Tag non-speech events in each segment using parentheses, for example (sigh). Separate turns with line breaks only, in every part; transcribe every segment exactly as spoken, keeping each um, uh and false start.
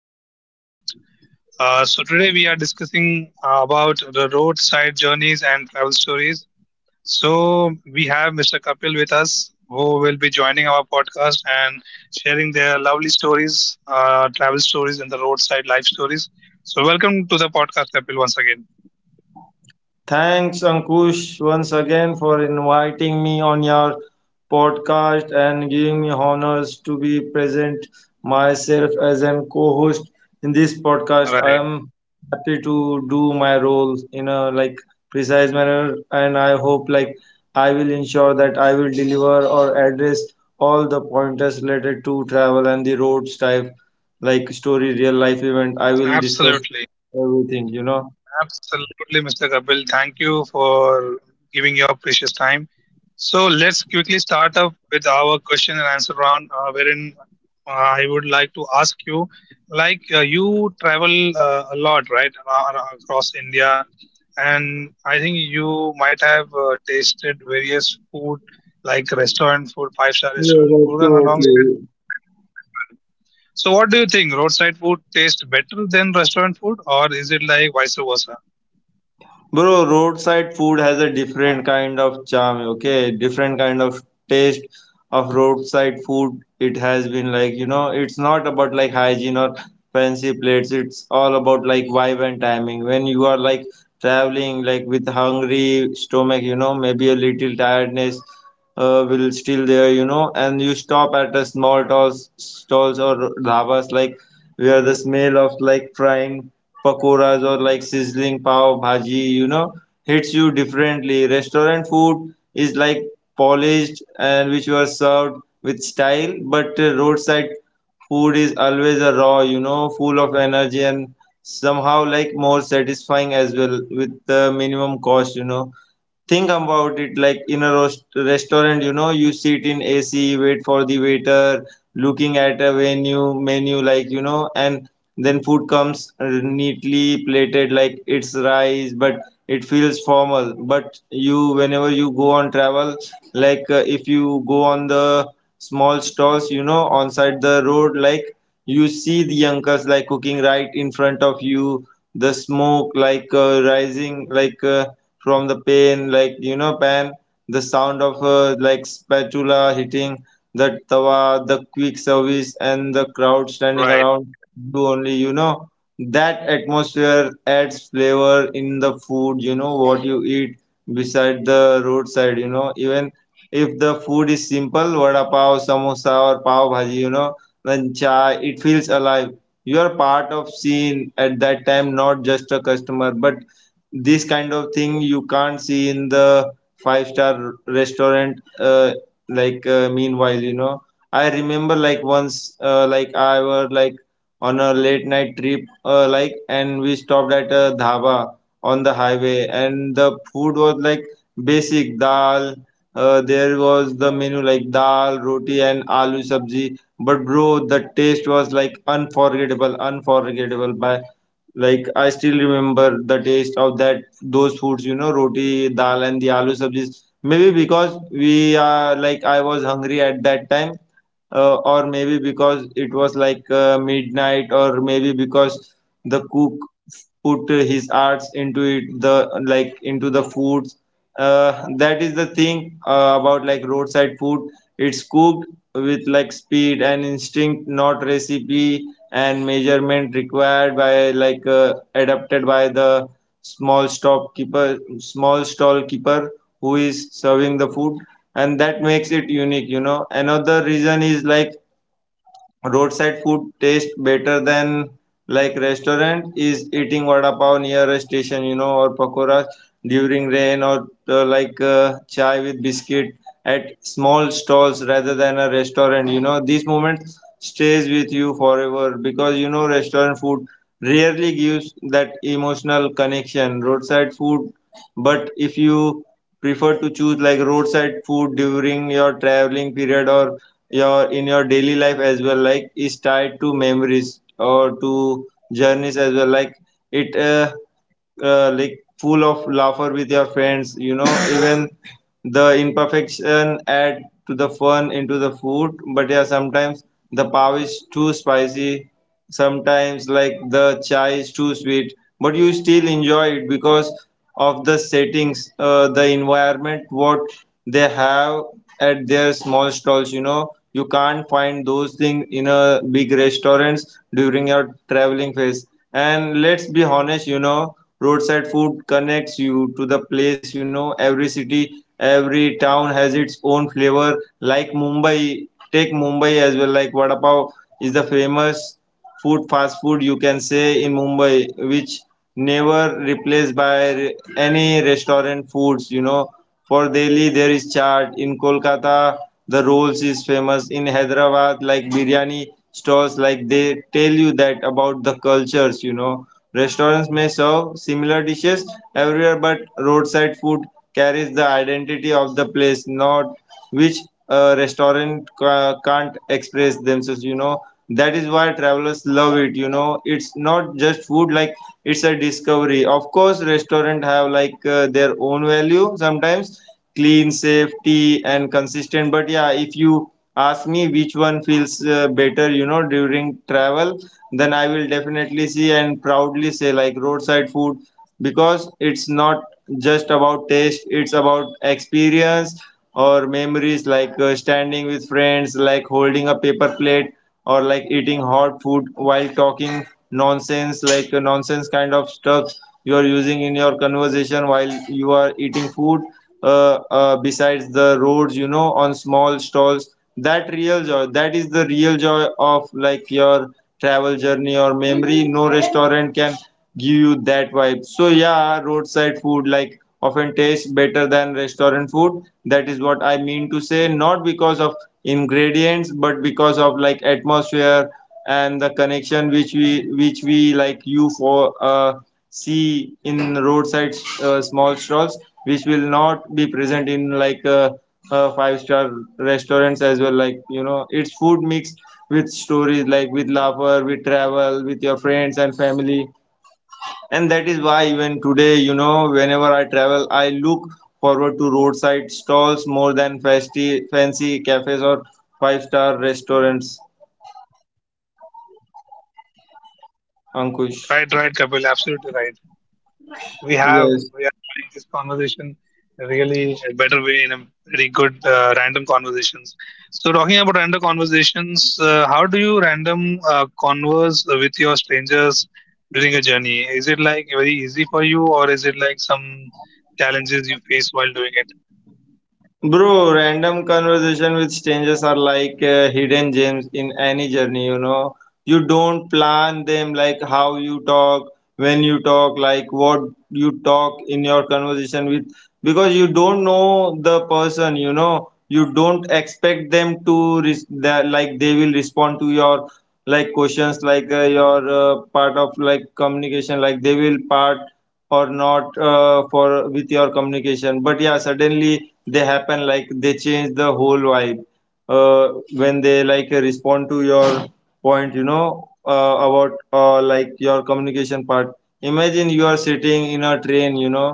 to my podcast. Uh, so, today we are discussing uh, about the roadside journeys and travel stories. So, we have Mister Kapil with us who will be joining our podcast and sharing their lovely stories, uh, travel stories, and the roadside life stories. So, welcome to the podcast, Kapil, once again.
Thanks, Ankush, once again for inviting me on your podcast and giving me honors to be present myself as an co-host in this podcast. I
Right,
am happy to do my role in a like precise manner, and I hope like I will ensure that I will deliver or address all the pointers related to travel and the roads type, like story, real life event. I will discuss
absolutely.
everything, you know.
Absolutely, Mister Kapil. Thank you for giving your precious time. So let's quickly start up with our question and answer round, uh, wherein uh, I would like to ask you, like uh, you travel uh, a lot, right, ar- ar- across India, and I think you might have uh, tasted various food like restaurant food, five-star
Yeah,
restaurant food, and alongside
absolutely.
roadside food as well. So, what do you think? Roadside food tastes better than restaurant food, or is it like vice versa?
Bro, roadside food has a different kind of charm, okay? Different kind of taste of roadside food. It has been like, you know, it's not about like hygiene or fancy plates. It's all about like vibe and timing. When you are like traveling, like with hungry stomach, you know, maybe a little tiredness uh, will still there, you know, and you stop at a small stalls, stalls or dhabas like where the smell of like frying pakoras or like sizzling pav bhaji, you know, hits you differently. Restaurant food is like polished and which you are served with style, but uh, roadside food is always a raw, you know, full of energy and somehow like more satisfying as well with the minimum cost, you know. Think about it like in a roast restaurant, you know, you sit in A C, wait for the waiter, looking at a venue menu, like you know, and then food comes uh, neatly plated like it's rice, but it feels formal. But you whenever you go on travel, like uh, if you go on the small stalls, you know, on side the road, like you see the uncles like cooking right in front of you, the smoke like uh, rising like uh, from the pan, like you know, pan, the sound of uh, like spatula hitting the tawa, the quick service, and the crowd standing
Right,
around
right,
you only, you know. That atmosphere adds flavor in the food, you know, what you eat beside the roadside, you know. Even if the food is simple, vada pav, samosa, or pav bhaji, you know, then chai, it feels alive. You are part of scene at that time, not just a customer, but this kind of thing you can't see in the five star restaurant. Uh, like uh, meanwhile, you know, I remember like once uh, like I were like on a late night trip uh, like, and we stopped at a dhaba on the highway, and the food was like basic dal. Uh, there was the menu like dal roti and aloo sabji, but bro the taste was like unforgettable unforgettable by like I still remember the taste of that those foods, you know, roti, dal, and the aloo sabjis. Maybe because we are like I was hungry at that time, uh, or maybe because it was like uh, midnight, or maybe because the cook put his arts into it, the like into the foods. Uh, that is the thing uh, about like roadside food, it's cooked with like speed and instinct, not recipe and measurement required by like uh, adapted by the small shopkeeper, small stall keeper who is serving the food, and that makes it unique, you know. Another reason is like roadside food tastes better than like restaurant is eating vada pav near a station, you know, or pakoras during rain, or uh, like uh, chai with biscuit at small stalls rather than a restaurant, you know. These moments stays with you forever, because you know restaurant food rarely gives that emotional connection. Roadside food, but if you prefer to choose like roadside food during your traveling period, or your in your daily life as well, like is tied to memories or to journeys as well, like it uh, uh, like full of laughter with your friends, you know. (coughs) Even the imperfection add to the fun into the food, but yeah sometimes the pav is too spicy, sometimes like the chai is too sweet, but you still enjoy it because of the settings. Uh, the environment what they have at their small stalls, you know, you can't find those things in a big restaurants during your traveling phase. And let's be honest, you know, roadside food connects you to the place, you know, every city, every town has its own flavor. Like Mumbai, take Mumbai as well, like vada pav is the famous food, fast food you can say, in Mumbai, which never replaced by re- any restaurant foods, you know. For Delhi there is chaat, in Kolkata the rolls is famous, in Hyderabad like biryani stalls, like they tell you that about the cultures, you know. Restaurants may serve similar dishes everywhere, but roadside food carries the identity of the place, not which a restaurant ca- can't express themselves, you know. That is why travelers love it, you know, it's not just food like, it's a discovery. Of course restaurant have like uh, their own value, sometimes clean, safety and consistent, but yeah if you ask me which one feels uh, better, you know, during travel, then I will definitely see and proudly say like roadside food, because it's not just about taste, it's about experience or memories, like uh, standing with friends, like holding a paper plate, or like eating hot food while talking nonsense, like uh, nonsense kind of stuff you are using in your conversation while you are eating food uh, uh, besides the roads, you know, on small stalls. That real joy, that is the real joy of like your travel journey or memory. No restaurant can give you that vibe. So yeah, roadside food like often tastes better than restaurant food. That is what I mean to say, not because of ingredients, but because of like atmosphere and the connection which we which we like you for uh, see in roadside uh, small stalls, which will not be present in like uh, uh, five star restaurants as well. Like you know, it's food mixed with stories, like with laughter, with travel, with your friends and family, and that is why even today, you know, whenever I travel I look forward to roadside stalls more than fancy fancy cafes or five star restaurants, Ankush.
right, right, Kapil. Absolutely right. We have
Yes.
we are having this conversation really a better way in a very good uh, random conversations. So talking about random conversations, uh, how do you random uh, converse with your strangers during a journey? Is it like very easy for you, or is it like some challenges you face while doing it?
Bro, random conversation with strangers are like uh, hidden gems in any journey, you know. You don't plan them, like how you talk, when you talk, like what you talk in your conversation with, because you don't know the person, you know, you don't expect them to res- that like they will respond to your like questions, like uh, your uh, part of like communication, like they will part or not uh, for with your communication, but yeah suddenly they happen, like they change the whole vibe uh, when they like respond to your point, you know, uh, about uh, like your communication part. Imagine you are sitting in a train, you know,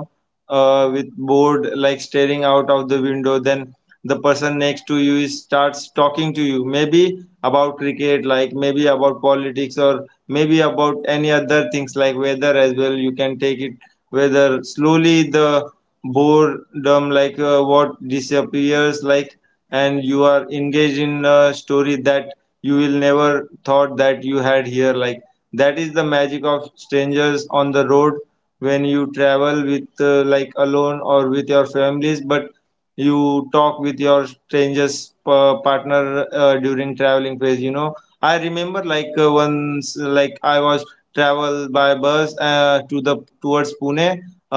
uh, with bored like staring out of the window, then the person next to you is, starts talking to you, maybe about cricket, like maybe about politics, or maybe about any other things like weather as well, you can take it. Whether slowly the boredom like uh, what disappears like, and you are engaged in a story that you will never thought that you had here, like that is the magic of strangers on the road. When you travel with uh, like alone or with your families, but you talk with your strangers uh, partner uh, during traveling phase, you know, I remember like uh, once, like I was travel by bus uh, to the towards Pune,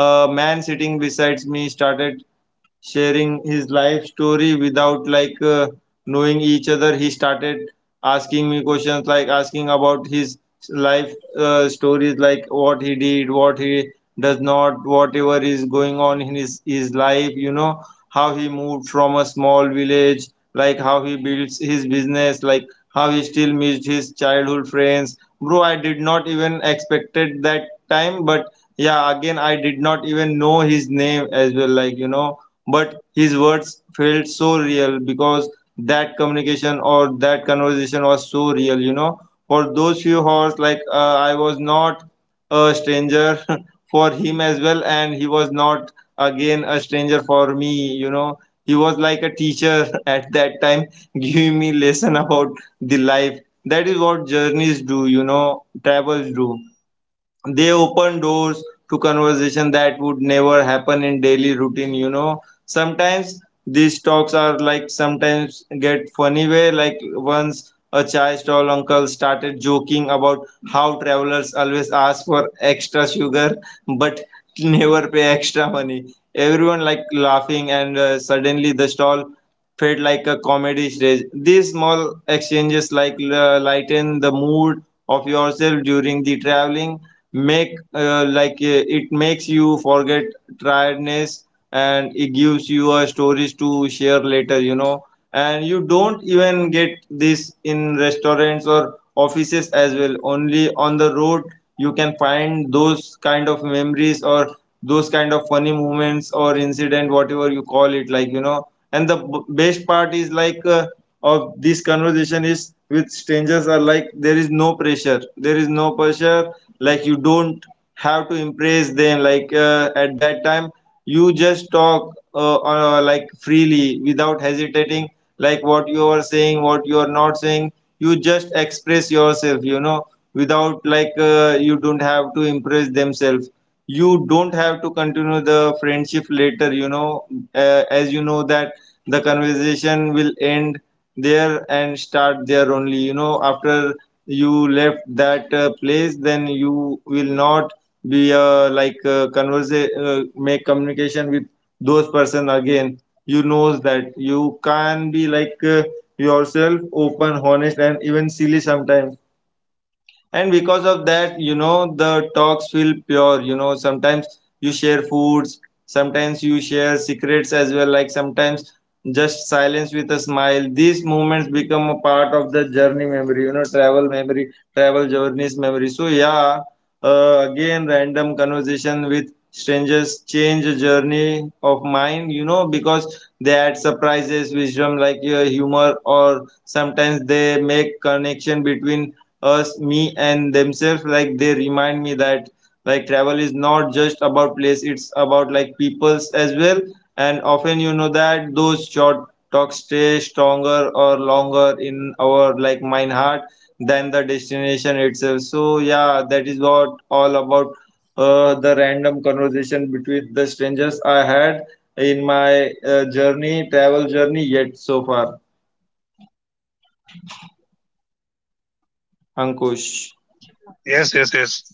a man sitting besides me started sharing his life story without like uh, knowing each other. He started asking me questions like asking about his life uh, stories, like what he did, what he does not, whatever is going on in his his life, you know, how he moved from a small village, like how he builds his business, like how he still missed his childhood friends. Bro, I did not even expected that time, but yeah, again I did not even know his name as well, like you know, but his words felt so real, because that communication or that conversation was so real, you know. For those few hours, like uh, I was not a stranger (laughs) for him as well, and he was not again a stranger for me, you know, he was like a teacher (laughs) at that time (laughs) giving me lesson about the life. That is what journeys do, you know, travels do, they open doors to conversation that would never happen in daily routine, you know. Sometimes these talks are like sometimes get funny way, like once a chai stall uncle started joking about how travelers always ask for extra sugar but never pay extra money. Everyone like laughing, and uh, suddenly the stall felt like a comedy stage. These small exchanges like uh, lighten the mood of yourself during the traveling, make uh, like uh, it makes you forget tiredness, and it gives you a stories to share later you know And you don't even get this in restaurants or offices as well, only on the road you can find those kind of memories or those kind of funny moments or incident, whatever you call it like you know And the b- best part is like uh, of this conversation is with strangers, are like there is no pressure there is no pressure Like you don't have to impress them, like uh, at that time you just talk uh, uh, like freely, without hesitating like what you are saying, what you are not saying. You just express yourself you know without like uh, You don't have to impress themselves, you don't have to continue the friendship later you know uh, As you know that the conversation will end there and start there only you know after you left that uh, place. Then you will not be uh, like uh, converse uh, make communication with those person again. You knows that you can be like uh, yourself, open, honest, and even silly sometimes. And because of that you know the talks feel pure you know Sometimes you share foods, sometimes you share secrets as well, like sometimes just silence with a smile. These moments become a part of the journey memory, you know, travel memory, travel journeys memory, so yeah. Uh, again, random conversation with strangers change a journey of mine, you know, because they add surprises, wisdom, like your humor, or sometimes they make connection between us, me and themselves. Like they remind me that, like, travel is not just about place, it's about like peoples as well. And often you know that those short talks stay stronger or longer in our like mind, heart, than the destination itself, so yeah. That is what all about uh, the random conversation between the strangers i had in my uh, journey, travel journey, yet so far, ankush
Yes, yes, yes.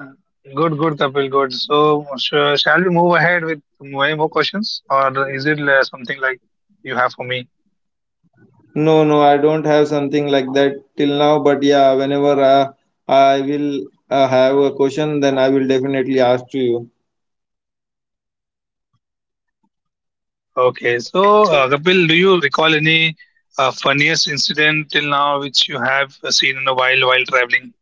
Uh, Good, good, Kapil. Good. So, sh- shall we move ahead with many more questions, or is it uh, something like you have for me?
No, no, I don't have something like that till now, but yeah, whenever uh, I will uh, have a question, then I will definitely ask to you.
Okay, so uh, Kapil, do you recall any uh, funniest incident till now which you have uh, seen in a while while traveling?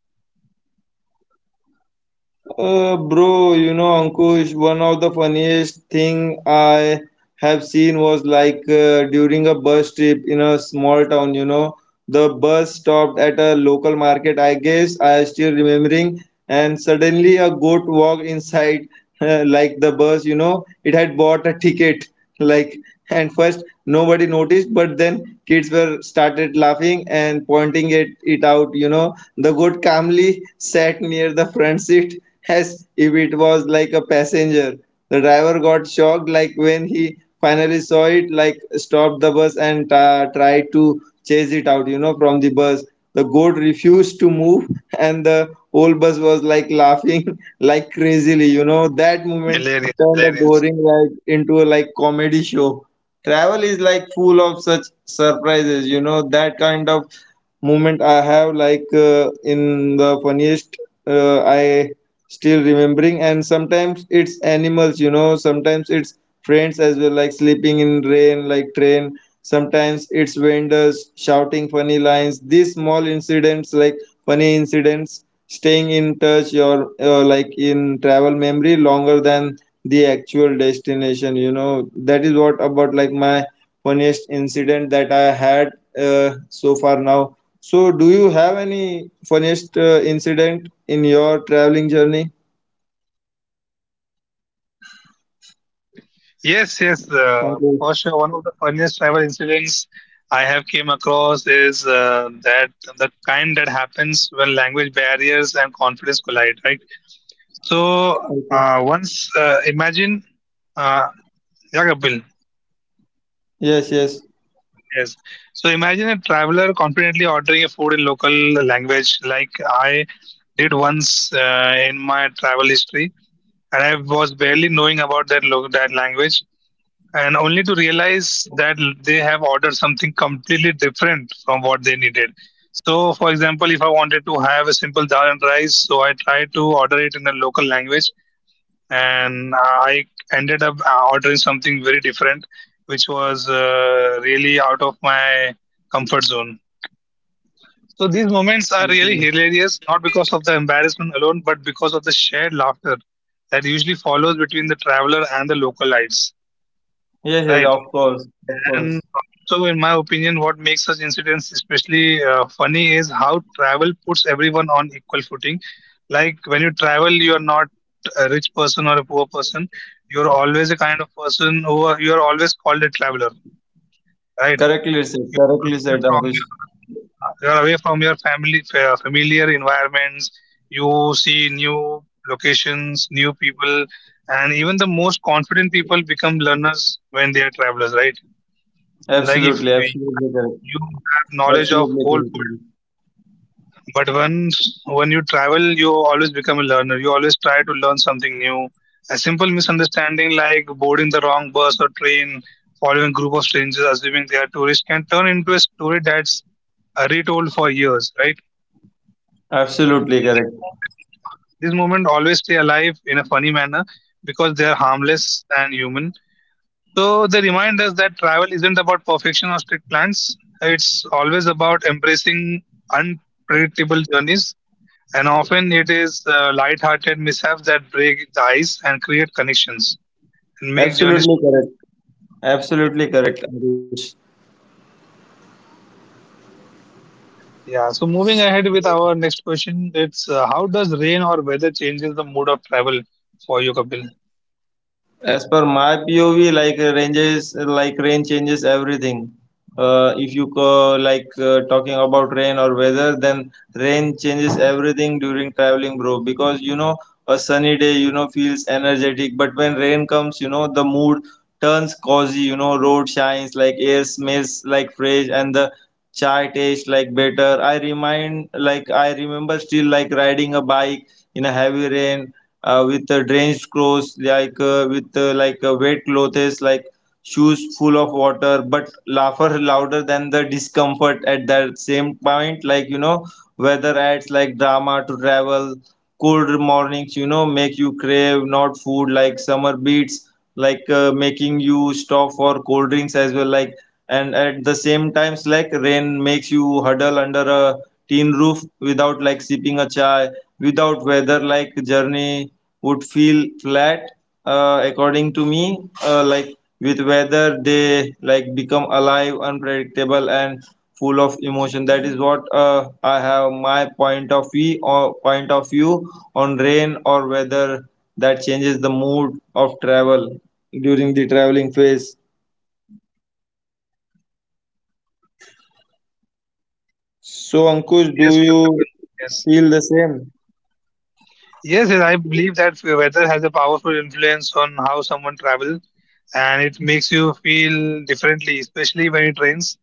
Uh, bro, you know, Ankush, one of the funniest thing I have seen was like uh, during a bus trip in a small town, you know, the bus stopped at a local market, I guess I still remembering, and suddenly a goat walked inside (laughs) like the bus, you know, it had bought a ticket like. And first nobody noticed, but then kids were started laughing and pointing it, it out you know The goat calmly sat near the front seat, as if it was like a passenger. The driver got shocked, like, when he finally saw it, like stopped the bus and uh, tried to chase it out you know from the bus. The goat refused to move, and the whole bus was like laughing (laughs) like crazily you know that moment
Hilarious,
turn a
hilarious.
boring ride into a like comedy show. Travel is like full of such surprises, you know, that kind of moment I have like uh, in the funniest, uh, I still remembering. And sometimes it's animals, you know, sometimes it's friends as well, like sleeping in rain, like train, sometimes it's vendors shouting funny lines. These small incidents, like funny incidents, staying in touch or uh, like in travel memory longer than the actual destination you know That is what about, like, my funniest incident that i had uh, so far now. So do you have any funniest uh, incident in your traveling journey?
Yes, yes, uh,
Okay.
for sure. One of the funniest travel incidents I have came across is uh, that the kind that happens when language barriers and confidence collide, right? So
Okay.
uh, once uh, imagine, uh, yeah, Kapil.
Yes, yes.
Yes. So imagine a traveler confidently ordering a food in local language, like I did once uh, in my travel history, and I was barely knowing about that lo- that language, and only to realize that l- they have ordered something completely different from what they needed. So, for example, if I wanted to have a simple dal and rice, so I tried to order it in a local language, and I ended up uh, ordering something very different, which was uh, really out of my comfort zone. So these moments are really hilarious, not
Okay.
because of the embarrassment alone, but because of the shared laughter that usually follows between the traveler and the localites.
Yes, yes.
Right.
Of course, of course.
And also, in my opinion, what makes such incidents especially uh, funny is how travel puts everyone on equal footing. Like when you travel, you are not a rich person or a poor person. You are always a kind of person who are, you are always called a traveler, right?
Correctly said,
You are
correctly
away
said,
from
ankush
your uh, you are away from your family fa- familiar environments. You see new locations, new people, and even the most confident people become learners when they are travelers, right? Like if
Absolutely.
you
Absolutely
have
correct.
you have knowledge of
Absolutely
whole
correct,
world,
Ankush.
but once when you travel you always become a learner, you always try to learn something new. A simple misunderstanding like boarding the wrong bus or train, following a group of strangers assuming they are tourists can turn into a story that's uh, retold for years, right?
Absolutely
So these
correct.
moment these moment always stay alive in a funny manner because they are harmless and human. So they remind us that travel isn't about perfection or strict plans. It's always about embracing unpredictable journeys, and often it is uh, light-hearted mishaps that break the ice and create connections and make journeys
Absolutely
truly
correct.
memorable. Yes,
Absolutely correct, ankush
yeah. So moving ahead with our next question, it's uh, how does rain or weather changes the mood of travel for you, Kapil?
As per my P O V, like uh, ranges, like rain changes everything. Uh, if you uh, like uh, talking about rain or weather, then rain changes everything during traveling, bro. Because you know a sunny day, you know feels energetic, but when rain comes, you know the mood turns cozy. You know road shines, like air smells like fresh, and the chai tastes like better. I remind, like, I remember still like riding a bike in a heavy rain, uh, with uh, drenched clothes, like uh, with uh, like uh, wet clothes, like shoes full of water, but laugher louder than the discomfort at that same point, like you know weather adds like drama to travel. Cold mornings, you know, make you crave not food, like summer beats, like uh, making you stop for cold drinks as well, like. And at the same times, like, rain makes you huddle under a tin roof without like sipping a chai, without weather like journey would feel flat, uh, according to me. Uh, like, with weather they like become alive, unpredictable and full of emotion. That is what uh, I have, my point of view, or point of view on rain or weather that changes the mood of travel during the traveling phase. So, Ankush, do
Yes, yes,
you
Kapil. Yes.
feel the same?
Yes, yes, I believe that weather has a powerful influence on how someone travels and it makes you feel differently, especially when it rains.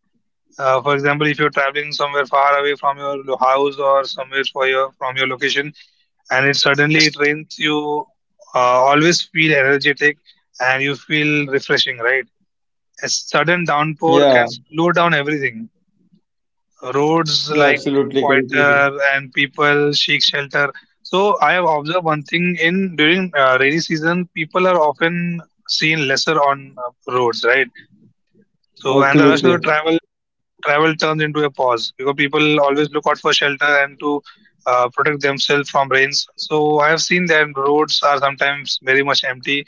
Uh, for example, if you're traveling somewhere far away from your lo- house or somewhere for your, from your location and it suddenly it rains, you uh, always feel energetic and you feel refreshing, right? A sudden downpour
Yeah,
can slow down everything, roads
yeah,
like become
absolutely, correctly.
quieter and people seek shelter. So I have observed one thing in during uh, rainy season, people are often seen lesser on uh, roads, right? So and the rush of the
Absolutely.
travel travel turns into a pause because people always look out for shelter and to uh, protect themselves from rains. So I have seen that roads are sometimes very much empty.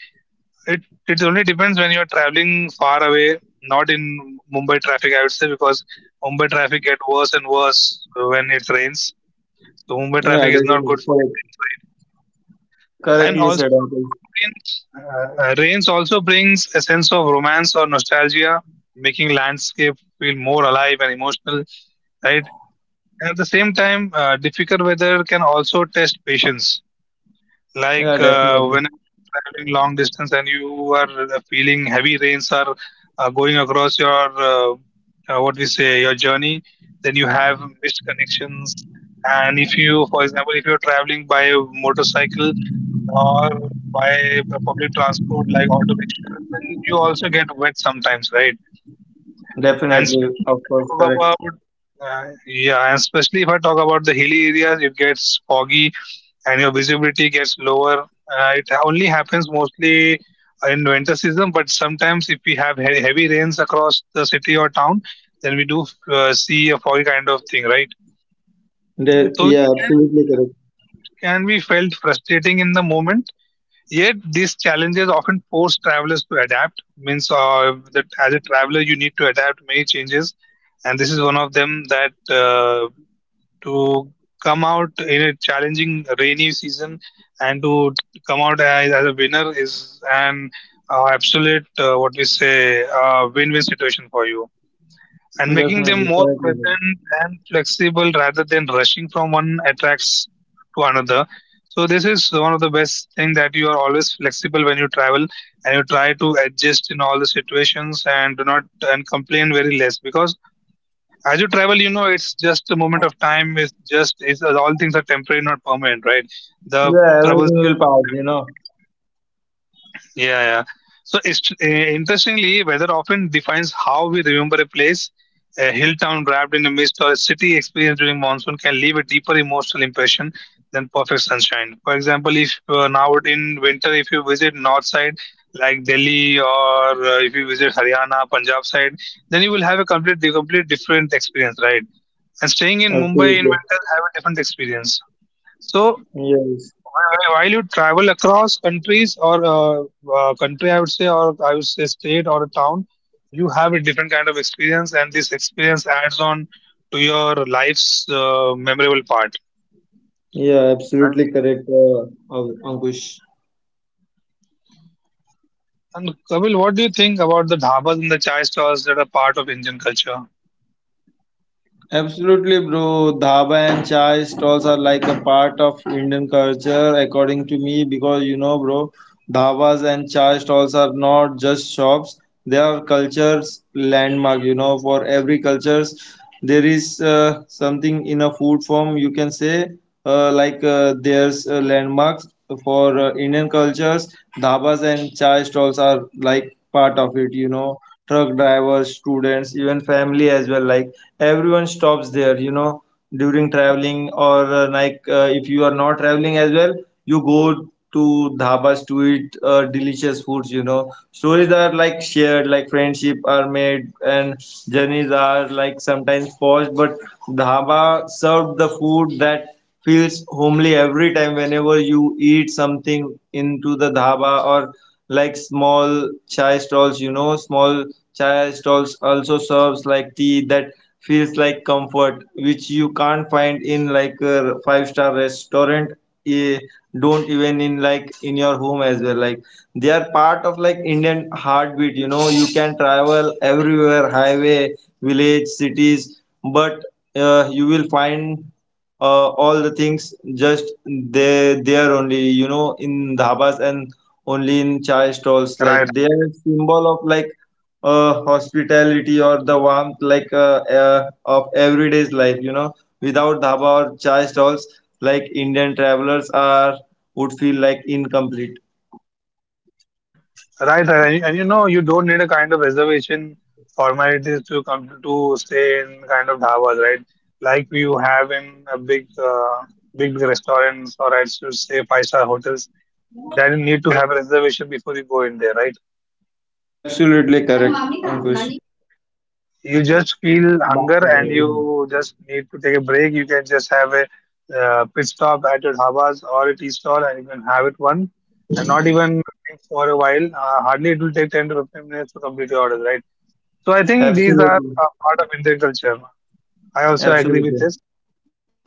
it it only depends when you're traveling far away, not in Mumbai traffic, I would say, because Mumbai traffic get worse and worse when it rains. So Mumbai
Yeah,
traffic is not
definitely.
good for your
Correct.
rains, right? And
Correctly said,
also talking
Ankush.
about rains, uh, uh, rains also brings a sense of romance or nostalgia, making landscape feel more alive and emotional, right? And at the same time, uh, difficult weather can also test patience.
Yeah,
Like uh,
definitely.
whenever you're traveling long distance and you are feeling heavy rains are uh, going across your uh, uh, what we say your journey, then you have missed connections. And if you, for example, if you're traveling by motorcycle or by public transport like auto rickshaws, then you also get wet sometimes, right? And
Definitely,
especially if
of
I
course,
talk
correct.
about uh, yeah, and especially if I talk about the hilly areas, it gets foggy and your visibility gets lower. Uh, it only happens mostly in winter season, but sometimes if we have he- heavy rains across the city or town, then we do uh, see a foggy kind of thing, right?
De-
So
yeah,
which can be
absolutely correct.
which can be felt frustrating in the moment. Yet these challenges often force travelers to adapt. Means uh, that as a traveler, you need to adapt many changes, and this is one of them that. Uh, to come out in a challenging rainy season and to come out as, as a winner is an uh, absolute uh, what we say uh, win-win situation for you, and making them
Definitely,
more
correctly said.
present and flexible rather than rushing from one attracts to another. So this is one of the best thing that you are always flexible when you travel and you try to adjust in all the situations and do not and complain very less because as you travel, you know, it's just a moment of time. It's just it's all things are temporary, not permanent, right? The
Yeah,
troubles
everything
are
will
tem-
pass, you know.
temporary. Yeah, yeah. So it's, uh, interestingly, weather often defines how we remember a place. A hill town wrapped in a mist or a city experienced during monsoon can leave a deeper emotional impression than perfect sunshine. For example, if uh, now in winter, if you visit north side like Delhi or uh, if you visit Haryana, Punjab side, then you will have a complete, complete different experience, right? And staying in Mumbai in
Absolutely.
winter have a different experience. So
Yes.
wh- wh- while you travel across countries or uh, uh, country, I would say, or I would say state or a town, you have a different kind of experience, and this experience adds on to your life's uh, memorable part,
Yeah,
right?
absolutely correct, uh, Ankush.
And Kapil, what do you think about the dhabas and the chai stalls that are part of Indian culture?
Absolutely, bro. Dhaba and chai stalls are like a part of Indian culture, according to me, because you know, bro, dhabas and chai stalls are not just shops; they are cultures landmark. You know, for every cultures, there is uh, something in a food form, you can say. Uh, like, uh, there's uh, landmarks for uh, Indian cultures. Dhabas and chai stalls are like part of it. You know, truck drivers, students, even family as well, like everyone stops there you know during traveling or uh, like uh, if you are not traveling as well, you go to dhabas to eat uh, delicious foods you know Stories are like shared, like friendship are made, and journeys are like sometimes paused, but dhaba served the food that feels homely every time whenever you eat something into the dhaba or like small chai stalls you know Small chai stalls also serves like tea that feels like comfort, which you can't find in like a five star restaurant. Eh, don't even in, like, in your home as well, like they are part of like Indian heartbeat you know You can travel everywhere — highway, village, cities — but uh, you will find uh, all the things just there there only you know in dhabas and only in chai stalls, like
Right,
they
right.
are symbol of like uh, hospitality or the warmth, like uh, uh, of everyday's life you know Without dhaba or chai stalls, like Indian travelers are would feel like incomplete.
Right, right. And, and you know, you don't need a kind of reservation formalities to come to stay in kind of dhabas, right? Like you have in a big, uh, big restaurants, or I should say five-star hotels. That you need to have a reservation before you go in there, right?
Absolutely correct, ankush
You just feel hunger
बात कर
and
रहे
you
हैं।
just need to take a break. You can just have a uh, pit stop at your dhabas or a tea stall and you can have it one and not even waiting for a while. Uh, hardly it will take ten to fifteen minutes to complete your order, right? So I think these are a part of
Absolutely,
Indian culture. I also agree with this.
absolutely,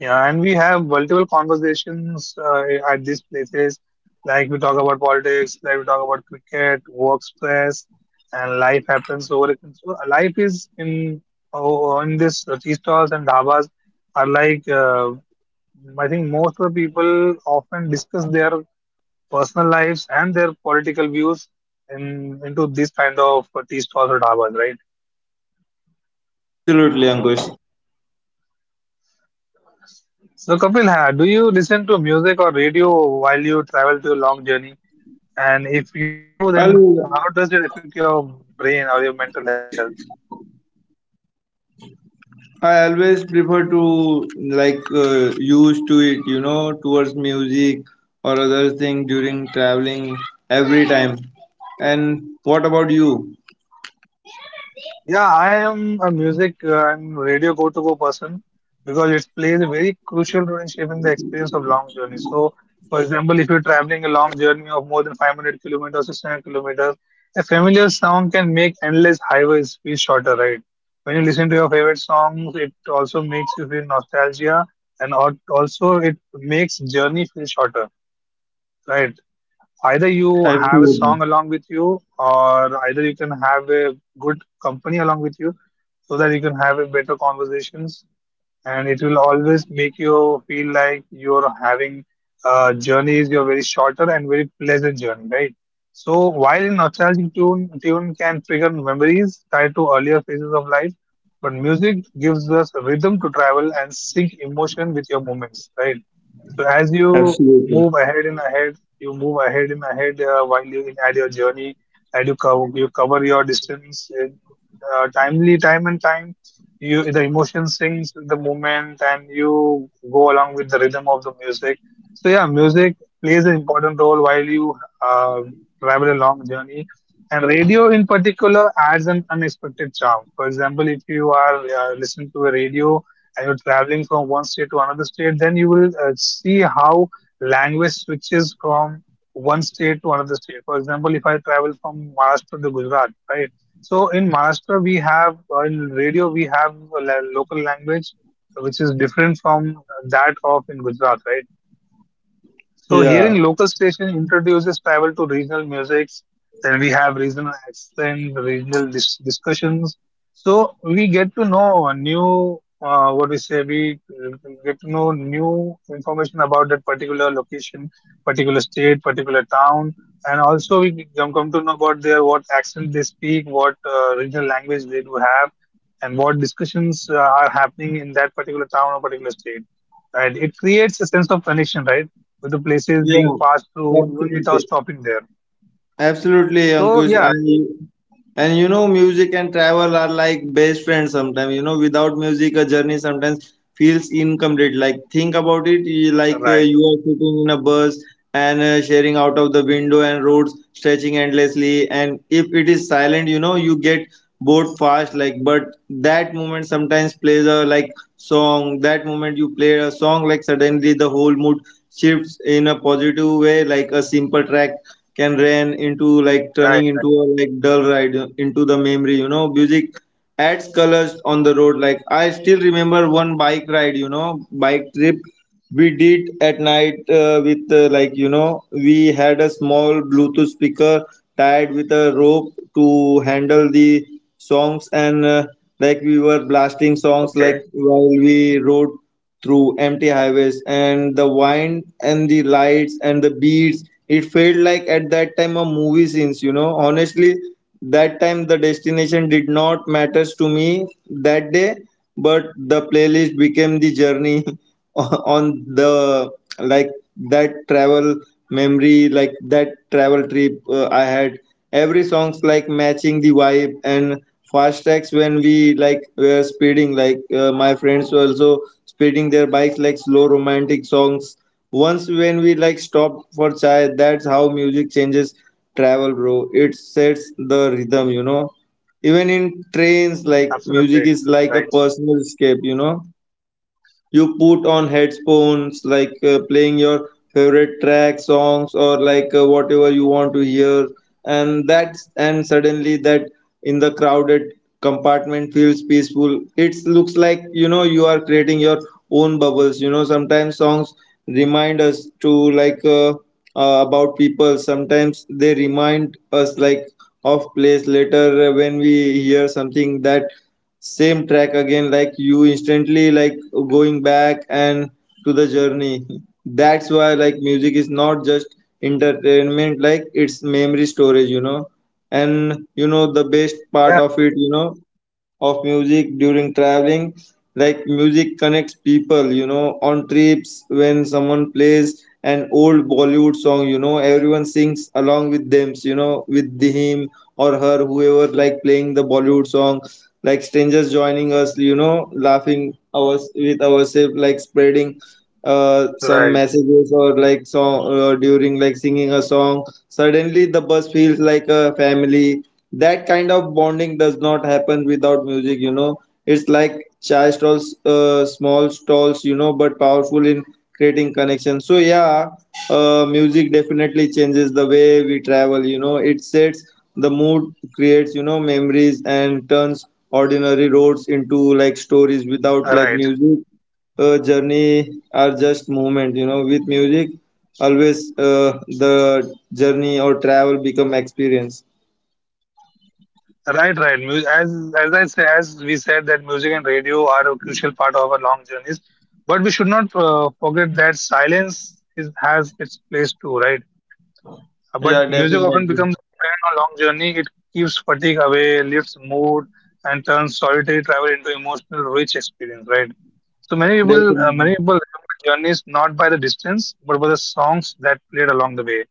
Yeah, and we have multiple conversations uh, at these places. Like we talk about politics, like we talk about cricket, work stress, and life happens over it. So life is in oh, in this uh, tea stalls and dhabas are like uh, I think most of the people often discuss their personal lives and their political views in into these kind of uh, tea stalls or dhabas, right?
absolutely, ankush
So Kapil, ha, do you listen to music or radio while you travel to a long journey? And if you do,
I'll,
then how does it affect your brain or your mental health?
i always prefer to, like uh, used to it you know towards music or other thing during traveling every time. And what about you?
Yeah, I am a music uh, and radio go-to-go person because it plays a very crucial role in shaping the experience of long journeys. So, for example, if you're traveling a long journey of more than five hundred kilometers, six hundred kilometers, a familiar song can make endless highways feel shorter, right? When you listen to your favorite songs, it also makes you feel nostalgia and al- also it makes journey feel shorter, right? Either you
Absolutely.
have a song along with you or either you can have a good company along with you, so that you can have a better conversations, and it will always make you feel like you're having uh, journeys you're very shorter and very pleasant journey, right? So while a nostalgic tune tune can trigger memories tied to earlier phases of life, but music gives us rhythm to travel and sync emotion with your moments, right? So as you
Absolutely.
move ahead and ahead, you move ahead and ahead uh, while you in at your journey, and you cover you cover your distance in uh, timely time and time. You the emotion sings with the movement, and you go along with the rhythm of the music. So yeah, music plays an important role while you uh, travel a long journey. And radio in particular adds an unexpected charm. For example, if you are uh, listening to a radio and you're traveling from one state to another state, then you will uh, see how language switches from one state to another state. For example, if I travel from Maharashtra to Gujarat, right? So in Maharashtra, we have uh, in radio we have a la- local language which is different from that of in Gujarat, right? So
Yeah.
hearing local station introduces travel to regional musics. Then we have regional accents, regional dis- discussions. So we get to know a new, uh, what we say, we uh, get to know new information about that particular location, particular state, particular town, and also we come come to know about their what accent they speak, what uh, regional language they do have, and what discussions uh, are happening in that particular town or particular state. Right? It creates a sense of connection, right? With the places being
Yeah.
passed through even without
Absolutely.
stopping there.
Absolutely,
So
Ankush.
yeah,
And you- and you
mm,
know, music and travel are like best friends sometimes. You know, without music, a journey sometimes feels incomplete. Like, think about it, you- like uh,
right,
you are sitting in a bus and uh, sharing out of the window and roads stretching endlessly. And if it is silent, you know, you get bored fast. Like, but that moment sometimes plays a like song. That moment you play a song, like, suddenly the whole mood shifts in a positive way, like a simple track can ran into, like, turning
right,
into
right.
a like dull ride uh, into the memory you know Music adds colors on the road, like i still remember one bike ride, you know bike trip we did at night, uh, with uh, like you know we had a small bluetooth speaker tied with a rope to handle the songs, and uh, like we were blasting songs like
Okay,
while we rode through empty highways. And the wind and the lights and the beats, it felt like at that time a movie scenes you know honestly. That time the destination did not matters to me that day, but the playlist became the journey (laughs) on the like. That travel memory, like that travel trip uh, i had, every song's like matching the vibe, and fast tracks when we like were speeding, like uh, my friends were also speeding their bikes, like slow romantic songs once when we like stopped for chai. That's how music changes travel, bro. It sets the rhythm, you know Even in trains, like music
absolutely
is like a
right.
personal escape you know You put on headphones, like uh, playing your favorite track songs or like uh, whatever you want to hear. And that's and suddenly that, in the crowded compartment, feels peaceful. It looks like you know you are creating your own bubbles you know Sometimes songs remind us to, like uh, uh, about people. Sometimes they remind us like of place later, uh, when we hear something that same track again, like you instantly like going back and To the journey. That's why like music is not just entertainment, like it's memory storage, you know. And you know the best part
Yeah,
of
it
it,
is
you know of music during traveling. Like music connects people, you know, on trips when someone plays an old Bollywood song, you know, everyone sings along with them, you know, with the him or her, whoever like playing the Bollywood song, like strangers joining us, you know, laughing ours with ourselves, like spreading uh, some
right,
messages or like song uh, during like singing a song. Suddenly the bus feels like a family. That kind of bonding does not happen without music, you know. It's like chai stalls, uh, small stalls, you know, but powerful in creating connection. So yeah, uh, music definitely changes the way we travel, you know. It sets the mood, creates you know memories, and turns ordinary roads into like stories. Without like
right,
music, uh, journey are just movement, you know. With music always uh, the journey or travel become experience.
right, right. Mu- As as I say, as we said that music and radio are a crucial part of our long journeys, but we should not uh, forget that silence is has its place too, right? But
Yeah,
music often
definitely.
becomes a companion on long journey. It keeps fatigue away, lifts mood, and turns solitary travel into emotional, rich experience. Right. So many people, uh,
Definitely.
many people remember journeys not by the distance, but by the songs that played along the way.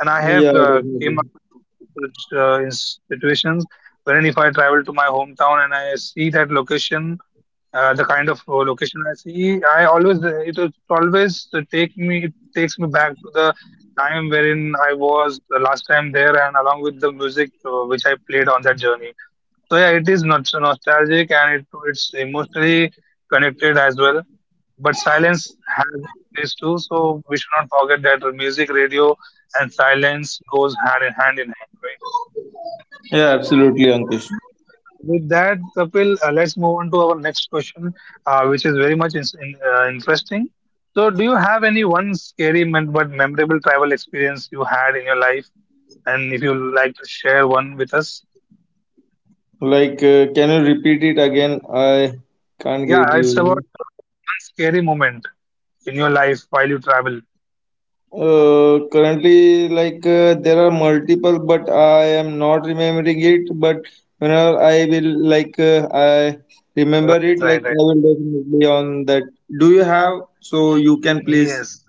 And I have
Yeah,
uh, came
definitely.
across such uh, in situations wherein if I travel to my hometown and I see that location, uh, the kind of uh, location I see, I always it is always take me it takes me back to the time wherein I was uh, last time there, and along with the music uh, which I played on that journey. So yeah, it is not nostalgic and it it's emotionally connected as well. But silence has its place too, so we should not forget that music, radio, and silence goes hand in hand in hand, right?
Yeah, absolutely,
So with
Ankush.
that, with that, Kapil, uh, let's move on to our next question, uh, which is very much is- in, uh, interesting. So, do you have any one scary mem- but memorable travel experience you had in your life? And if you like to share one with us,
Like, uh, can you repeat it again? I can't get
yeah,
you.
it's about uh, one scary moment in your life while you travel.
Uh, currently, like uh, there are multiple, but I am not remembering it. But whenever I will like uh, I remember
Right,
it, like
right,
I
right.
will definitely on that. Do you have? So you can please.
Yes.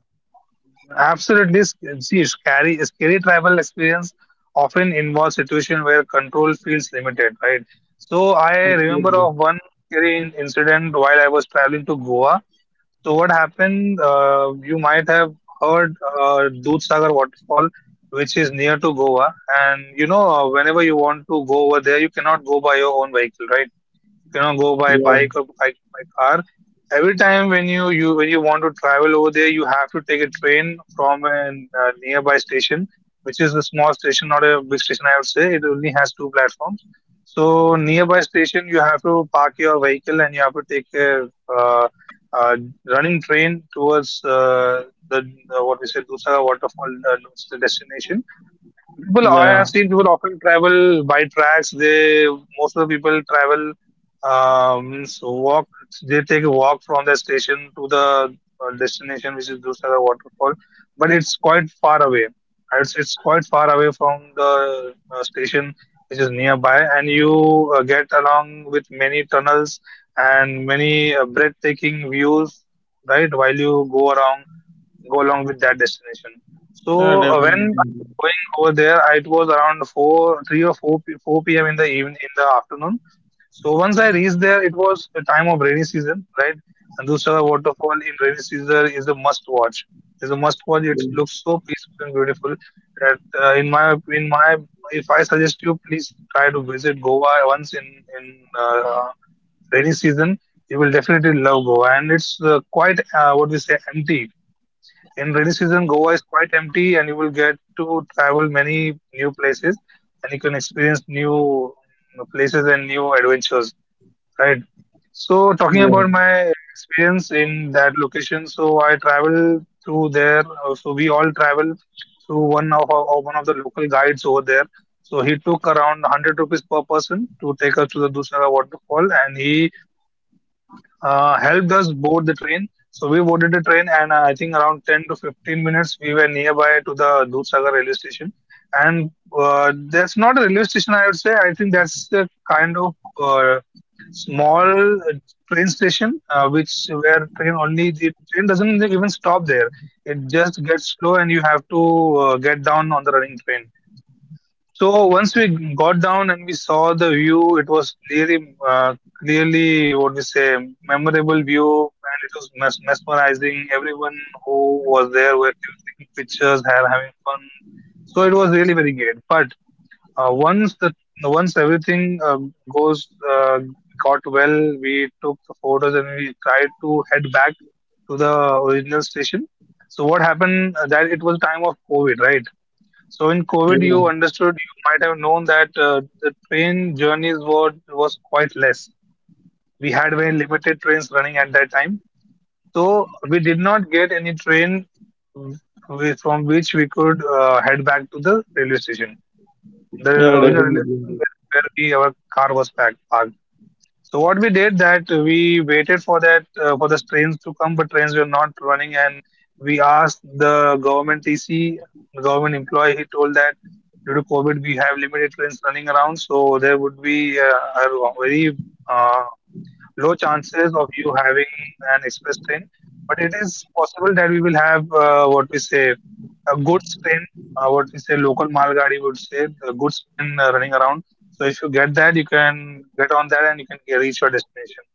Absolutely, sc- see, scary, scary travel experience often involves situation where control feels limited, right? So I remember
Absolutely.
of one scary in- incident while I was traveling to Goa. So what happened? Uh, you might have heard uh, Dudh Sagar waterfall, which is near to Goa, and you know, uh, whenever you want to go over there, you cannot go by your own vehicle, right? You know, go by
Yeah.
bike or by, by car. Every time when you you when you want to travel over there, you have to take a train from a uh, nearby station, which is a small station, not a big station, I would say. It only has two platforms. So nearby station you have to park your vehicle, and you have to take a uh, uh, running train towards uh, the, the what we say Dusaga waterfall, uh, which is the destination. People, I
Yeah.
have seen people often travel by tracks. They most of the people travel, um, means walk. They take a walk from the station to the uh, destination, which is Dusaga waterfall. But it's quite far away. It's it's quite far away from the uh, station, which is nearby, and you uh, get along with many tunnels and many uh, breathtaking views, right? While you go around go along with that destination.
Yeah.
So uh, when I
Definitely.
was going over there, I- it was around four, three or four, p- four p m in the even in the afternoon. So once I reached there, it was a time of rainy season, right? And Dusara waterfall in rainy season is a must watch. It's a must watch. It looks so peaceful and beautiful that uh, in my in my if I suggest you, please try to visit Goa once in in uh, rainy season. You will definitely love Goa, and it's uh, quite uh, what we say empty. In rainy season, Goa is quite empty, and you will get to travel many new places, and you can experience new mm, places and new adventures, right? So, talking
Yeah.
about my uh, experience in that location, so I travel through there. uh, So we all travel through one of our, or one of the local guides over there. So he took around one hundred rupees per person to take us to the Dusara waterfall, and he uh, helped us board the train. So we boarded the train, and uh, I think around ten to fifteen minutes, we were nearby to the Dudhsagar railway station. And uh, that's not a railway station, I would say. I think that's a kind of uh, small uh, train station, uh, which where train only the train doesn't even stop there. It just gets slow, and you have to uh, get down on the running train. So once we got down and we saw the view, it was clearly, uh, clearly what we say memorable view, and it was mes mesmerizing. Everyone who was there were still taking pictures, have, having fun. So it was really very great. But uh, once the once everything uh, goes uh, got well, we took the photos and we tried to head back to the original station. So what happened uh, that it was time of COVID, right? So in COVID,
Yeah.
you understood, you might have known that uh, the train journeys were was quite less. We had very limited trains running at that time, so we did not get any train, mm, wi- from which we could uh, head back to the railway station. The
Yeah.
original railway station
Definitely.
where, where we our car was packed, parked. So what we did that we waited for that uh, for the trains to come, but trains were not running, and we asked the government T C, the government employee. He told that due to COVID, we have limited trains running around, so there would be uh, a very uh, low chances of you having an express train, but it is possible that we will have uh, what we say a goods train, uh, what we say local Malgadi would say, the goods train uh, running around. So if you get that, you can get on that and you can get, reach your destination.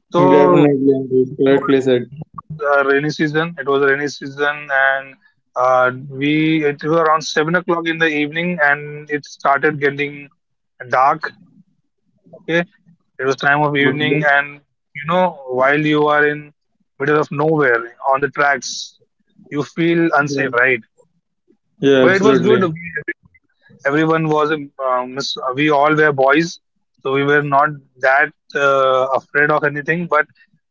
So
Definitely,
and
Ankush.
it
Correctly
was
said.
it was a rainy season. It was a rainy season, and uh, we it was around seven o'clock in the evening, and it started getting dark. Okay, it was time of
Okay.
evening, and you know, while you are in middle of nowhere on the tracks, you feel
Yeah.
unsafe, right?
Yeah.
But it was
Absolutely.
good. We everywhere, everyone was um, mis- we all were boys, so we were not that uh, afraid of anything. But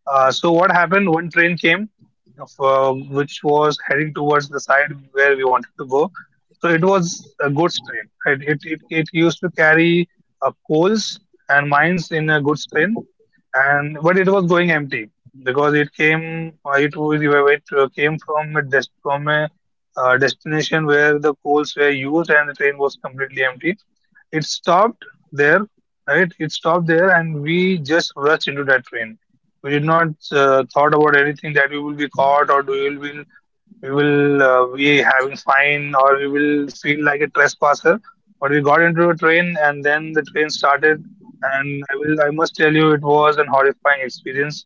uh, so what happened? One train came, uh, which was heading towards the side where we wanted to go. So it was a goods train. It it it, it used to carry uh, coals and mines in a goods train, and but it was going empty because it came uh, it was it uh, came from a dest from a uh, destination where the coals were used, and the train was completely empty. It stopped there, right? It stopped there, and we just rushed into that train. We did not uh, thought about anything that we will be caught, or do we will be we will uh, be having fine, or we will feel like a trespasser. But we got into a train, and then the train started. And I will I must tell you it was an horrifying experience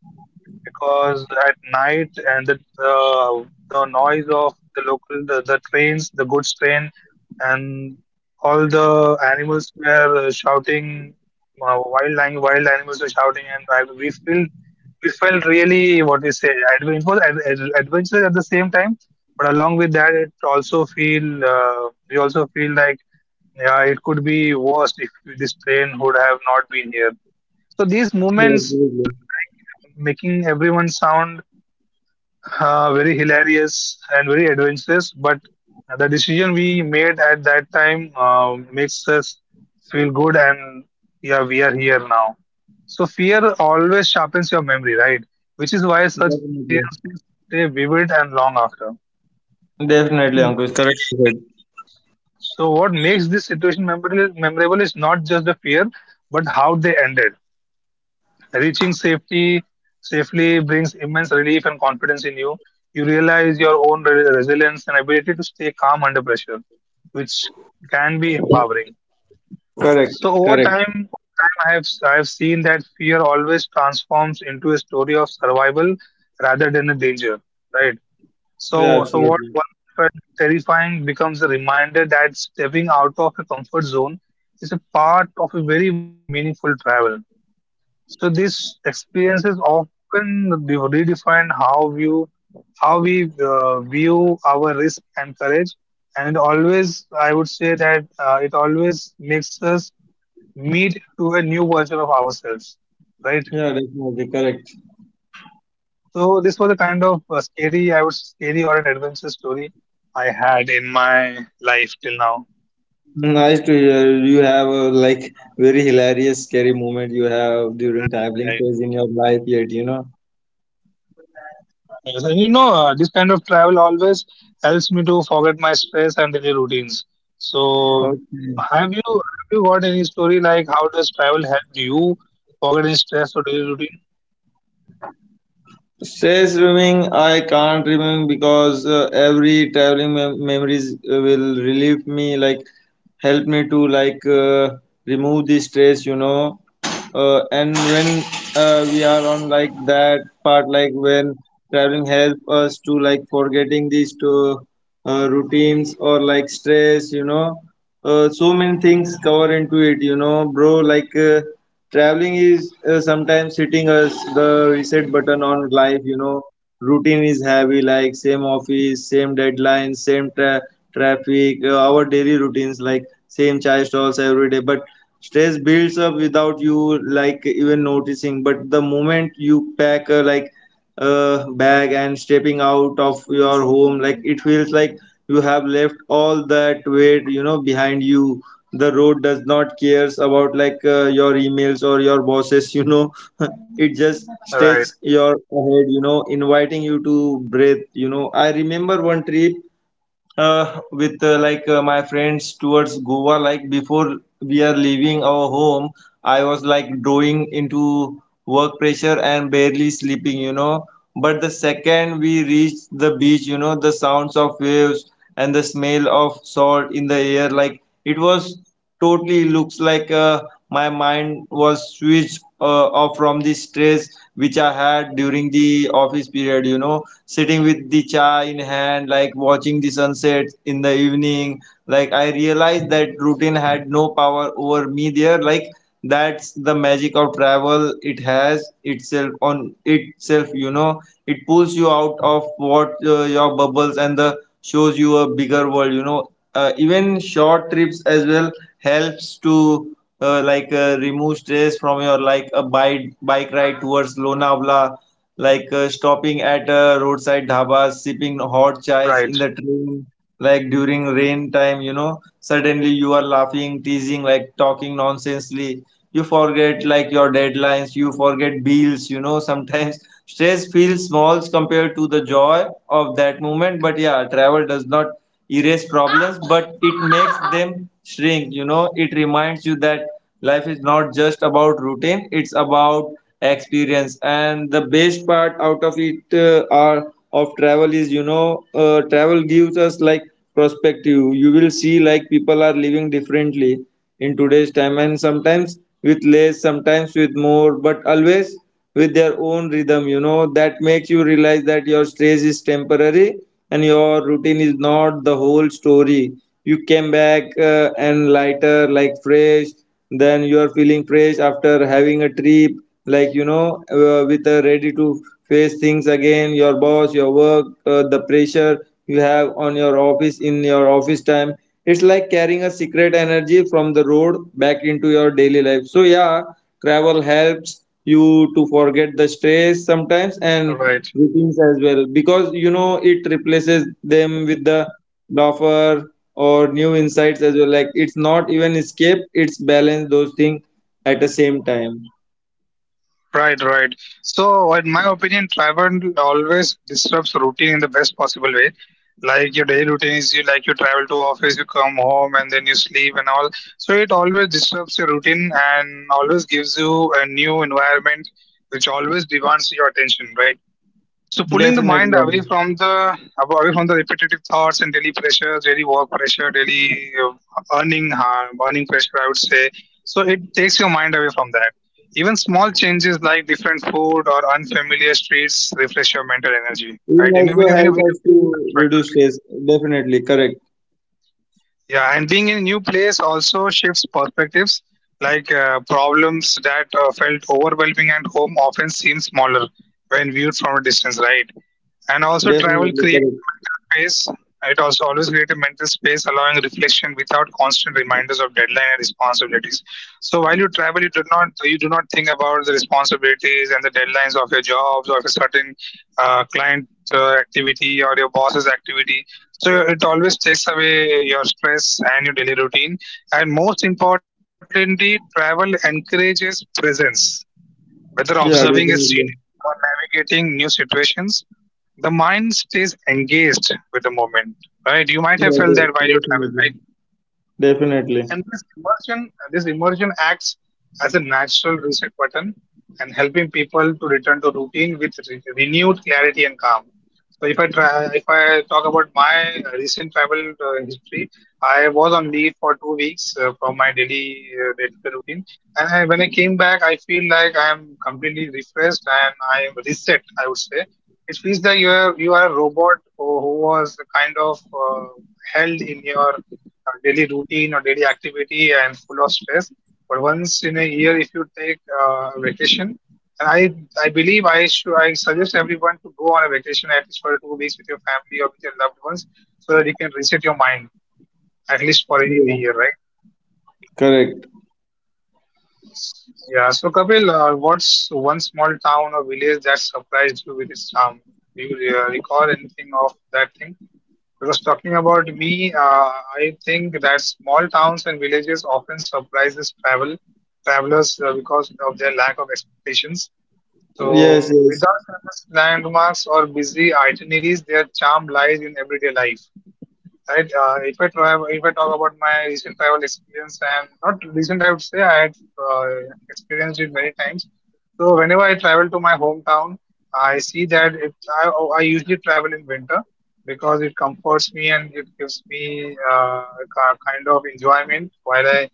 because at night and the the, the noise of the local the, the trains, the goods train, and all the animals were uh, shouting. Uh, wild lang- wild animals were shouting, and I, we felt we felt really, what we say, adventure. It was ad, ad, adventurous at the same time, but along with that, it also feel uh, we also feel like yeah, it could be worse if this train would have not been here. So these
Yeah,
movements uh,
absolutely.
like uh, making everyone sound uh, very hilarious and very adventurous, but the decision we made at that time uh, makes us feel good, and yeah, we are here now. So fear always sharpens your memory, right? Which is why such
Definitely.
experiences stay vivid and long after. So
Definitely,
what
Ankush.
makes
Correctly said.
so what makes this situation memorable memorable is not just the fear, but how they ended. Reaching safety Safely brings immense relief and confidence in you. You realize your own re- resilience and ability to stay calm under pressure, which can be empowering.
Correct,
So over
correct.
time, over time, I have I have seen that fear always transforms into a story of survival rather than a danger, right?
Yeah,
So so what
absolutely.
once felt terrifying becomes a reminder that stepping out of a comfort zone is a part of a very much meaningful travel. So these experiences often de- redefine how view how we uh, view our risk and courage, and it always, I would say that uh, it always makes us meet to a new version of ourselves, right?
Yeah, definitely correct.
So this was a kind of uh scary, I would say scary or an adventure story I had in my life till now.
Nice to hear you have a like very hilarious, scary moment you have during
Right,
traveling
right.
phase in your life yet, you know.
Yes, and you know, uh, this kind of travel always helps me to forget my stress and daily routines. So,
Okay.
have you have you got any story, like how does travel help you forget any stress or daily routine?
Stress swimming, I can't remember because uh, every traveling mem- memories uh, will relieve me, like help me to like uh, remove the stress, you know. Uh, and when uh, we are on like that part, like when traveling help us to like forgetting these two uh, routines or like stress, you know. Uh, so many things cover into it, you know, bro. Like. Uh, Traveling is uh, sometimes hitting us the reset button on life, you know. Routine is heavy, like same office, same deadlines, same tra- traffic, uh, our daily routines, like same chai stalls every day. But stress builds up without you, like even noticing. But the moment you pack, uh, like uh, bag and stepping out of your home, like it feels like you have left all that weight, you know, behind you. The road does not cares about like uh, your emails or your bosses, you know. (laughs) It just
Right,
stretches your head, you know, inviting you to breathe. You know, I remember one trip uh, with uh, like uh, my friends towards Goa. Like before we are leaving our home, I was like drawing into work pressure and barely sleeping, you know. But the second we reached the beach, you know, the sounds of waves and the smell of salt in the air, like it was totally looks like uh, my mind was switched uh, off from the stress which I had during the office period, you know. Sitting with the chai in hand, like watching the sunset in the evening, like I realized that routine had no power over me there. Like that's the magic of travel. It has itself on itself, you know. It pulls you out of what uh, your bubbles and the shows you a bigger world, you know. Uh, even short trips as well helps to uh, like uh, remove stress from your, like a bike bike ride towards Lonavala, like uh, stopping at a roadside dhaba, sipping hot chais
right,
in the train, like during rain time, you know. Suddenly you are laughing, teasing, like talking nonsensely. You forget like your deadlines, you forget bills, you know. Sometimes (laughs) stress feels small compared to the joy of that moment. But yeah, travel does not erase problems, but it makes them shrink, you know. It reminds you that life is not just about routine, it's about experience. And the best part out of it, uh, are of travel is, you know uh, travel gives us like perspective. You will see like people are living differently in today's time, and sometimes with less, sometimes with more, but always with their own rhythm, you know. That makes you realize that your stress is temporary and your routine is not the whole story. You came back uh, and lighter, like fresh, then you are feeling fresh after having a trip, like you know uh, with uh, ready to face things again, your boss, your work, uh, the pressure you have on your office, in your office time. It's like carrying a secret energy from the road back into your daily life. So yeah, travel helps you to forget the stress sometimes and
right.
routines as well, because you know it replaces them with the laughter or new insights as well. Like it's not even escape, it's balance those things at the same time.
Right, right. So, in my opinion, travel always disrupts routine in the best possible way. Like your daily routine is you, like you travel to office, you come home, and then you sleep and all. So it always disrupts your routine and always gives you a new environment, which always demands your attention, right? So pulling the
Definitely,
mind away
Arif.
from the away from the repetitive thoughts and daily pressure, daily work pressure, daily uh, earning harm, earning pressure, I would say. So it takes your mind away from that. Even small changes like different food or unfamiliar streets refresh your mental energy,
It will
right? In a,
also
in a, in a
help
very,
us
very
to
much better
reduce
way.
stress. Definitely correct.
Yeah, and being in a new place also shifts perspectives. Like uh, problems that uh, felt overwhelming at home often seem smaller when viewed from a distance, right? And also, travel
Definitely
creates
correct.
a mental space. It also always creates a mental space, allowing reflection without constant reminders of deadline and responsibilities. So while you travel, you do not you do not think about the responsibilities and the deadlines of your jobs or of a certain uh, client uh, activity or your boss's activity. So it always takes away your stress and your daily routine. And most importantly, travel encourages presence. Whether
Yeah,
observing a
definitely.
scenery or navigating new situations, the mind stays engaged with the moment, right? You might have
Yeah,
felt
de-
that while you travel,
definitely.
right?
Definitely.
And this immersion, uh, this immersion acts as a natural reset button and helping people to return to routine with re- renewed clarity and calm. So if I try, if I talk about my uh, recent travel uh, history, I was on leave for two weeks uh, from my daily uh, day-to-day routine, and I, when I came back, I feel like I am completely refreshed and I am reset. I would say it feels like you are you are a robot who who was kind of uh, held in your our daily routine or daily activity and full of stress. But once in a year, if you take uh, vacation, and I I believe I should I suggest everyone to go on a vacation at least for two weeks with your family or with your loved ones so that you can reset your mind at least for in
Yeah.
a year, right?
Correct.
Yeah. So Kapil, uh, what's one small town or village that surprised you with its charm? Do you uh, recall anything of that thing? Because talking about me, uh, I think that small towns and villages often surprises travel travelers uh, because of their lack of expectations. So,
Yes, yes.
without famous landmarks or busy itineraries, their charm lies in everyday life. Right. Uh, if I travel, if I talk about my recent travel experience, and not recent, I would say I had uh, experienced it many times. So whenever I travel to my hometown, I see that it, I, I usually travel in winter because it comforts me and it gives me uh, a ki- kind of enjoyment while I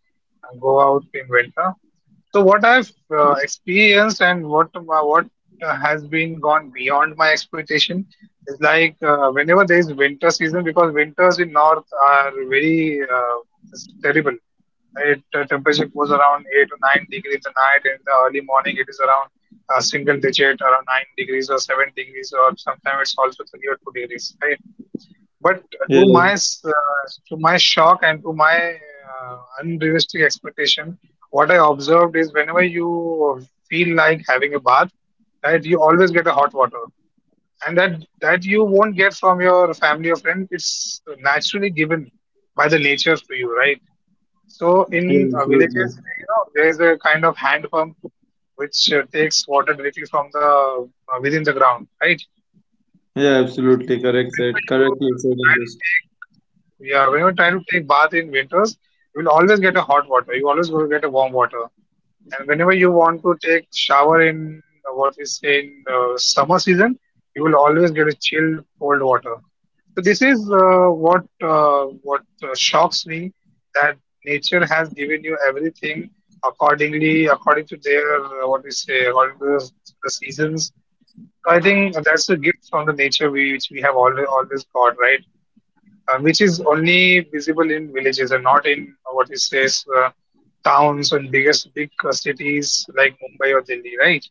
uh, go out in winter. So what I've uh, experienced and what what uh, has been gone beyond my expectation, it's like uh, whenever there is winter season, because winters in north are very uh, it's terrible. It uh, temperature goes around eight to nine degrees in the night, and in the early morning it is around uh, single digit, around nine degrees or seven degrees, or sometimes it's also three or two degrees, right? But uh, to my
Yes.
s- uh, to my shock and to my uh, unrealistic expectation, what I observed is whenever you feel like having a bath, right, you always get a hot water. And that that you won't get from your family or friend, it's naturally given by the nature to you, right? So
Yeah,
in uh,
absolutely.
villages, eh, you know, there is a kind of hand pump which uh, takes water directly from the uh, within the ground, right?
Yeah, absolutely.
So
Correct
whenever
said.
you
Correctly
uh,
said,
try to
Ankush.
take, yeah, whenever you try to take bath in winters, you will always get a hot water. You always will get a warm water. And whenever you want to take shower in uh, what we say in uh, summer season, you will always get a chilled cold water. So this is uh, what uh, what uh, shocks me that nature has given you everything accordingly, according to their uh, what we say, according to the, to the seasons. So I think that's a gift from the nature we, which we have always, always got, right? Uh, which is only visible in villages and not in uh, what it says uh, towns and biggest big uh, cities like Mumbai or Delhi, right?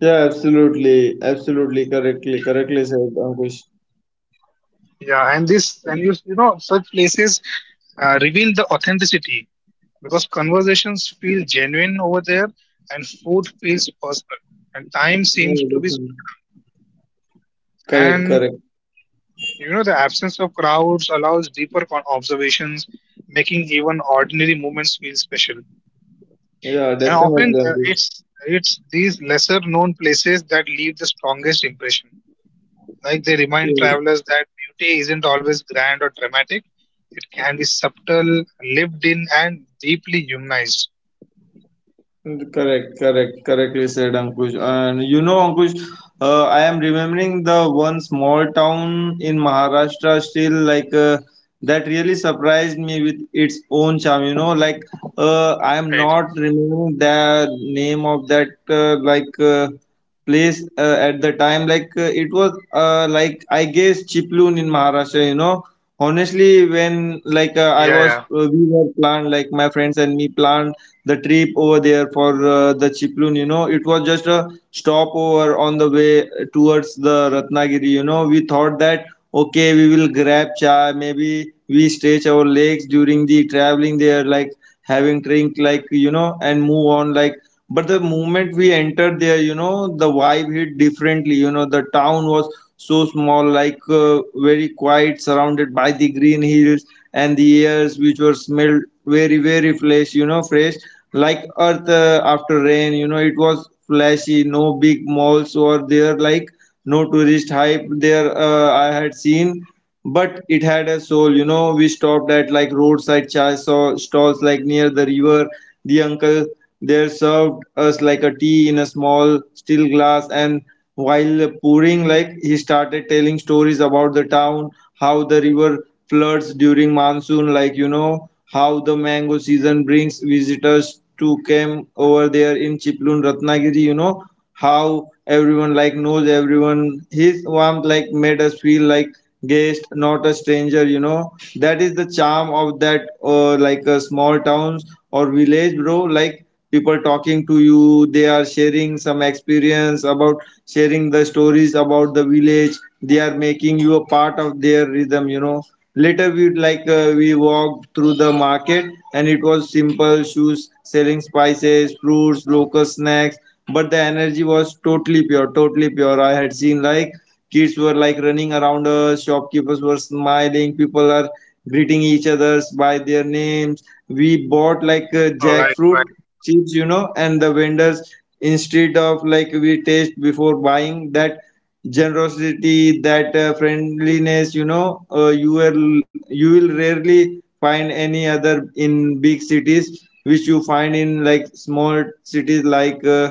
Yeah, absolutely. Absolutely correctly. Correctly said,
So,
Ankush.
yeah, and this and you you know such places uh, reveal the authenticity because conversations feel genuine over there, and food feels personal, and time
Yeah,
seems to be
definitely.
slowed down.
Correct,
And
correct.
you know, the absence of crowds allows deeper con- observations, making even ordinary moments feel special.
Yeah,
And
definitely,
often, uh,
Ankush.
it's it's these lesser known places that leave the strongest impression. Like they remind
Yes.
travelers that beauty isn't always grand or dramatic; it can be subtle, lived in, and deeply humanized.
Mm, correct, correct, correctly said, Ankush. And you know, Ankush, uh, I am remembering the one small town in Maharashtra still, like uh, that really surprised me with its own charm. You know, like uh, I am
Right.
not remembering the name of that uh, like uh, place uh, at the time. Like uh, it was uh, like I guess Chiplun in Maharashtra. You know, honestly, when like uh, I
Yeah,
was
yeah.
uh, we were planned, like my friends and me planned the trip over there for uh, the Chiplun, you know, it was just a stopover on the way towards the Ratnagiri. You know, we thought that okay, we will grab chai, maybe we stretch our legs during the traveling there, like having drink, like you know, and move on, like, but the moment we entered there, you know, the vibe hit differently. You know, the town was so small, like uh, very quiet, surrounded by the green hills, and the airs which were smelled very very fresh, you know. Fresh like earth uh, after rain, you know, it was flashy. No big malls were there, like no tourist hype there uh, I had seen, but it had a soul. You know, we stopped at like roadside chai saw stalls like near the river. The uncle there served us like a tea in a small steel glass, and while pouring, like he started telling stories about the town, how the river floods during monsoon, like you know, how the mango season brings visitors to camp over there in Chiplun, Ratnagiri, you know, how everyone like knows everyone. His warmth like made us feel like guest, not a stranger. You know, that is the charm of that uh, like uh, small towns or village, bro. Like people talking to you, they are sharing some experience about sharing the stories about the village. They are making you a part of their rhythm. You know, later, we like uh, we walked through the market, and it was simple shoes selling spices, fruits, local snacks. But the energy was totally pure, totally pure. I had seen like kids were like running around us, shopkeepers were smiling, people are greeting each others by their names. We bought like uh,
All right,
jackfruit
right,
chips, you know, and the vendors instead of like we taste before buying, that generosity, that uh, friendliness, you know, uh, you will you will rarely find any other in big cities, which you find in like small cities like uh,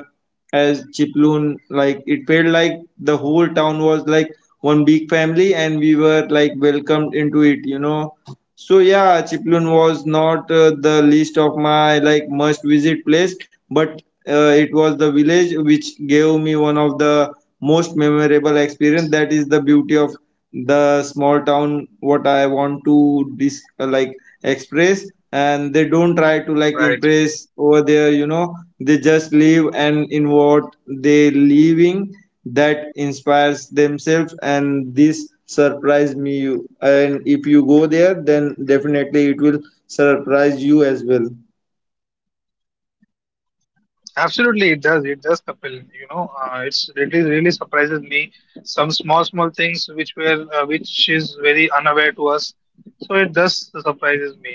as Chiploon. Like it felt like the whole town was like one big family, and we were like welcomed into it, you know. So yeah, Chiplun was not uh, the list of my like must visit place, but uh, it was the village which gave me one of the most memorable experience. That is the beauty of the small town. What I want to dis- uh, like express, and they don't try to like
right.
impress over there. You know, they just live and in what they living that inspires themselves. And this surprised me you, and if you go there then definitely it will surprise you as well.
Absolutely, it does. It does, Kapil. You know, uh, it's it is really surprises me some small small things which were uh, which is very unaware to us. So it does surprises me.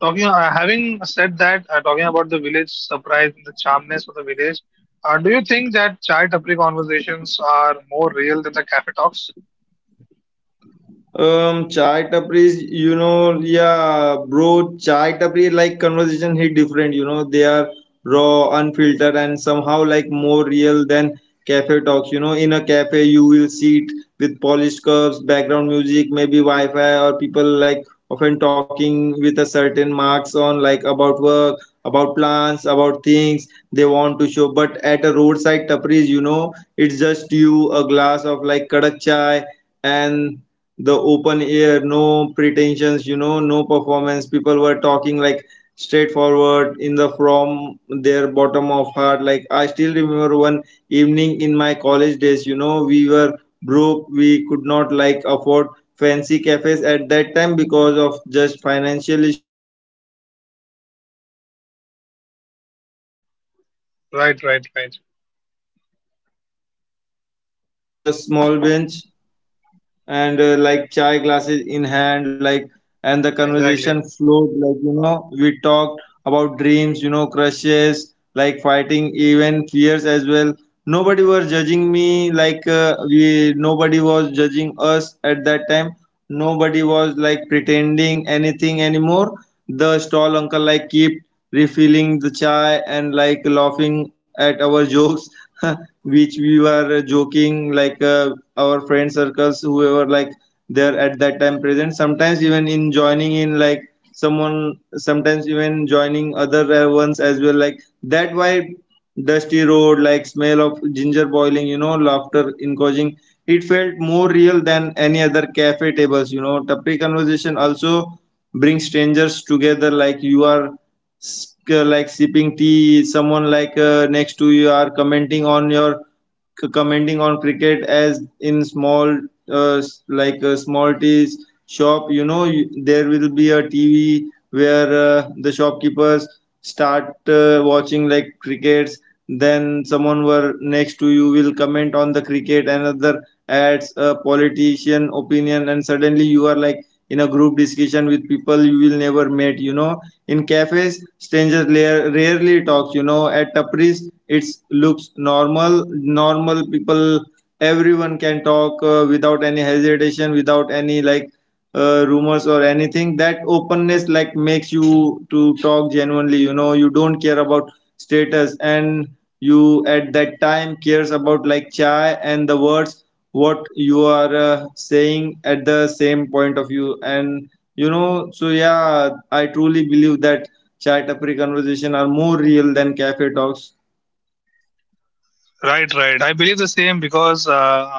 Talking, uh, having said that, uh, talking about the village surprise, and the charmness of the village. Uh, do you think that chai tapri conversations are more real than the cafe talks?
Um, chai tapris, you know, yeah, bro, chai tapri like conversation hit different. You know, they are raw, unfiltered, and somehow like more real than cafe talks. You know, in a cafe, you will sit with polished curves, background music, maybe Wi-Fi, or people like often talking with a certain marks on, like about work, about plans, about things they want to show. But at a roadside tapris, you know, it's just you, a glass of like kadak chai, and the open air. No pretensions, you know, no performance. People were talking like straightforward in the from their bottom of heart. Like I still remember one evening in my college days, you know, we were broke, we could not like afford fancy cafes at that time because of just financial issue. No tapri was like our hangout. Uh, five was
Right,
Five
right,
of
right.
us like uh, squeezing uh, around a small bench and uh, like chai glasses in hand like, and the conversation
Exactly.
flowed, like, you know, we talked about dreams, you know, crushes like fighting, even fears as well. Nobody was judging me, like uh, we nobody was judging us at that time. Nobody was like pretending anything anymore. The stall uncle like keep refilling the chai and like laughing at our (laughs) jokes (laughs) which we were joking like uh, our friend circles whoever like they're at that time present, sometimes even in joining in like someone sometimes even joining other uh, ones as well, like that why dusty road like smell of ginger boiling, you know, laughter encouraging. It felt more real than any other cafe tables, you know. Tapri conversation also brings strangers together, like you are s- uh, like sipping tea, someone like uh, next to you are commenting on your c- commenting on cricket, as in small uh, s- like a small tea shop, you know. You, there will be a TV where uh, the shopkeepers start uh, watching like crickets. Then someone were next to you will comment on the cricket, another adds a politician opinion, and suddenly you are like in a group discussion with people you will never meet, you know. In cafes, strangers la- rarely talks, you know. At tapris, it looks normal. Normal people, everyone can talk uh, without any hesitation, without any like uh, rumors or anything. That openness like makes you to talk genuinely. You know, you don't care about status, and you at that time cares about like chai and the words what you are uh, saying at the same point of view. And, you know, so yeah, I truly believe that chai tapri conversation are more real than cafe talks.
Right, right. I believe the same because uh,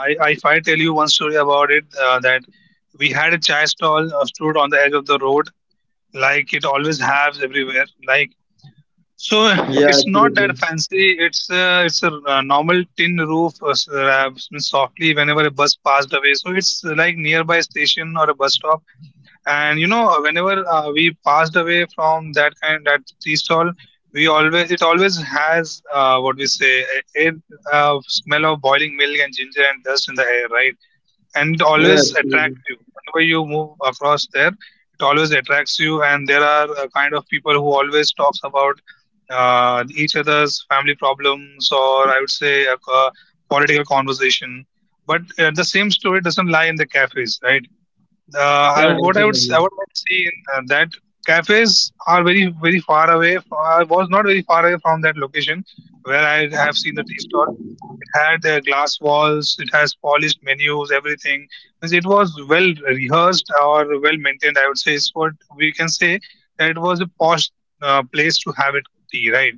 I, I- if I tell you one story about it, uh, that we had a chai stall uh, stood on the edge of the road, like it always has everywhere. Like so,
Yeah,
it's not
absolutely.
that fancy. It's uh, it's a uh, normal tin roof, uh, s- uh, softly whenever a bus passed away. So it's like nearby station or a bus stop, and you know whenever uh, we passed away from that kind that tea stall, we always, it always has uh, what we say, a, a uh, smell of boiling milk and ginger and dust in the air, right? And it
Yeah,
always
absolutely.
attracts you whenever you move across there. It always attracts you, and there are uh, kind of people who always talks about uh, each other's family problems, or I would say a, uh political conversation. But uh, the same story doesn't lie in the cafes, right? uh, I,
Yeah,
what I would s-
definitely.
what I've seen, uh, that cafes are very very far away. f- I was not very far away from that location where I have seen the tea stall. It had uh, glass walls. It has polished menus. Everything. Means it was well rehearsed or well maintained. I would say is what we can say that it was a posh uh, place to have it tea, right?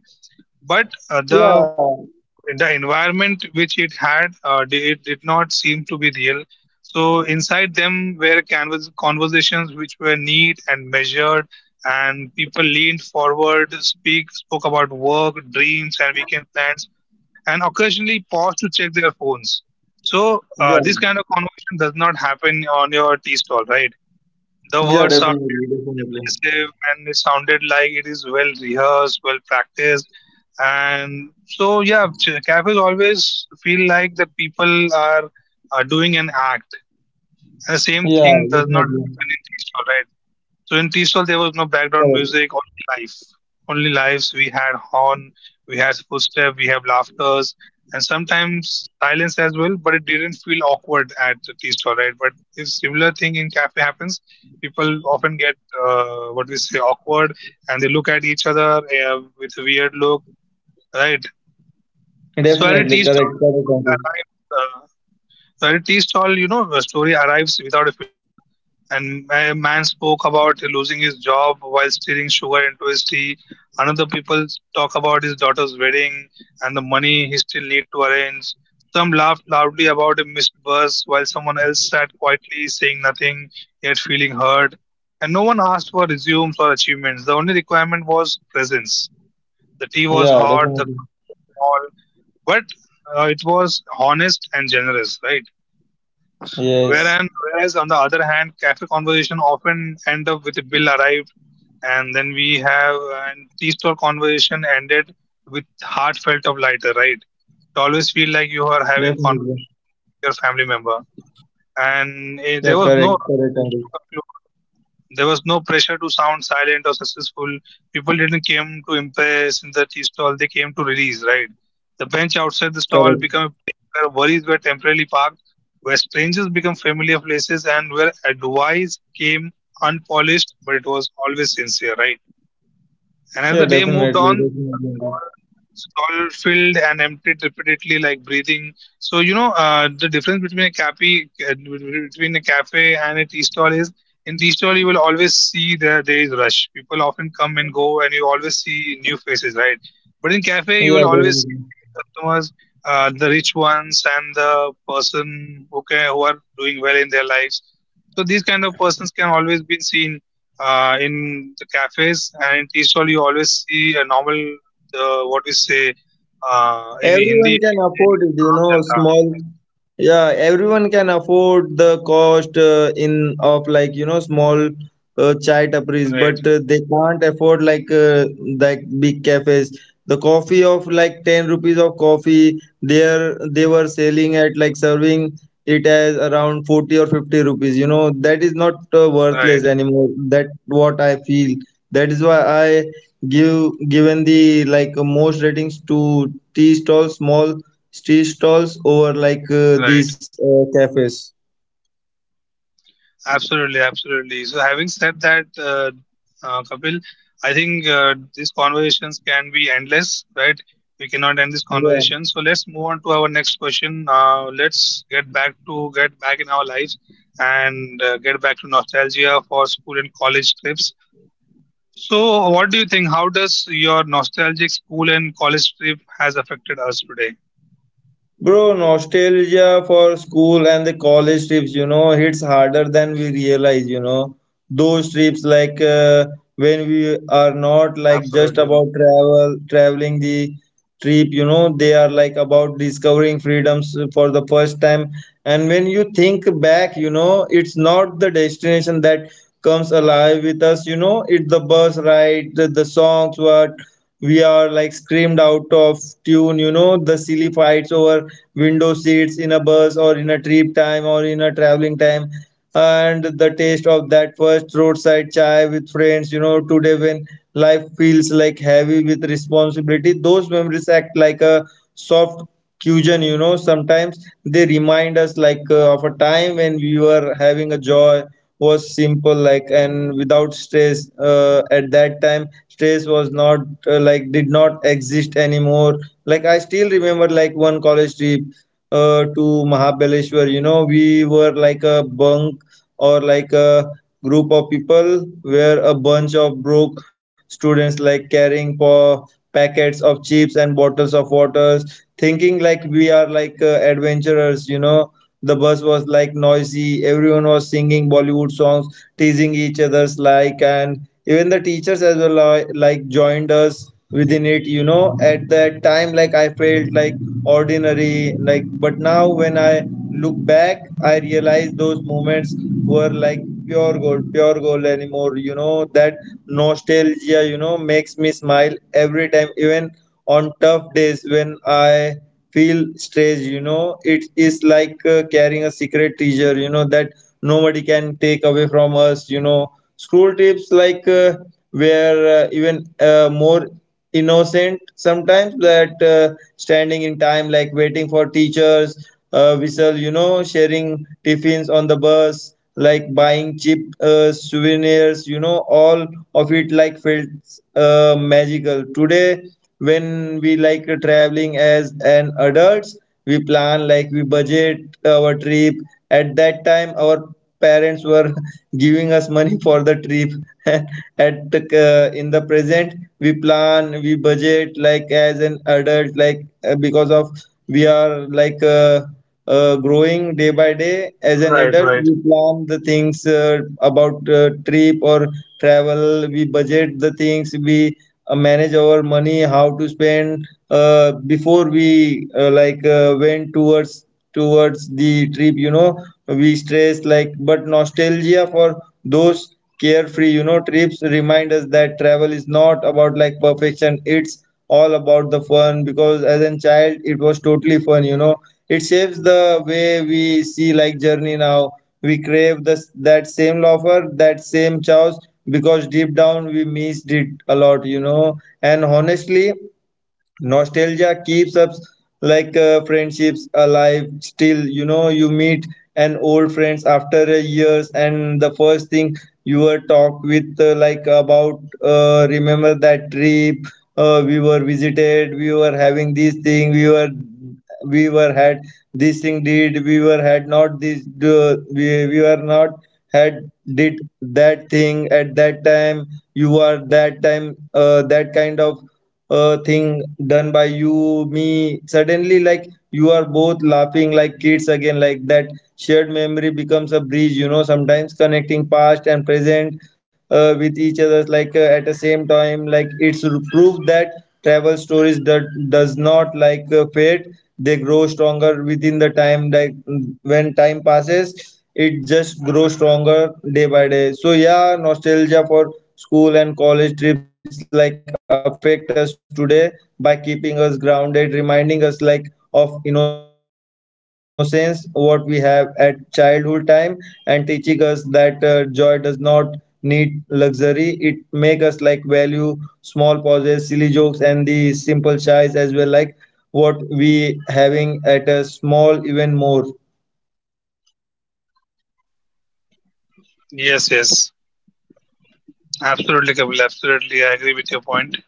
But uh, the
Yeah,
the environment which it had uh, di- it did not seem to be real. So inside them were canvas conversations which were neat and measured, and people leaned forward speak spoke about work dreams and weekend plans and occasionally paused to check their phones. So uh,
yeah,
this kind of conversation does not happen on your tea stall, right? The
yeah,
word
definitely,
sounded uh,
definitely.
impressive and it sounded like it is well rehearsed, well practiced. And so, yeah, ch- cafes always feel like the people are, are doing an act. And the same
Yeah,
thing does not
definitely.
happen in tea stall, right? So in tea stall, there was no
Correct.
background music, only life, only lives. We had horn, we had footstep, we have laughters, and sometimes silence as well. But it didn't feel awkward at the tea stall, right? But if similar thing in cafe happens, people often get uh, what we say awkward, and they look at each other uh, with a weird look, right? so at a
Definitely
tea
correct.
stall
Correct,
story
Uncle.
arrives. Uh, so at a tea stall, you know, a story arrives without a filter. And a man spoke about losing his job while steering sugar into his tea. Another people talk about his daughter's wedding and the money he still need to arrange. Some laughed loudly about a missed bus while someone else sat quietly saying nothing, yet feeling hurt. And no one asked for resumes or achievements. The only requirement was presence. The tea was
Yeah,
hot, the
definitely.
cups were small, but uh, it was honest and generous, right?
Yes,
Wherein, whereas on the other hand, cafe conversation often end up with a bill arrived, and then we have and tea store conversation ended with heartfelt of lighter, right? It always feel like you are
definitely.
having conversation with your family member,
Yeah,
and eh, there
correct.
was
Correct,
no
Uncle.
rush to conclude. There was no pressure to sound silent or successful. People didn't came to impress in the tea stall, they came to release, right? The bench outside the
Correct.
stall became a place where worries were temporarily parked, where strangers become familiar places, and where advice came unpolished, but it was always sincere, right?
Yeah,
And as the day
definitely.
moved on,
Definitely,
the
Uncle.
stall stall filled and emptied repeatedly, like breathing. So you know uh, the difference between a cafe uh, between a cafe and a tea stall is, in tea stall you will always see the there is rush. People often come and go, and you always see new faces, right? But in cafe
Yeah,
you will always
definitely.
see the similar customers, uh, the rich ones, and the person who can, who are doing well in their lives. So these kind of persons can always be seen uh, in the cafes, and tea stall you always see a normal uh, what we say uh, in Hindi
Everyone
if
can
we say
afford it,
it's
you
Aam
know,
Janta,
small.
yes,
Yeah, everyone can afford the cost uh, in of like, you know, small uh, chai tapris,
right.
but uh, they can't afford like uh, like big cafes. The coffee of like ten rupees of coffee, there they were
Mm.
selling at like serving it as around forty or fifty rupees. You know that is not uh, worthless
Right,
anymore. That what I feel. That is why I give given the like uh, most ratings to tea stalls, small tea stalls over like uh,
right,
these uh, cafes.
absolutely, absolutely. So having said that, uh, uh, Kapil, I think uh, these conversations can be endless, right? We cannot end this
Yeah.
conversation, so let's move on to our next question. Uh, let's get back to get back in our lives, and uh, get back to nostalgia for school and college trips. So, what do you think? How does your nostalgic school and college trip has affected us today?
Bro, nostalgia for school and the college trips, you know, hits harder than we realize, you know. Those trips, like uh, when we are not like just about
Absolutely.
travel, traveling the trip, you know, they are like about discovering freedoms for the first time. And when you think back, you know, it's not the destination that comes alive with us, you know, it's the bus ride, the, the songs, what we are like screamed out of tune, you know, the silly fights over window seats in a bus or in a trip time or in a traveling time, and the taste of that first roadside chai with friends. You know, today when life feels like heavy with responsibility, those memories act like a soft cushion. You know, sometimes they remind us like uh, of a time when we were having a joy was simple like and without stress. Uh, at that time stress was not uh, like did not exist anymore. Like I still remember like one college trip uh, to Mahabaleshwar. You know, we were like a bunk or like a group of people where a bunch of broke students like carrying for packets of chips and bottles of waters, thinking like we are like uh, adventurers, you know. The bus was like noisy. Everyone was singing Bollywood songs, teasing each other's like, and even the teachers as well uh, like joined us within it. You know, at that time, like I felt like ordinary, like, but now when I look back, I realize those moments were like pure gold, pure gold anymore. You know that nostalgia, you know, makes me smile every time, even on tough days when I feel strange. You know, it is like uh, carrying a secret treasure, you know, that nobody can take away from us, you know. School trips like uh, were uh, even uh, more innocent sometimes. That uh, standing in time like waiting for teachers uh, whistle, you know, sharing tiffins on the bus, like buying cheap uh, souvenirs. You know, all of it like felt uh, magical. Today when we like uh, traveling as an adults, we plan like we budget our trip. At that time our parents were (laughs) giving us money for the trip (laughs) at uh, in the present, we plan, we budget like as an adult like uh, because of we are like uh, uh, growing day by day. As an
Right,
adult,
right.
we plan the things uh, about uh, trip or travel. We budget the things. We uh, manage our money, how to spend uh, before we uh, like uh, went towards towards the trip. You know, we stress like, but nostalgia for those carefree, you know, trips remind us that travel is not about like perfection, it's all about the fun, because as a child it was totally fun, you know. It shapes the way we see like journey now. We crave this that same loafer, that same chows, because deep down we missed it a lot, you know. And honestly, nostalgia keeps us like uh, friendships alive still. You know, you meet an old friends after uh, years, and the first thing you were talk with uh, like about uh, remember that trip. Uh, we were visited, we were having this thing, we were we were had this thing, did we were had not this, uh, we, we were not had did that thing at that time. You are that time uh, that kind of uh, thing done by you me. Suddenly like you are both laughing like kids again, like that shared memory becomes a bridge, you know, sometimes connecting past and present uh, with each other, like uh, at the same time, like it's proof that travel stories that does not like uh, fade. They grow stronger within the time, like mm, when time passes it just grows stronger day by day. So yeah, nostalgia for school and college trips like affect us today by keeping us grounded, reminding us like of innocence, what we have at childhood time, and teaching us that uh, joy does not need luxury. It make us like value small pauses, silly jokes, and the simple choice as well, like what we having at a small even more.
Yes, yes. Absolutely, Kapil. Absolutely, I agree with your point.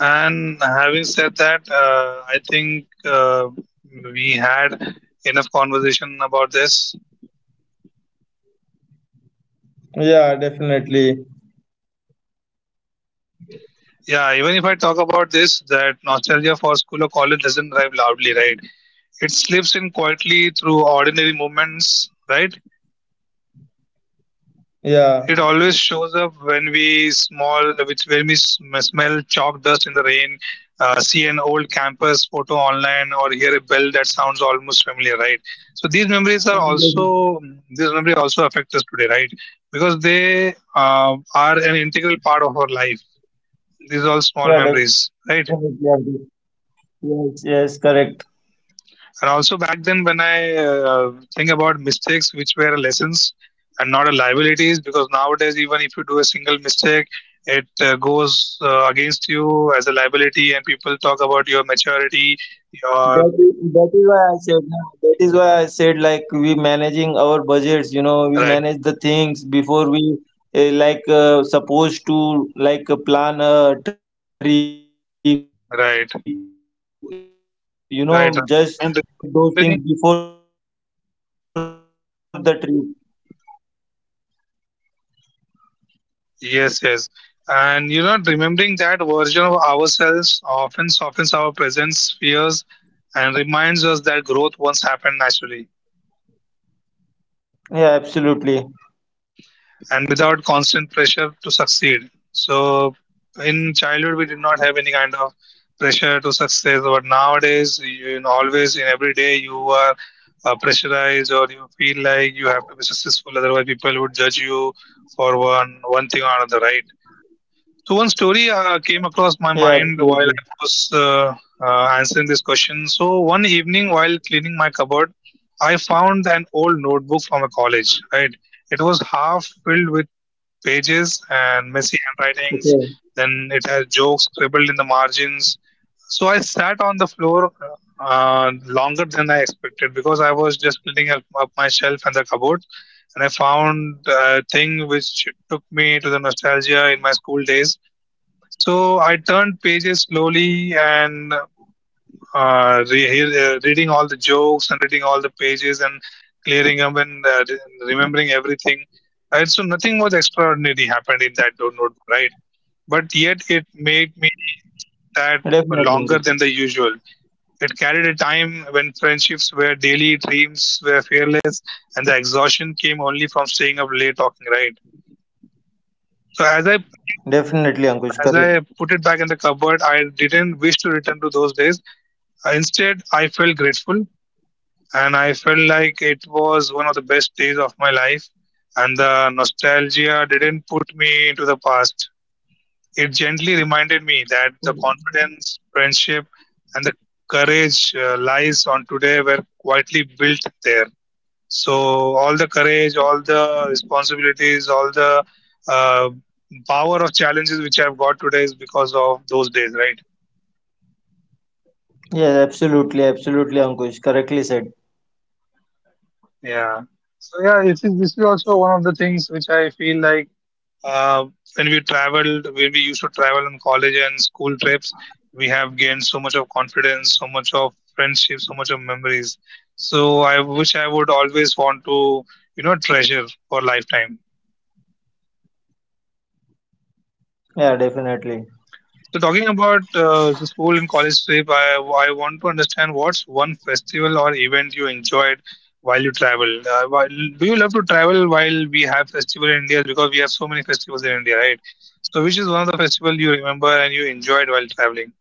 And having said that, uh, I think uh, we had enough conversation about this.
Yeah, definitely,
Yeah, even if I talk about this, that
definitely,
nostalgia for
Ankush.
school or college doesn't arrive loudly, right? It slips in quietly through ordinary moments, right? It always
Yeah,
shows up when we small, which when we sm- smell chalk dust in the rain, uh, see an old campus photo online, or hear a bell that sounds almost familiar, right? So these memories are also mm,
yeah,
these memories also affect us today, right? Because they uh, are an integral part of
definitely.
our life. These are all small memories, right?
Yeah, definitely. Abdul. Yes, yes, correct.
And also back then, when I uh, think about mistakes which were lessons and not a liabilities, because nowadays even if you do a single mistake, it uh, goes uh, against you as a liability, and people talk about your maturity,
That
your
is, that is why I said no, that is why I said like we managing our budgets. You know, we
right,
manage the things before we uh, like uh, supposed to like uh, plan a trip. You know, just
right,
we budget, we uh,
right,
like
right, right,
uh,
and re- remembering
manage those things before the trip.
yes, yes, and you know remembering that version of ourselves often softens our present fears and reminds us that growth once happened naturally,
Yeah, absolutely.
and without constant pressure to succeed. So in childhood, we did not have any kind of pressure to success, but nowadays, you, you know, always in every day, you are uh, pressurized or you feel like you have to be successful, otherwise people would judge you for one one thing or another, right? So one story uh, came
Yeah,
across my mind
absolutely.
while I was uh, uh, answering this question. So one evening while cleaning my cupboard, I found an old notebook from a college, right? It was half filled with
Okay,
pages and messy handwritings. Then it has jokes scribbled in the margins. So I sat on the floor uh, longer than I expected because I was just building up, up my shelf and the cupboard, and I found a thing which took me to the nostalgia in my school days. So I turned pages slowly and uh, re- uh, reading all the jokes and reading all the pages and clearing up and uh, re- remembering everything. Right? So nothing was extraordinary happened in that do- notebook, right? But yet it made me
definitely, Ankush.
sad longer than the usual. It carried a time when friendships were daily, dreams were fearless, and the exhaustion came only from staying up late talking, right? So as I put it
Definitely,
back,
Ankush. Correct.
as I put it back in the cupboard, I didn't wish to return to those days. Uh, Instead, I felt grateful and I felt like it was one of the best days of my life. And the nostalgia didn't put me into the past. It gently reminded me that the confidence, friendship, and the courage uh, lies on today were quietly built there. So, all the courage, all the responsibilities, all the uh, power of challenges which I've got today is because of those days, right?
Yes, absolutely, absolutely, Ankush. Correctly said.
Yeah. So yeah, this is this is also one of the things which I feel like. Uh, when we traveled, when we used to travel on college and school trips, we have gained so much of confidence, so much of friendship, so much of memories. So I wish I would always want to, you know, treasure for lifetime.
Yeah, definitely.
So talking about uh, the school and college trip, I, I want to understand what's one festival or event you enjoyed while you travel. Uh, while, do you love to travel while we have festival in India? Because we have so many festivals in India, right? So which is one of the festival you remember and you enjoyed while traveling?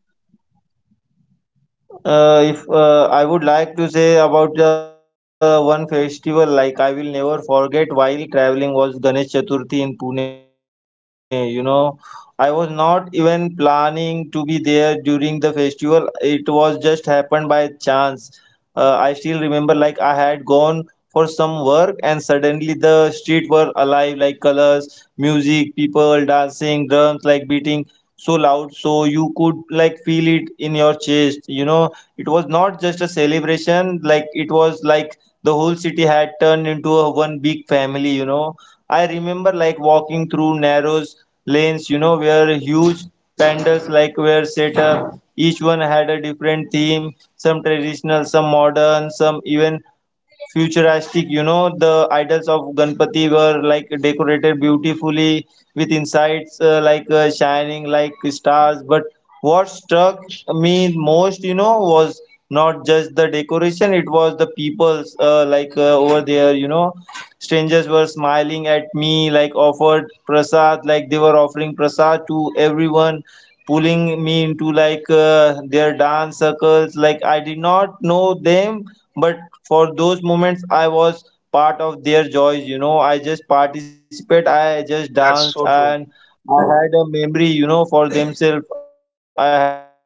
Uh, if uh, I would like to say about the one festival, like I will never forget while traveling was Ganesh Chaturthi in Pune. You know, I was not even planning to be there during the festival. It was just happened by chance. uh, I still remember like I had gone for some work, and suddenly the street were alive like colors, music, people dancing, drums like beating so loud so you could like feel it in your chest, you know. It was not just a celebration, like it was like the whole city had turned into a one big family, you know. I remember like walking through narrow lanes, you know, where huge Pandals like were set up. Each one had a different theme, some traditional, some modern, some even futuristic. You know, the idols of Ganpati were like decorated beautifully with insights uh, like uh, shining like stars. But what struck me most, you know, was not just the decoration, it was the people's uh, like uh, over there, you know. Strangers were smiling at me, like offered prasad, like they were offering prasad to everyone, pulling me into like uh, their dance circles. Like I did not know them, but for those moments, I was part of their joys. You know, I just participate. I just danced,
That's so
and
true.
I had a memory, you know, for themselves. I had joined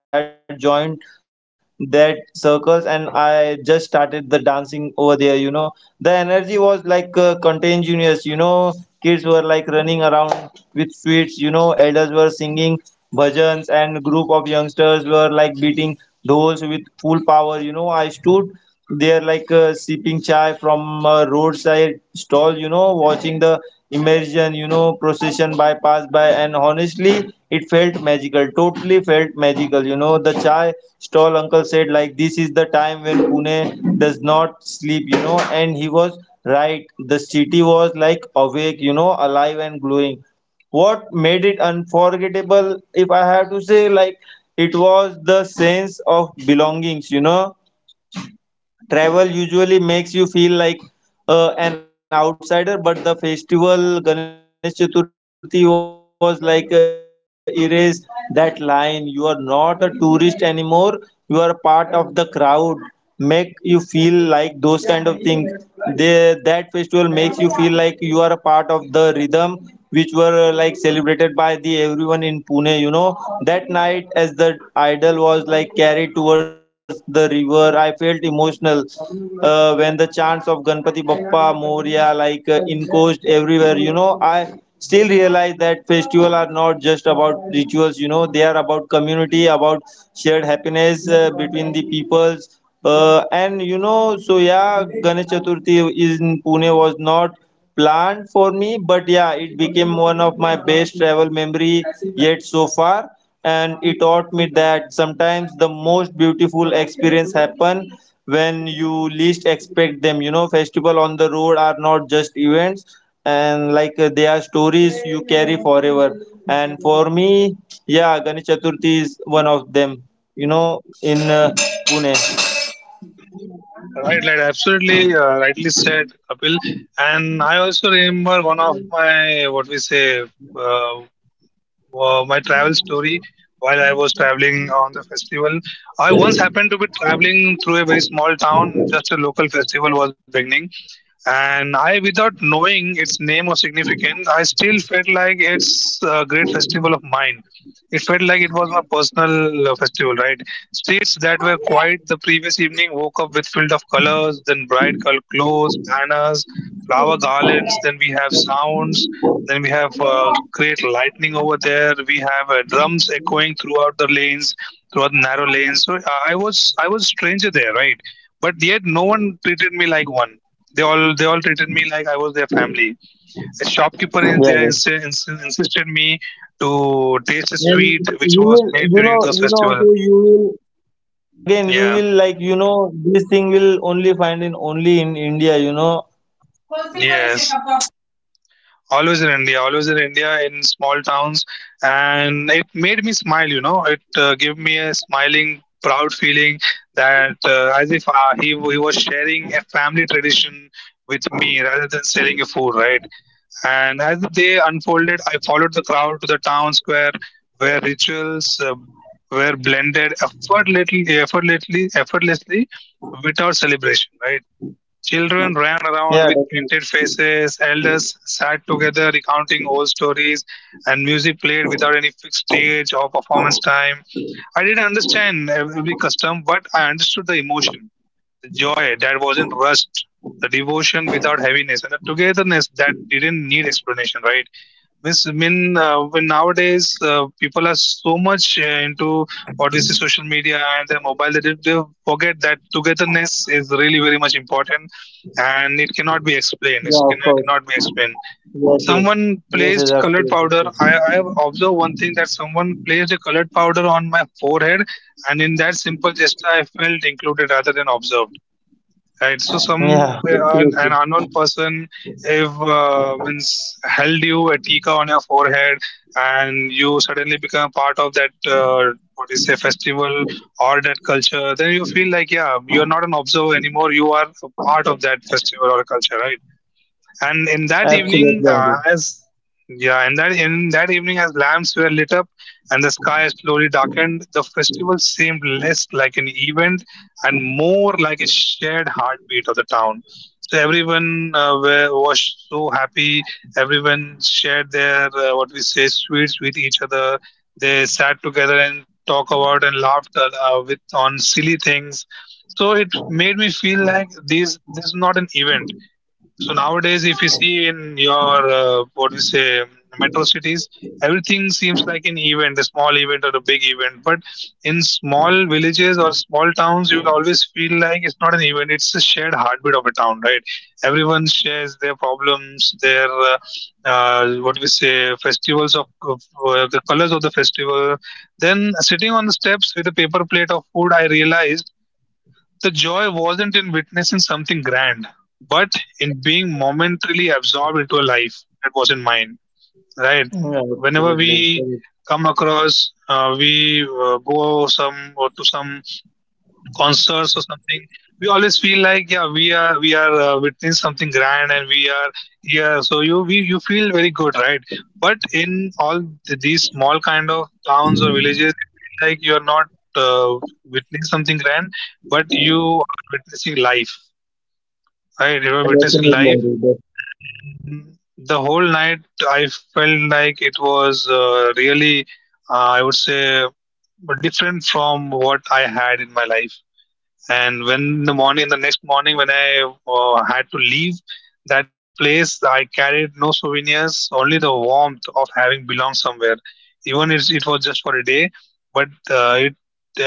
that circles and I just started the dancing over there. You know the energy was like uh, contagious, you know. Kids were like running around with sweets, you know. Elders were singing bhajans, and group of youngsters were like beating dolls with full power, you know. I stood they are like uh, sipping chai from a roadside stall, you know, watching the immersion, you know, procession by pass by, and honestly, it felt magical. Totally felt magical, you know. The chai stall uncle said, like, this is the time when Pune does not sleep, you know, and he was right. The city was like awake, you know, alive and glowing. What made it unforgettable, if I have to say, like it was the sense of belongings, you know. Travel usually makes you feel like uh, an outsider, but the festival Ganesh Chaturthi was like uh, erase that line. You are not a tourist anymore. You are a part of the crowd. Make you feel like those kind of things. They, that festival makes you feel like you are a part of the rhythm which were uh, like celebrated by the everyone in Pune. You know, that night as the idol was like carried towards the river, I felt emotional uh, when the chants of Ganpati Bappa Moria like uh, encroached everywhere. You know, I still realize that festival are not just about rituals. You know, they are about community, about shared happiness uh, between the peoples. Uh, and you know, so yeah, Ganesh Chaturthi is in Pune was not planned for me, but yeah it became one of my best travel memory yet so far. And it taught me that sometimes the most beautiful experience happen when you least expect them. You know, festival on the road are not just events and like uh, they are stories you carry forever. And for me, yeah, ganesh chaturthi is one of them, you know, in uh, pune.
Right, like absolutely uh, rightly said, Kapil. And I also remember one of my what we say uh, uh, my travel story while I was traveling on the festival. I once happened to be traveling through a very small town. Just a local festival was beginning, and I, without knowing its name or significance, I still felt like it's a great festival of mine. It felt like it was my personal uh, festival, right? Streets that were quiet the previous evening woke up with filled of colors, then bright col- clothes, banners, flower garlands. Then we have sounds. Then we have uh, great lightning over there. We have uh, drums echoing throughout the lanes, throughout the narrow lanes. So I I was I was stranger there, right? But yet no one treated me like one, they all they all treated me like I was their family. A shopkeeper in there
Yeah,
ins- ins- insisted me to taste a
and
sweet
you
which
will,
was
you
made
know,
during
you
those
know, Ankur,
festival.
you will again you will
Yeah.
like you know this thing will only find in only in india, you know.
Yes. Always in India, always in India, in small towns, and it made me smile. You know, it uh, gave me a smiling, proud feeling that uh, as if uh, he he was sharing a family tradition with me rather than selling a food, right? And as the day unfolded, I followed the crowd to the town square where rituals uh, were blended effortlessly, effortlessly, effortlessly without celebration, right? Children ran
Yeah,
around with
definitely.
painted faces, elders sat together recounting old stories, and music played without any fixed stage or performance time. I didn't understand every custom, but I understood the emotion, joy that wasn't rushed, the devotion without heaviness, and the togetherness that didn't need explanation, right? Means, I mean, uh, when nowadays uh, people are so much uh, into what we see social media and their mobile, that they, they forget that togetherness is really very much important and it cannot be explained.
Yeah,
It
of
can
course.
cannot be explained.
Yes,
Someone
yes. Yes, yes,
placed
of
colored
course, of
powder.
course.
I, I have observed one thing that someone placed a colored powder on my forehead, and in that simple gesture, I felt included rather than observed. Right. So some
Yeah,
uh, an, an
absolutely.
unknown person if uh, means held you a tika on your forehead and you suddenly become part of that uh, what is say festival or that culture, then you feel like, yeah, you are not an observer anymore. You are a part of that festival or culture, right? And in that evening,
Absolutely,
uh,
Ankur.
as yeah in that in that evening as lamps were lit up and the sky slowly darkened, the festival seemed less like an event and more like a shared heartbeat of the town. So everyone uh, were, was so happy. Everyone shared their uh, what we say sweets with each other. They sat together and talk about and laughed uh, uh, with on silly things. So it made me feel like this this is not an event. So nowadays, if you see in your uh, what do you say metro cities, everything seems like an event, a small event or a big event. But in small villages or small towns, you will always feel like it's not an event; it's a shared heartbeat of a town, right? Everyone shares their problems, their uh, uh, what do we say festivals of, of uh, the colors of the festival. Then sitting on the steps with a paper plate of food, I realized the joy wasn't in witnessing something grand, but in being momentarily absorbed into a life that wasn't mine, right?
Yeah,
Whenever
absolutely
we
correct.
come across, uh, we uh, go some or to some concerts or something, we always feel like, yeah, we are we are uh, witnessing something grand and we are here, so you we, you feel very good, right? But in all th- these small kind of towns or villages, you feel like you are not uh, witnessing something grand, but you are witnessing life, right? You are
Yeah,
witnessing
definitely,
life.
Ankur.
And the whole night I felt like it was uh, really, uh, I would say, different from what I had in my life. And when the morning the next morning when I uh, had to leave that uh, place, I carried no souvenirs, only the warmth of having belonged somewhere, even if it was just for a day. But uh, it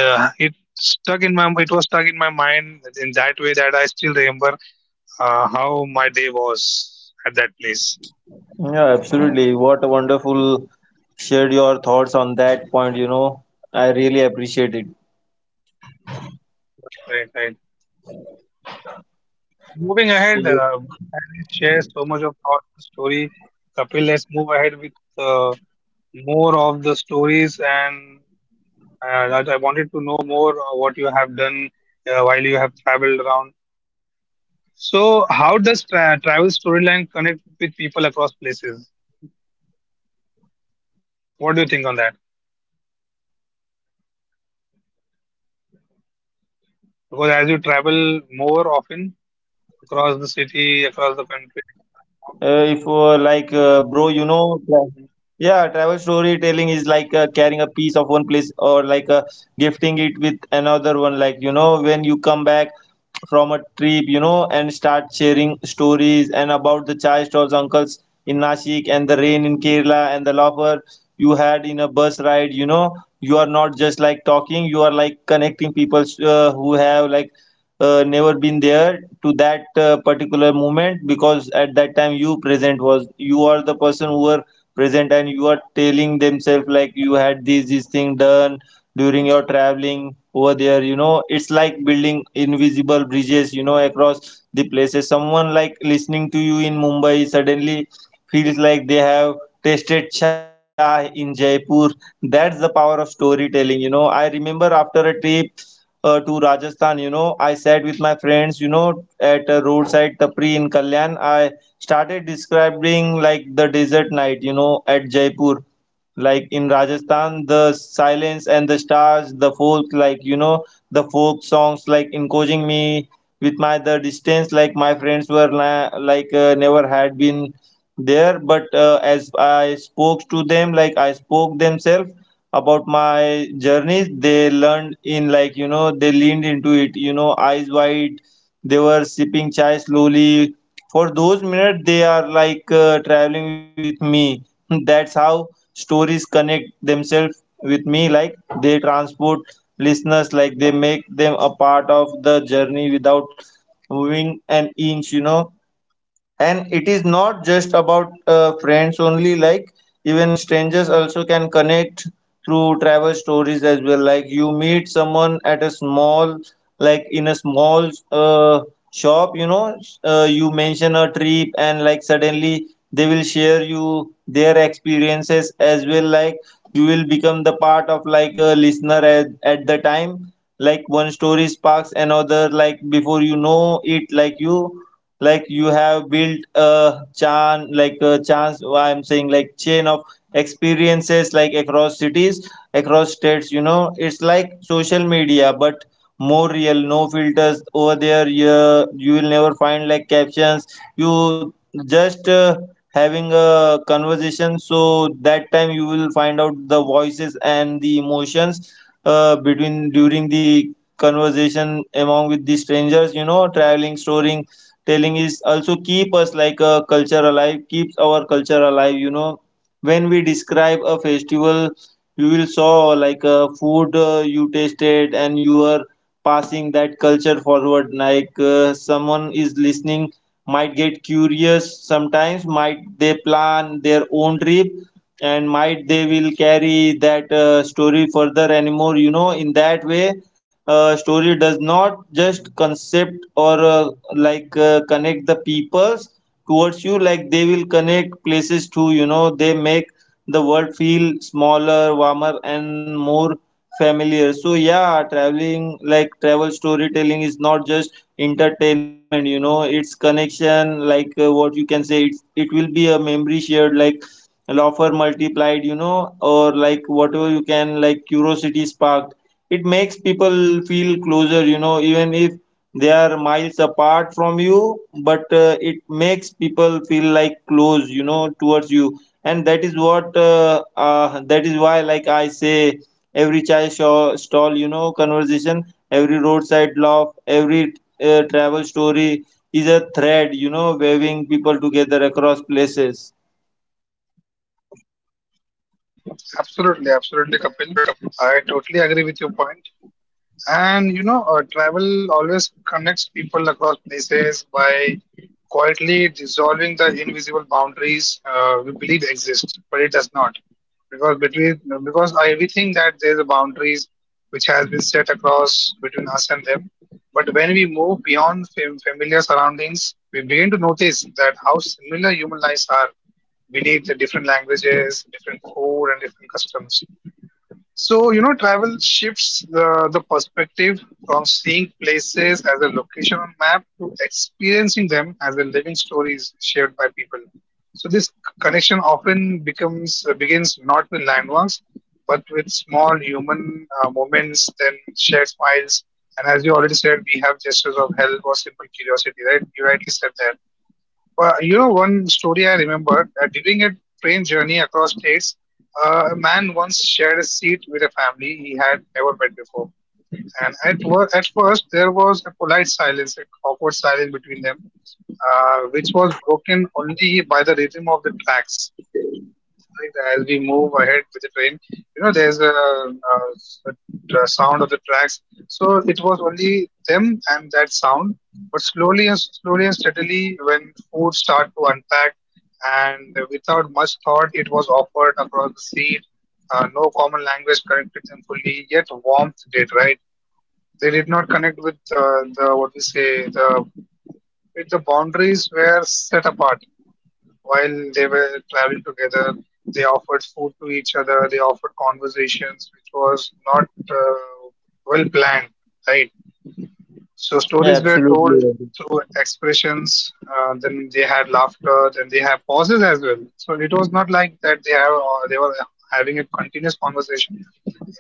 uh, it stuck in my, it was stuck in my mind in that way that I still remember uh, how my day was at that place.
def- Yeah, absolutely, what a wonderful shared your thoughts on that point, you know. I really appreciate it.
Right, right, right. So moving ahead, uh, as we share so much of thoughts and story,
So
Kapil, let's move ahead with uh, more of the stories, and uh, that I wanted to know more uh, what you have done uh, while you have traveled around. So, how does tra travel storyline connect with people across places? What do you think on that? Because as you travel more often across the city, across the country, across the town.
uh, if uh, like uh, bro, you know, bro, on that P O V, like my P O V is on that, you know, bro, travel story is like carrying a piece of one plate. Yeah, travel storytelling is like uh, carrying a piece of one place, or like uh, gifting it with another one. Like, you know, when you come back from a trip, you know, and start sharing stories and about the chai stalls, uncles in Nashik and the rain in Kerala and the laughter you had in a bus ride, you know, you are not just like talking, you are like connecting people uh, who have like uh, never been there to that uh, particular moment, because at that time you present was you are the person who were present and you are telling themselves like you had this this thing done during your traveling over there, you know. It's like building invisible bridges, you know, across the places. Someone like listening to you in mumbai suddenly feels like they have tasted chai in jaipur. That's the power of storytelling, you know. I remember after a trip uh, to Rajasthan, you know, I sat with my friends, you know, at a roadside tapri in Kalyan. I started describing like the desert night, you know, at Jaipur. Like in Rajasthan, the silence and the stars, the folk, like, you know, the folk songs, like encouraging me with my the distance, like my friends were la- like uh, never had been there. But uh, as I spoke to them, like I spoke themselves about my journeys, they learned in, like, you know, they leaned into it, you know, eyes wide, they were sipping chai slowly. For those minutes they are like uh, traveling with me (laughs) that's how stories connect themselves with me, like they transport listeners, like they make them a part of the journey without moving an inch, you know. And it is not just about uh, friends only, like even strangers also can connect through travel stories as well. Like you meet someone at a small, like in a small uh, shop, you know, uh, you mention a trip, and like suddenly they will share you their experiences as well. Like you will become the part of like a listener at, at the time, like one story sparks another, like before you know it, like you like you have built a chan like a chance, I'm saying like chain of experiences, like across cities, across states, you know. It's like social media but more real, no filters over there. Yeah, you will never find like captions, you just uh, having a conversation. So that time you will find out the voices and the emotions uh, between during the conversation among with the strangers, you know. Traveling storing telling is also keep us like a culture alive, keeps our culture alive, you know. When we describe a festival, you will saw like a food uh, you tasted, and you are passing that culture forward, like uh, someone is listening might get curious, sometimes might they plan their own trip, and might they will carry that uh, story further anymore, you know. In that way, uh, story does not just concept or uh, like uh, connect the peoples towards you, like they will connect places too, you know. They make the world feel smaller, warmer, and more familiar. So yeah, traveling like travel storytelling is not just entertainment, you know, it's connection, like uh, what you can say, it's, it will be a memory shared, like laughter multiplied, you know, or like whatever you can, like curiosity sparked. It makes people feel closer, you know, even if they are miles apart from you. But uh, it makes people feel like close, you know, towards you. And that is what uh, uh, that is why like I say every chai sho- stall, you know, conversation, every roadside laugh, every uh, travel story is a thread, you know, waving people together across places.
Absolutely, absolutely, Kapil. I totally agree with your point. And you know, uh, travel always connects people across places by quietly dissolving the invisible boundaries uh, we believe exist, but it does not. Because between, because I, we think that there's a boundaries which has been set across between us and them. But when we move beyond fam- familiar surroundings, we begin to notice that how similar human lives are. We need the different languages, different food, and different customs. So, you know, travel shifts the, the perspective from seeing places as a location on map to experiencing them as a living stories shared by people. So this c- connection often becomes uh, begins not with landmarks, but with small human uh, moments, then shared smiles. And as you already said, we have gestures of help or simple curiosity, right? You rightly said that. Well, you know, one story I remember, uh, during a train journey across states, uh, a man once shared a seat with a family he had never met before. And at, wor- at first, there was a polite silence, an awkward silence between them, uh, which was broken only by the rhythm of the tracks, like that as we move ahead with the train, you know, there's a, uh s- a sound of the tracks. So it was only them and that sound. But slowly and slowly and steadily, when food start to unpack, and without much thought it was offered across the seat, uh, no common language connected them fully, yet warmth did, right? They did not connect with uh, the what we say the, with the boundaries were set apart. While they were traveling together, they offered food to each other, they offered conversations, which was not uh, well planned, right? So
Yeah,
stories were told
absolutely.
through expressions. Uh, then they had laughter. Then they have pauses as well. So it was not like that they have uh, they were having a continuous conversation.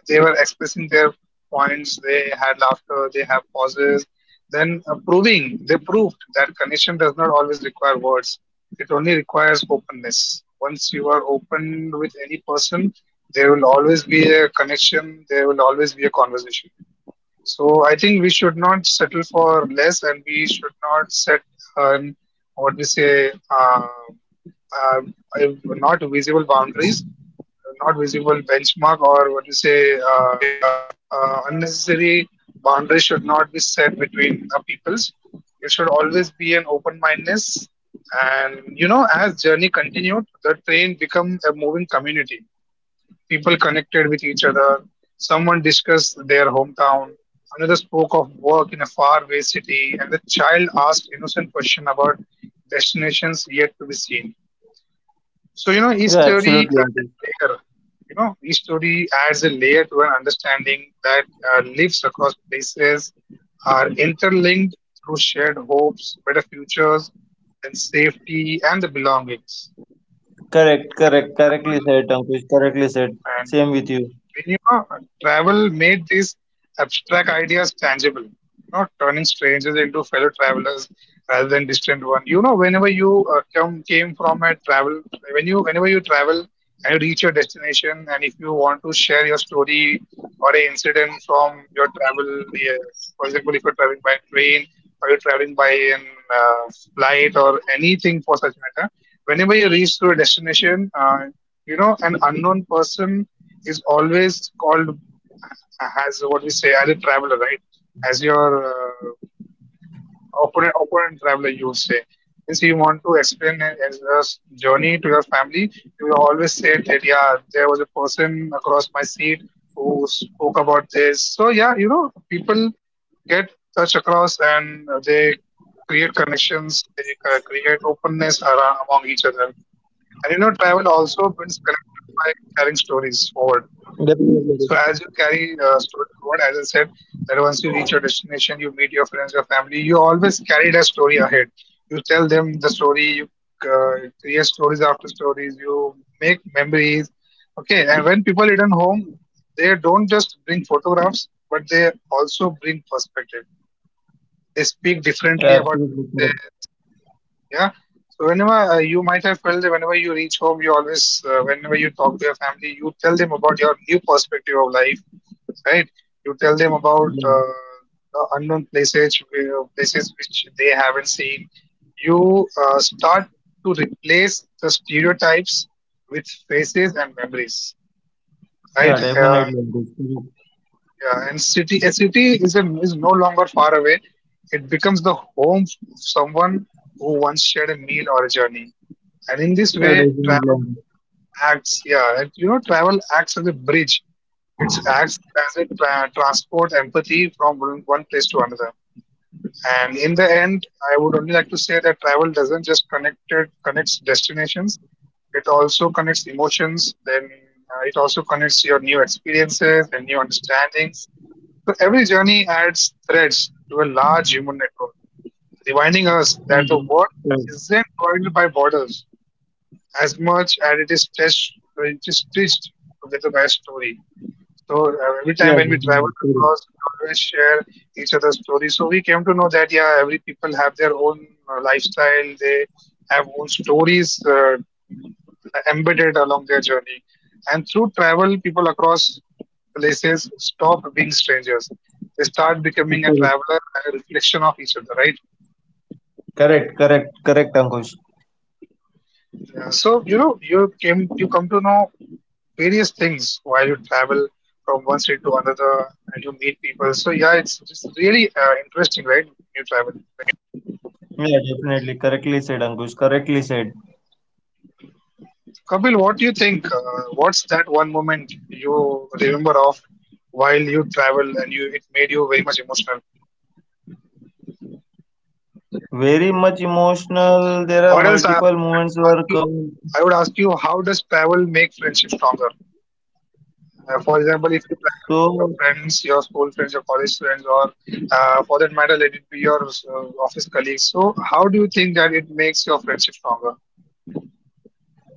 They were expressing their points. They had laughter. They have pauses. Then uh, proving they proved that connection does not always require words. It only requires openness. Once you are open with any person, there will always be a connection. There will always be a conversation. So I think we should not settle for less, and we should not set an, what we say, uh, uh, not visible boundaries, not visible benchmark, or what we say, uh, uh, unnecessary boundaries should not be set between the peoples. It should always be an open mindedness. And you know, as journey continued, the train become a moving community. People connected with each other. Someone discussed their hometown. Another spoke of work in a faraway city, and the child asked innocent question about destinations yet to be seen.
Yeah,
So you know, each
absolutely.
story added a layer. You know, each story adds a layer to an understanding that uh, lives across places are interlinked through shared hopes, better futures, then safety, and the belongings.
Correct,
And
correct, correctly
travel
said, Ankush. Correctly said.
and,
Same with you.
when you know, travel made these abstract ideas tangible, you know, turning strangers into fellow travelers rather than distant one. You know, whenever you uh, come came from a travel, when you whenever you travel and you reach your destination, and if you want to share your story or an incident from your travel, yeah, for example, if you're traveling by train or you're traveling by an, uh, flight or anything for such matter, whenever you reach to a destination, uh, you know, an unknown person is always called as what we say as a traveler, right? As your uh, opponent, opponent traveler, you would say. Means you want to explain a- as a s- journey to your family, you will always say that, yeah, there was a person across my seat who spoke about this. So yeah, you know, people get touch across and they create connections. They ca- create openness around, among each other. And you know, travel also builds
Definitely, Ankush.
connection by carrying stories forward. So as you carry uh, story forward, as I said, that once you reach your destination, you meet your friends, your family. You always carry that story ahead. You tell them the story. You uh, create stories after stories. You make memories. Okay, and when people return home, they don't just bring photographs, but they also bring perspective. They speak
Yeah,
differently
absolutely
about
correct.
places, yeah. So whenever, uh, you might have felt that whenever you reach home, you always, uh, whenever you talk to your family, you tell them about your new perspective of life, right? You tell them about
Yeah,
uh, the unknown places, where- places which they haven't seen. You uh, start to replace the stereotypes with faces and memories,
yeah,
right? Uh,
definitely, Ankush.
you
Correct.
Yeah, and city a city is a, is no longer far away. It becomes the home of someone who once shared a meal or a journey. And in this
Yeah,
way,
definitely,
travel
Ankush.
acts, yeah, and you know, travel acts as a bridge. It acts as a tra- transport empathy from one one place to another. And in the end, I would only like to say that travel doesn't just connect it, connects destinations. It also connects emotions. Then uh, it also connects your new experiences and new understandings. So every journey adds threads to a large human network, reminding us that the
Ankush.
world
Correct.
isn't divided by borders as much as it is touched, it is stitched together by a story. So uh, every
Yeah, yeah,
time when we
definitely.
travel
Correct.
across, we always share each other's stories. So we came to know that, yeah, every people have their own uh, lifestyle, they have own stories uh, embedded along their journey, and through travel, people across places stop being strangers. They start becoming a
Correct,
traveler and a reflection of each other, right?
correct, correct, correct, Ankush.
Yeah, so you know, you came you come to know various things while you travel from one state to another and you meet people. So yeah, it's it's really uh, interesting, right? You travel.
Yeah, definitely. Correctly said, Ankush. Correctly said.
Kapil, what do you think? Uh, what's that one moment you remember of while you travel and you it made you very much emotional?
Very much emotional. There are
Or else I,
multiple
I, I would
moments
ask
where
you,
come.
I would ask you how does travel make friendship stronger? Uh, for example, if you travel with your
So
friends, your school friends, your college friends, or uh, for that matter, let it be your uh, office colleagues. So, how do you think that it makes your friendship stronger?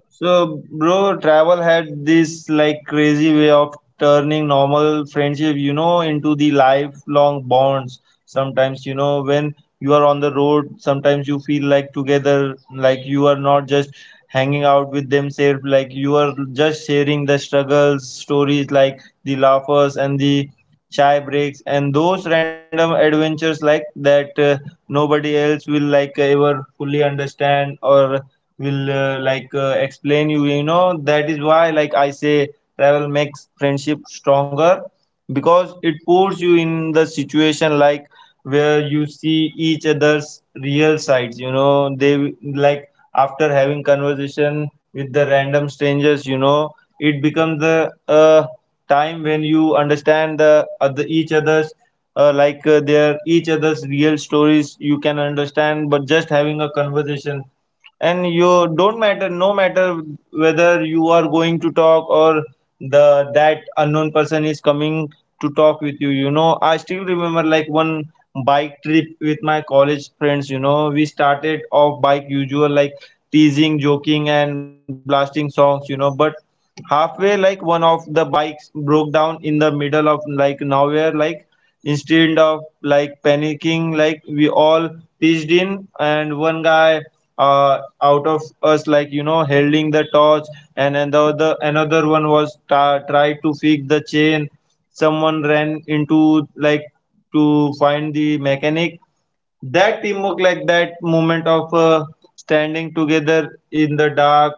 So, bro, travel had this like crazy way of turning normal friendship, you know, into the lifelong bonds. Sometimes, you know, when you are on the road, sometimes you feel like together, like you are not just hanging out with themselves, like you are just sharing the struggles, stories, like the laughers and the chai breaks and those random adventures like that uh, nobody else will like ever fully understand or will uh, like uh, explain you, you know. That is why like I say travel makes friendship stronger, because it puts you in the situation like where you see each other's real sides, you know. They like after having conversation with the random strangers, you know, it becomes the uh, time when you understand the other each other's uh, like uh, their each other's real stories, you can understand but just having a conversation. And you don't matter, no matter whether you are going to talk or the that unknown person is coming to talk with you, you know. I still remember like one bike trip with my college friends, you know. We started off bike usual, like teasing, joking and blasting songs, you know. But halfway, like one of the bikes broke down in the middle of like nowhere. Like instead of like panicking, like we all pitched in, and one guy uh, out of us, like, you know, holding the torch, and another another one was ta tried to fix the chain. Someone ran into, like, to find the mechanic. That teamwork, like that moment of uh, standing together in the dark,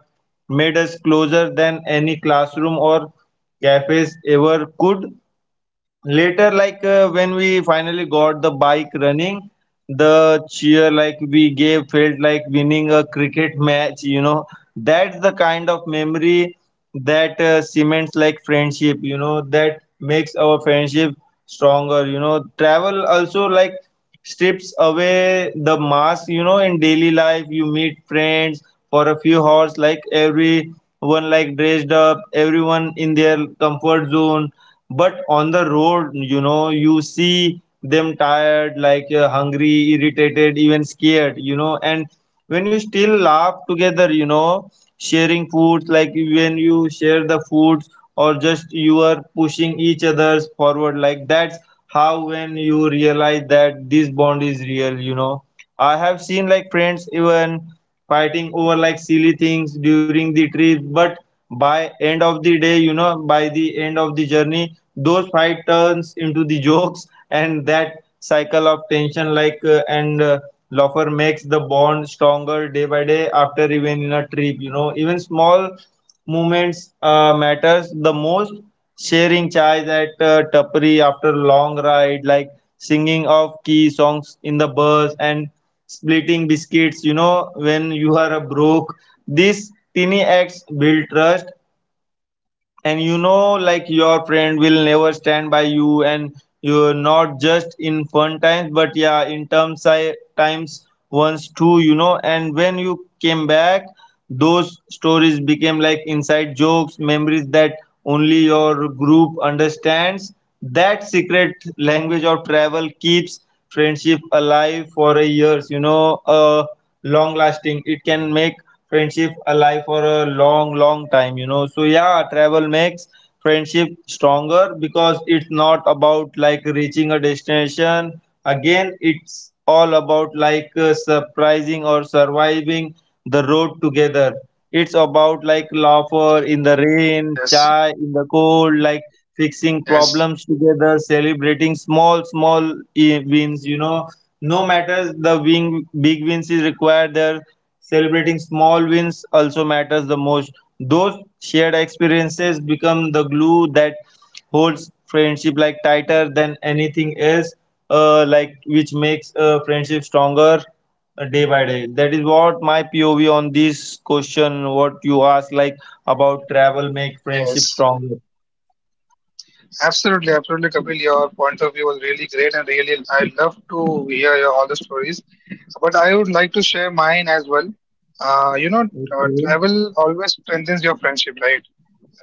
made us closer than any classroom or cafes ever could. Later, like uh, when we finally got the bike running, the cheer like we gave felt like winning a cricket match, you know. That's the kind of memory that uh, cements like friendship, you know, that makes our friendship stronger, you know. Travel also like strips away the mask, you know. In daily life you meet friends for a few hours, like everyone like dressed up, everyone in their comfort zone. But on the road, you know, you see them tired, like uh, hungry, irritated, even scared, you know. And when you still laugh together, you know, sharing food, like when you share the foods Or just you are pushing each others forward, like that's how when you realize that this bond is real, you know. I have seen like friends even fighting over like silly things during the trip, but by end of the day, you know, by the end of the journey those fight turns into the (laughs) jokes, and that cycle of tension like uh, and uh, laughter makes the bond stronger day by day after even in a trip, you know. Even small moments uh, matters the most. Sharing chai at uh, tapri after long ride, like singing of key songs in the bus, and splitting biscuits, you know, when you are broke. These tiny acts build trust, and you know like your friend will never stand by you, and you're not just in fun times, but yeah in terms I, times once too, you know. And when you came back, those stories became like inside jokes, memories that only your group understands. That secret language of travel keeps friendship alive for a years, you know. Uh, long-lasting. It can make friendship alive for a long, long time, you know. So yeah, travel makes friendship stronger because it's not about
Right.
like reaching a destination. Again, it's
Absolutely.
all about like uh, surprising or surviving the road together. It's about like laughter in the rain,
Yes.
chai in the cold, like fixing
Yes.
problems together, celebrating small, small eh, wins, you know, no matter the wing, big wins is required there. Celebrating small wins also matters the most. Those shared experiences become the glue that holds friendship like tighter than anything else. Uh, like which makes uh, friendship stronger uh, day by day. That is what my P O V on this question. What you asked, like about travel, make friendship
Yes.
stronger.
Absolutely. Absolutely, Kapil. Your point of view was really great, and really, I love to hear your, all the stories. But I would like to share mine as well. Uh, you know, uh,
Okay.
Travel always strengthens your friendship, right?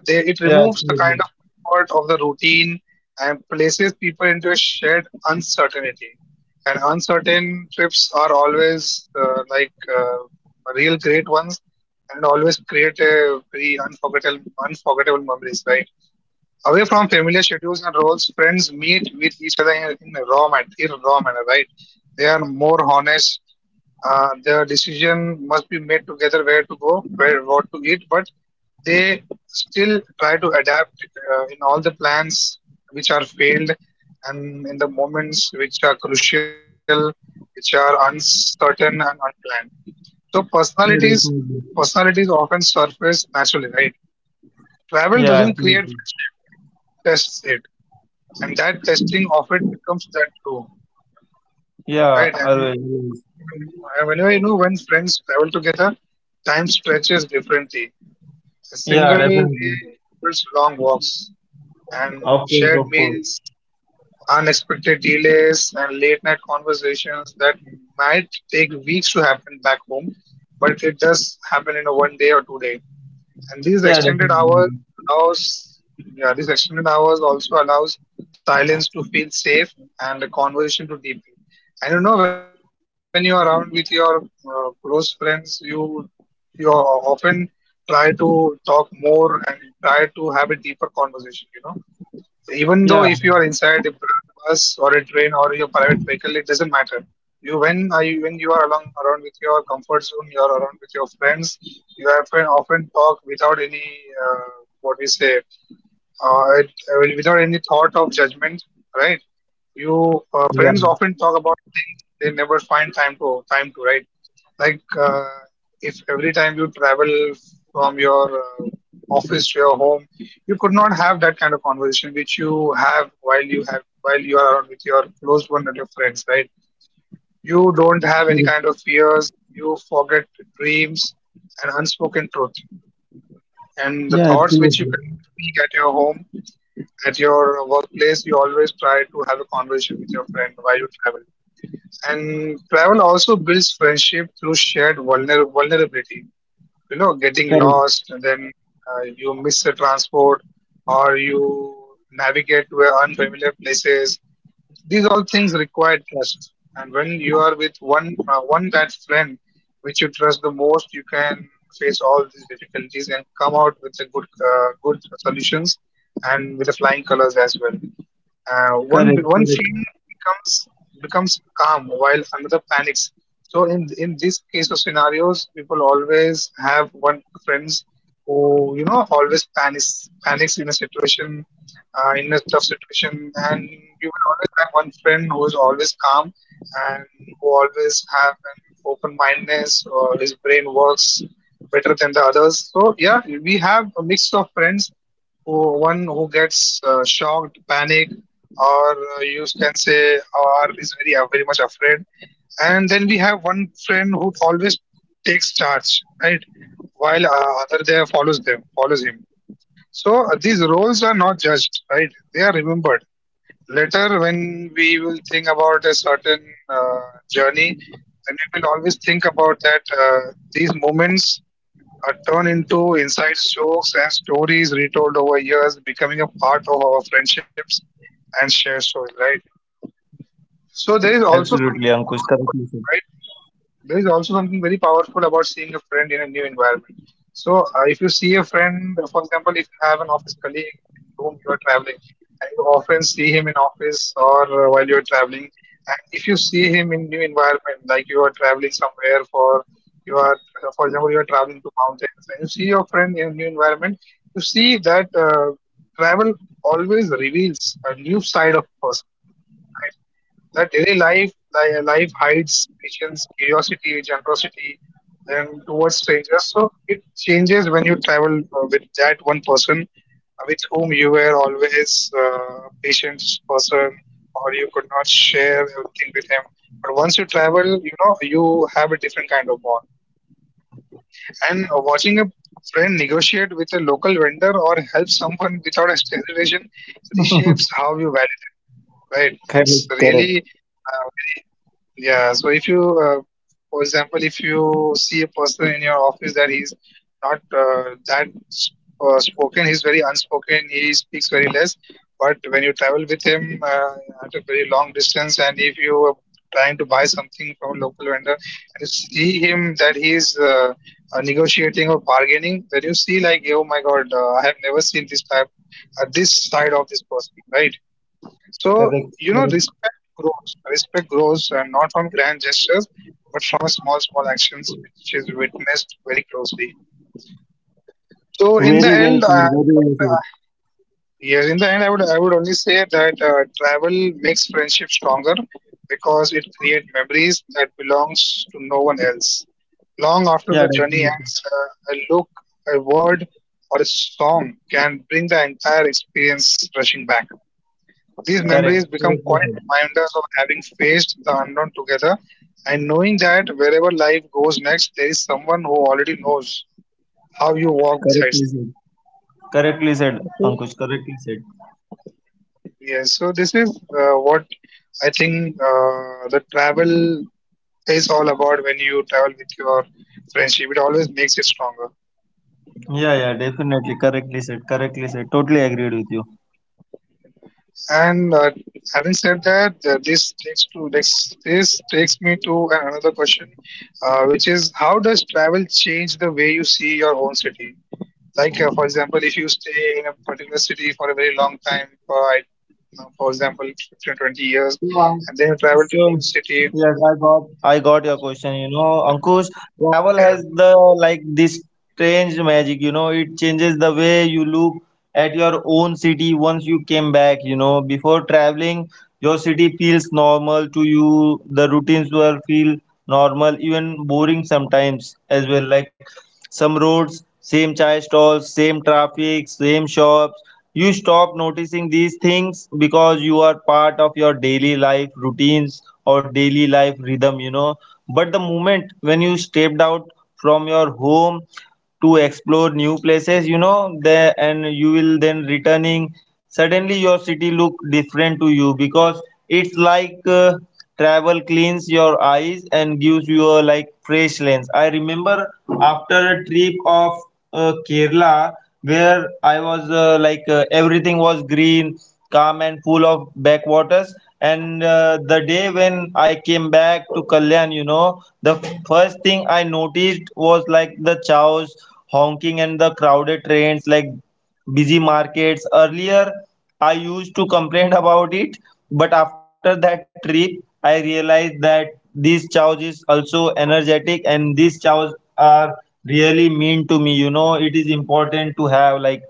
They, it
Yeah,
removes the kind
absolutely.
of comfort of the routine and places people into a shared uncertainty. And uncertain trips are always uh, like uh, real great ones and always create a very unforgettable, unforgettable memories, right? Away from familiar schedules and roles, friends meet with each other in, in a raw manner, in a raw manner, right? They are more honest. Uh, the decision must be made together, where to go, where what to eat, but they still try to adapt uh, in all the plans which are failed and in the moments which are crucial, which are uncertain and unplanned. So personalities
Yeah, definitely.
personalities often surface naturally, right? Travel
Yeah,
doesn't create
absolutely.
friendship, it tests it. And that testing of it becomes that glue, right?
Yeah,
And
always.
uh,
Always.
when, uh, whenever you know when friends travel together, time stretches differently. A
Yeah,
single day
definitely.
holds long walks and
Of course,
shared
of course.
meals, unexpected delays, and late night conversations that might take weeks to happen back home, but it does happen in a one day or two day. And these
Yeah,
extended hours
definitely.
allows, yeah, these extended hours also allows silence to feel safe and the conversation to deepen. And you know, when you're around with your uh, close friends, you you often try to talk more and try to have a deeper conversation. You know.
Yeah,
Even though if you are inside a br- bus or a train or your private vehicle, it doesn't matter. You when are you, when you are along around with your comfort zone, you are around with your friends. You often often talk without any uh, what we say uh, it, uh, without any thought of judgment, right?
yeah.
You uh, Friends often talk about things they never find time to time to, right? Like uh, if every time you travel from your uh, office to your home, you could not have that kind of conversation which you have while you have while you are around with your close one and your friends, right?
Correct.
You don't have any kind of fears. You forget dreams and unspoken truth
Yeah, absolutely.
and the thoughts which you cannot speak at your home at your workplace. You always try to have a conversation with your friend why you travel. And travel also builds friendship through shared vulner vulnerability. You
Correct,
know, getting lost, then uh, you miss the transport, or you navigate to unfamiliar places. These all things require trust. And when you are with one uh, one that friend which you trust the most, you can face all these difficulties and come out with a good uh, good solutions and with the flying colors as well.
correct,
Uh,
correct.
one one friend becomes becomes calm while another panics. So in in this case of scenarios, people always have one friends who you know always panics panics in a situation, uh, in a tough situation, and you will always have one friend who is always calm and who always have an open mindedness or his brain works better than the others. So yeah, we have a mix of friends, who one who gets uh, shocked, panic or uh, you can say, or is very uh, very much afraid, and then we have one friend who always takes charge, right, while uh, other there follows them follows him. So uh, these roles are not judged, right, they are remembered later, when we will think about a certain uh, journey. Then we will always think about that, uh, these moments are turned into inside jokes and stories retold over years, becoming a part of our friendships and shared stories, right?
Absolutely, Ankush.
So there is
Correctly
also
said.
something powerful, right? There is also something very powerful about seeing a friend in a new environment. So uh, if you see a friend, for example, if you have an office colleague with whom you are traveling, and you often see him in office or uh, while you are traveling, and if you see him in new environment, like you are traveling somewhere, for you are, for example, you are traveling to mountains, and you see your friend in a new environment, you see that uh, travel always reveals a new side of person, right? That daily life, li- life hides patience, curiosity, generosity, and towards strangers. So it changes when you travel uh, with that one person, uh, with whom you were always uh, patient person, or you could not share everything with him. But once you travel, you know you have a different kind of bond. And watching a friend negotiate with a local vendor or help someone without hesitation reshapes how you value them, right?
Correct,
It's
correct,
really uh, very, yeah. So if you, uh, for example, if you see a person in your office that he's not uh, that s- uh, spoken, he's very unspoken, he speaks very less. But when you travel with him uh, at a very long distance, and if you are trying to buy something from a local vendor, and you see him that he is uh, uh, negotiating or bargaining, when you see, like, oh my god, uh, I have never seen this type, uh, this side of this person, right? So
correct,
you
correct.
know, respect grows, respect grows, and not from grand gestures but from small small actions which is witnessed very closely. So
Very
in
well
the
said.
end,
Very
uh,
well
in the
said.
end I, yes, in the end, I would I would only say that uh, travel makes friendship stronger because it creates memories that belongs to no one else. Long
Yeah,
after the
definitely.
journey ends, uh, a look, a word, or a song can bring the entire experience rushing back. These
Correct.
memories become
Correctly said.
quiet reminders of having faced the unknown together and knowing that wherever life goes next, there is someone who already knows how you walk
Correctly
besides them.
said. Correctly said,
Yeah, so
Ankush. Correctly said.
Yes, so this is uh, what I think uh, the travel is all about. When you travel with your friendship, it always makes it stronger.
Yeah, yeah. Definitely. Correctly said. Correctly said. Totally agreed with you.
And uh, having said that, uh, this takes to this, this takes me to another question, uh, which is, how does travel change the way you see your own city? Like, uh, for example, if you stay in a particular city for a very long time, for, I- uh, for example, fifteen, twenty years,
Yeah.
and then you travel to
So,
new city.
yes, I got I got your question. You know, Ankush, travel
Yeah,
has the like this strange magic. You know, it changes the way you look at your own city once you came back. You know, before traveling, your city feels normal to you. The routines were feel normal, even boring sometimes as well. Like some roads, same chai stalls, same traffic, same shops. You stop noticing these things because you are part of your daily life routines or daily life rhythm, you know. But the moment when you stepped out from your home to explore new places, you know, there and you will then returning, suddenly your city look different to you because it's like uh, travel cleans your eyes and gives you a like fresh lens. I remember after a trip of uh, Kerala, where I was uh, like uh, everything was green, calm, and full of backwaters. And uh, the day when I came back to Kalyan, you know, the f- first thing I noticed was like the chows honking and the crowded trains, like busy markets. Earlier, I used to complain about it, but after that trip, I realized that these chows is also energetic, and these chows are really mean to me. You know, it is important to have like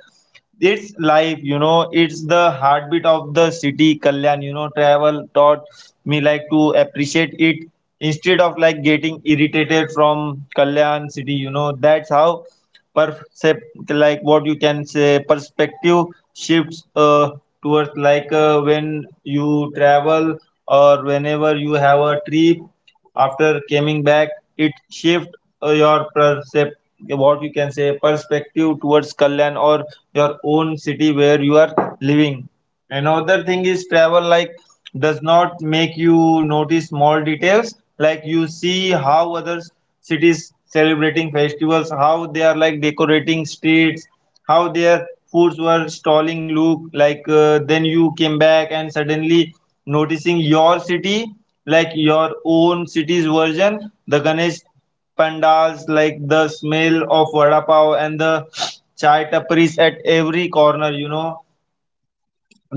it's life, you know, it's the heartbeat of the city, Kalyan. You know, travel taught me like to appreciate it instead of like getting irritated from Kalyan city, you know, that's how percept like what you can say perspective shifts uh, towards like uh, when you travel or whenever you have a trip after coming back, it shift uh, your percept what you can say perspective towards Kalyan or your own city where you are living. Another thing is travel like does not make you notice small details, like you see how other cities celebrating festivals, how they are like decorating streets, how their foods were stalling look like. Uh, then you came back and suddenly noticing your city, like your own city's version, the Ganesh pandals, like the smell of vada pav and the chai tapris at every corner, you know,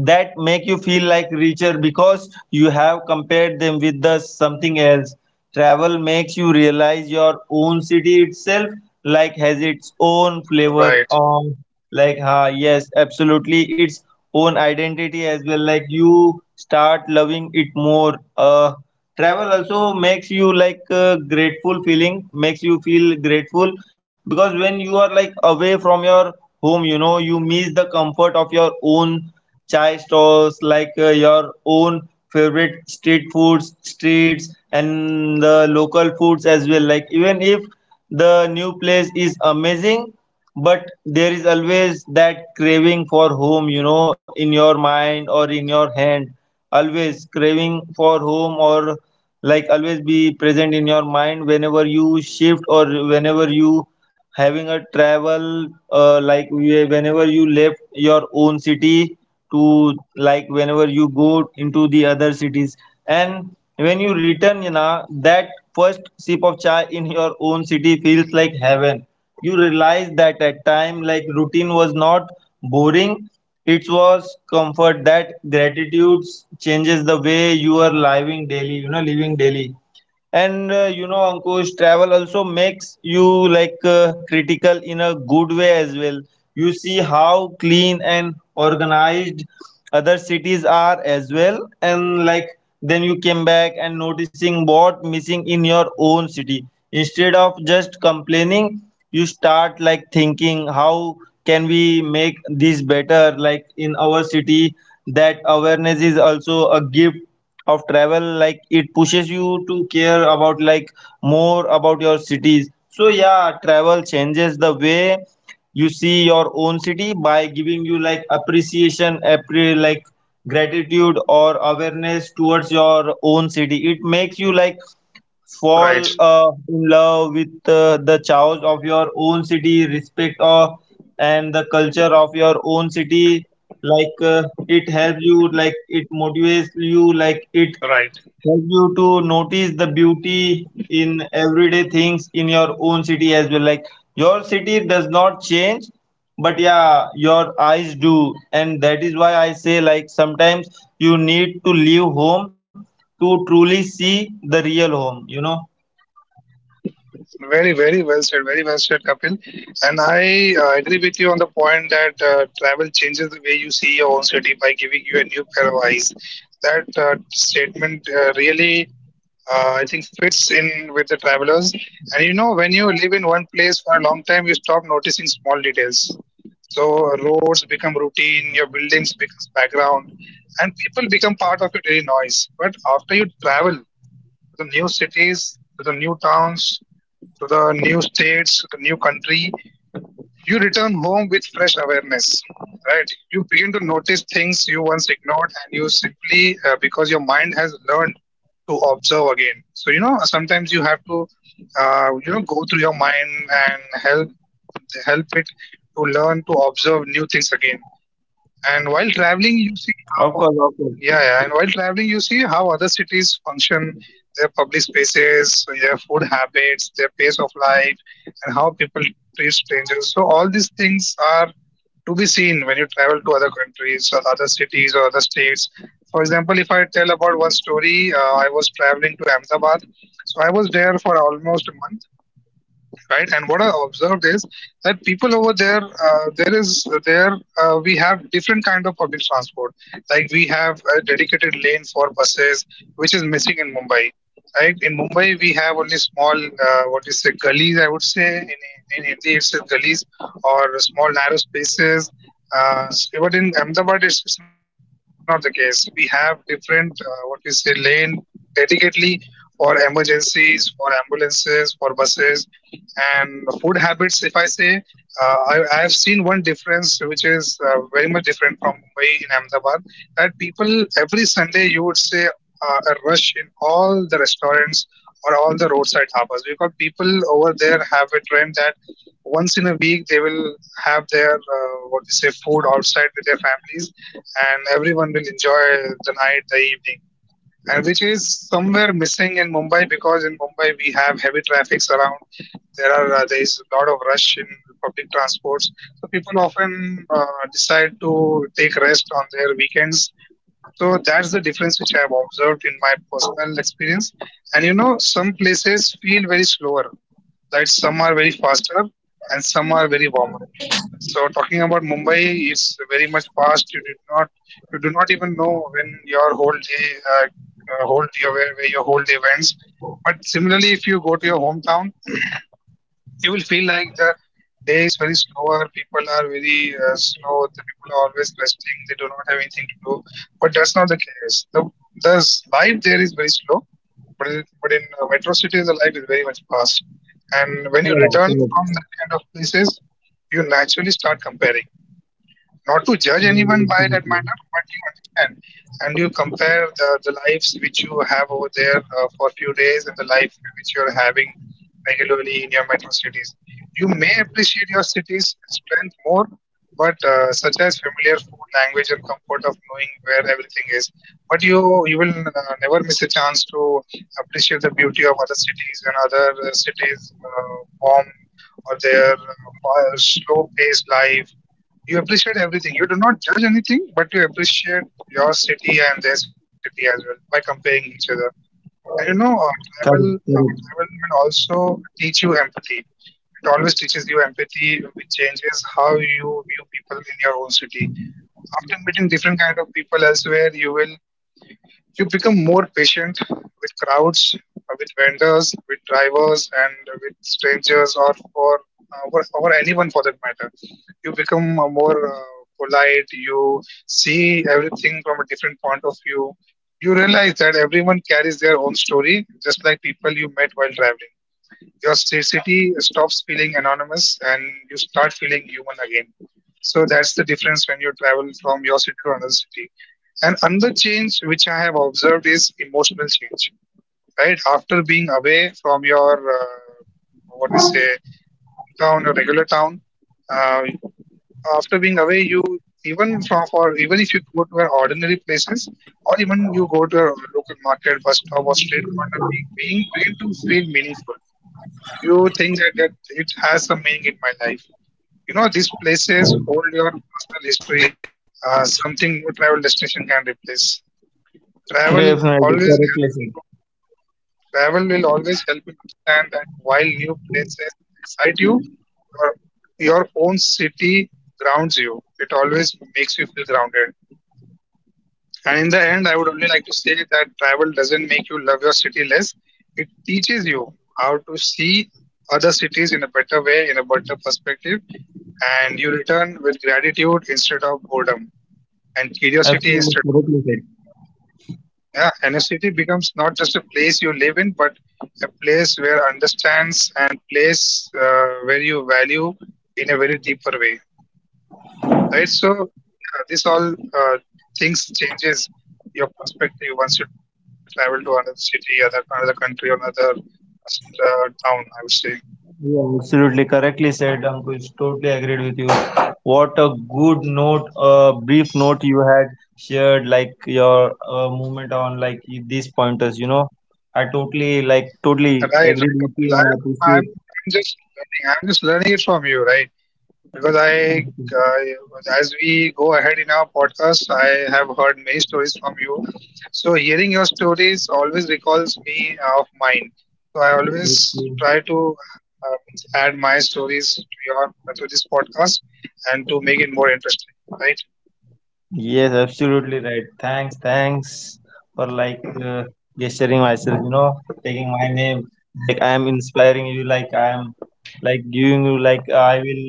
that make you feel like richer because you have compared them with the something else. Travel makes you realize your own city itself like has its own flavor
right,
on like. Ha, yes, absolutely. Its own identity as well, like you start loving it more. Uh travel also makes you like uh, grateful feeling makes you feel grateful because when you are like away from your home, you know you miss the comfort of your own chai stalls, like uh, your own favorite street foods, streets and the local foods as well. Like even if the new place is amazing, but there is always that craving for home, you know, in your mind or in your hand, always craving for home, or like always be present in your mind whenever you shift or whenever you having a travel, uh, like whe- whenever you left your own city to like whenever you go into the other cities. And when you return, you know that first sip of chai in your own city feels like heaven. You realize that at time like routine was not boring, it was comfort. That gratitude changes the way you are living daily, you know, living daily. And uh, you know, Ankush, travel also makes you like uh, critical in a good way as well. You see how clean and organized other cities are as well, and like then you came back and noticing what missing in your own city. Instead of just complaining, you start like thinking how can we make this better? Like in our city, that awareness is also a gift of travel, like it pushes you to care about like more about your cities. So yeah, travel changes the way you see your own city by giving you like appreciation appre- like gratitude or awareness towards your own city. It makes you like
right.
fall uh, in love with uh, the chaos of your own city, respect uh, and the culture of your own city. Like uh, it helps you, like it motivates you, like it
Right.
helps you to notice the beauty in everyday things in your own city as well. Like your city does not change, but yeah, your eyes do, and that is why I say like sometimes you need to leave home to truly see the real home. You know.
Very, very well said. Very well said, Kapil. And I uh, agree with you on the point that uh, travel changes the way you see your own city by giving you a new pair of eyes. That uh, statement uh, really, uh, I think, fits in with the travelers. And you know, when you live in one place for a long time, you stop noticing small details. So roads become routine, your buildings becomes background, and people become part of your daily noise. But after you travel to the new cities, to the new towns, to the new states, to the new country, you return home with fresh awareness, right? You begin to notice things you once ignored, and you simply, uh, because your mind has learned to observe again. So, you know, sometimes you have to, uh, you know, go through your mind and help help it to learn to observe new things again, and while
Of
traveling,
course,
you
of
see
course.
how, yeah, yeah, and while traveling, you see how other cities function, their public spaces, so their food habits, their pace of life, and how people treat strangers. So all these things are to be seen when you travel to other countries or other cities or other states. For example, if I tell about one story, uh, I was traveling to Ahmedabad. So I was there for almost a month, right? And what I observed is that people over there, uh, there is there uh, we have different kind of public transport. Like we have a dedicated lane for buses, which is missing in Mumbai. Right, in Mumbai, we have only small, uh, what is it, gullies? I would say, in in India it's gullies or small narrow spaces. Uh, but in Ahmedabad, it's, it's not the case. We have different uh, what we say lane dedicatedly for emergencies, for ambulances, for buses, and food habits, if I say, uh, I, I have seen one difference which is uh, very much different from Mumbai in Ahmedabad that people every Sunday you would say uh, a rush in all the restaurants or all the roadside harbors because people over there have a trend that once in a week they will have their uh, what we say food outside with their families and everyone will enjoy the night, the evening uh, which is somewhere missing in Mumbai because in Mumbai we have heavy traffics around. There are uh, there is a lot of rush in public transports, so people often uh, decide to take rest on their weekends, so that's the difference which I have observed in my personal experience. And you know, some places feel very slower, right? Some are very faster and some are very warmer. So talking about Mumbai, it's very much fast. You did not, you do not even know when your whole day, uh, uh, whole day where, where your whole day ends. But similarly, if you go to your hometown, you will feel like the day is very slower. People are very uh, slow. The people are always resting. They do not have anything to do. But that's not the case. The the s- life there is very slow. But it, but in uh, metro cities, the life is very much fast. And when you return from
Yeah,
that kind of
correct.
places, you naturally start comparing, not to judge anyone by that matter, but
Absolutely.
you understand and you compare the, the lives which you have over there uh, for a few days and the life which you're having regularly in your metro cities. You may appreciate your city's strength more, but uh, such as familiar food, language, and comfort of knowing where everything is. But you you will uh, never miss a chance to appreciate the beauty of other cities and other uh, cities' uh, warm or their uh, slow paced life. You appreciate everything. You do not judge anything, but you appreciate your city and their city as well by comparing each other. And you know, uh, travel, uh,
Correct,
travel
correct.
will also teach you empathy. It always teaches you empathy, which changes how you view people in your own city. After meeting different kind of people elsewhere, you will you become more patient with crowds, uh, with vendors, with drivers, and with strangers, or for uh, or, or anyone for that matter. You become uh, more uh, polite. You see everything from a different point of view. You realize that everyone carries their own story, just like people you met while traveling. Your sta- city stops feeling anonymous and you start feeling human again. So that's the difference when you travel from your city to another city. And another change which I have observed is emotional change, right? After being away from your, uh, what we say, hometown or regular town, uh, after being away, you, even from for even if you go to our ordinary places or even you go to a local market, bus stop or street corner, be- being begin to feel meaningful. You think that, that it has some meaning in my life. You know, these places hold your personal history, uh, something no travel destination can replace. Travel
Definitely, correctly
always
said.
helps you. Travel will always help you understand that while new places excite you, your, your own city grounds you. It always makes you feel grounded. And in the end, I would only like to say that travel doesn't make you love your city less. It teaches you how to see other cities in a better way, in a better perspective, and you return with gratitude instead of boredom and
Absolutely,
curiosity instead
correctly
of
said.
complaint. Yeah, and a city becomes not just a place you live in, but a place where understands and place uh, where you value in a very deeper way, right? So yeah, this all uh, things changes your perspective once you travel to another city, other another country, or another uh, town, I would say.
Yeah, absolutely, correctly said, Ankush. Totally agreed with you. What a good note, uh, brief note you had shared, like your uh, movement on like these pointers. You know, I totally like totally
Right, right,
agreed with
Kapil.
you, and
I'm
I appreciate.
I'm I'm I'm just learning. I'm just learning it from you, right? Because
Thank
I,
you.
uh, as we go ahead in our podcast, I have heard many stories from you. So hearing your stories always recalls me of mine. So I always
Thank you.
try to uh, means add my stories to your to this podcast and to make it more interesting, right?
Yes, absolutely right. Thanks, thanks for like uh, gesturing myself, you know, taking my name. Like I am inspiring you, like I am like giving you like I will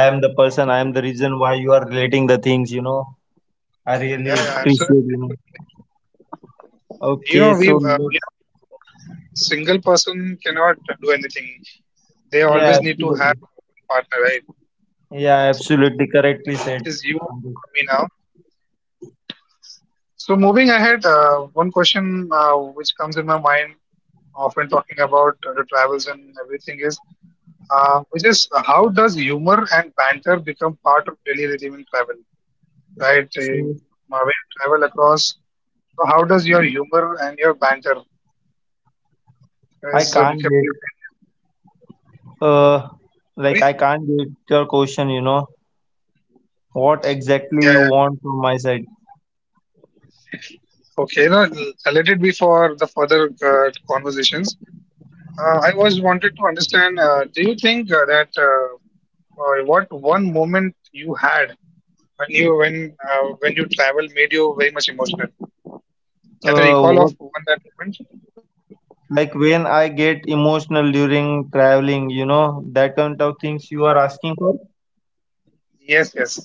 I am the person, I am the reason why you are relating the things, you know. I really
Yeah, yeah,
appreciate
absolutely,
you
absolutely.
know.
You
Okay,
know,
so
we, uh, you
let's
know, single person cannot do anything. They
yeah,
always need to
absolutely.
have one partner, right?
Yeah,
So,
absolutely correctly said.
which is you for me now. So moving ahead, uh, one question uh, which comes in my mind often talking about uh, the travels and everything is, uh, which is uh, how does humor and banter become part of daily rhythm in travel, right?
So
Uh, when you travel across, so how does your humor and your banter
I
is uh,
can't
becoming your
get
daily?
uh like I
Sorry.
can't get your question, you know. What exactly
Yeah,
you
yeah.
want from my side?
Okay. No, I'll let it be for the further uh, conversations. Uh, I was wanted to understand. Uh, do you think uh, that uh, uh, what one moment you had when you when uh, when you travel made you very much emotional. Can you
Uh,
recall of
what
one that moment?
like when I get emotional during traveling, you know, that kind of things you
Yeah.
are asking for?
Yes, yes.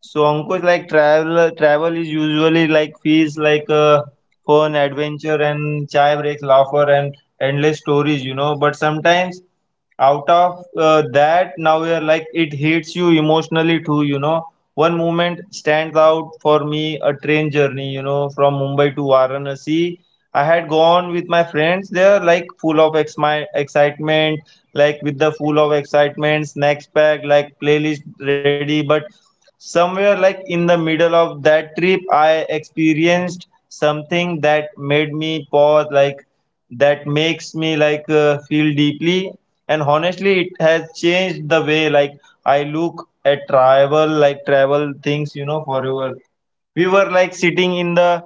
So Ankush, like travel, travel is usually like feels like uh, fun, adventure, and chai breaks, laughter, and endless stories, you know. But sometimes out of uh, that, now we are like it hits you emotionally too, you know. One moment stands out for me: a train journey, you know, from Mumbai to Varanasi. I had gone with my friends there, like full of ex- my excitement, like with the full of excitement, snacks packed, like playlist ready, but somewhere like in the middle of that trip, I experienced something that made me pause, like that makes me like uh, feel deeply. And honestly, it has changed the way like I look at travel, like travel things, you know, forever. We were like sitting in the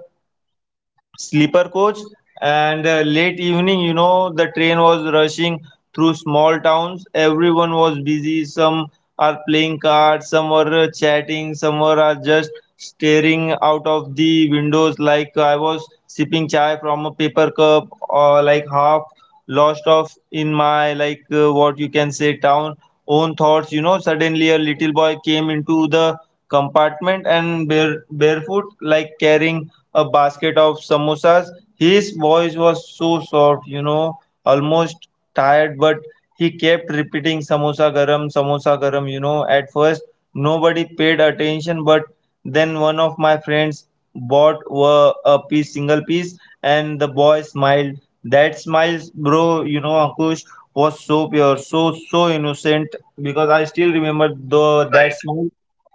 sleeper coach and uh, late evening, you know, the train was rushing through small towns. Everyone was busy, some are playing cards, some are uh, chatting, some are uh, just staring out of the windows. Like I was sipping chai from a paper cup, or like half lost off in my like uh, what you can say town own thoughts, you know. Suddenly a little boy came into the compartment and bare, barefoot, like carrying a basket of samosas. His voice was so soft, you know, almost tired, but he kept repeating samosa garam, samosa garam, you know. At first nobody paid attention, but then one of my friends bought were a piece, single piece, and the boy smiled. That smiles, bro, you know, Ankush, was so pure, so so innocent, because I still remember the that
Right,
smile,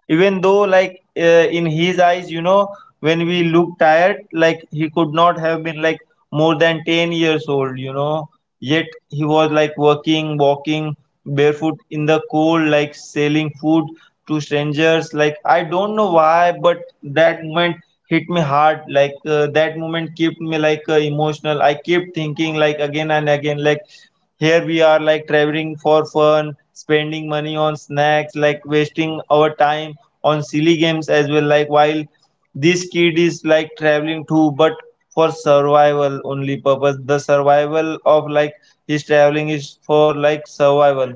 even though like uh, in his eyes, you know, when we look tired, like he could not have been like more than ten years old, you know. Yet he was like working, walking barefoot in the cold, like selling food to strangers. Like, I don't know why, but that moment hit me hard. Like uh, that moment kept me like uh, emotional. I kept thinking like again and again, like, here we are like traveling for fun, spending money on snacks, like wasting our time on silly games as well. Like while this kid is like traveling too, but for survival only purpose. The survival of like his traveling is for like survival.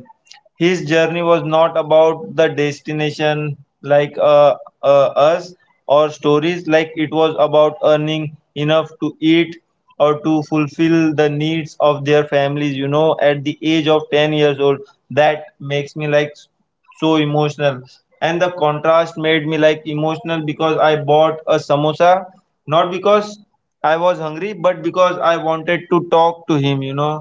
His journey was not about the destination like uh, uh, us or stories. Like it was about earning enough to eat or to fulfill the needs of their families, you know, at the age of ten years old. That makes me like so emotional, and the contrast made me like emotional, because I bought a samosa not because I was hungry but because I wanted to talk to him, you know.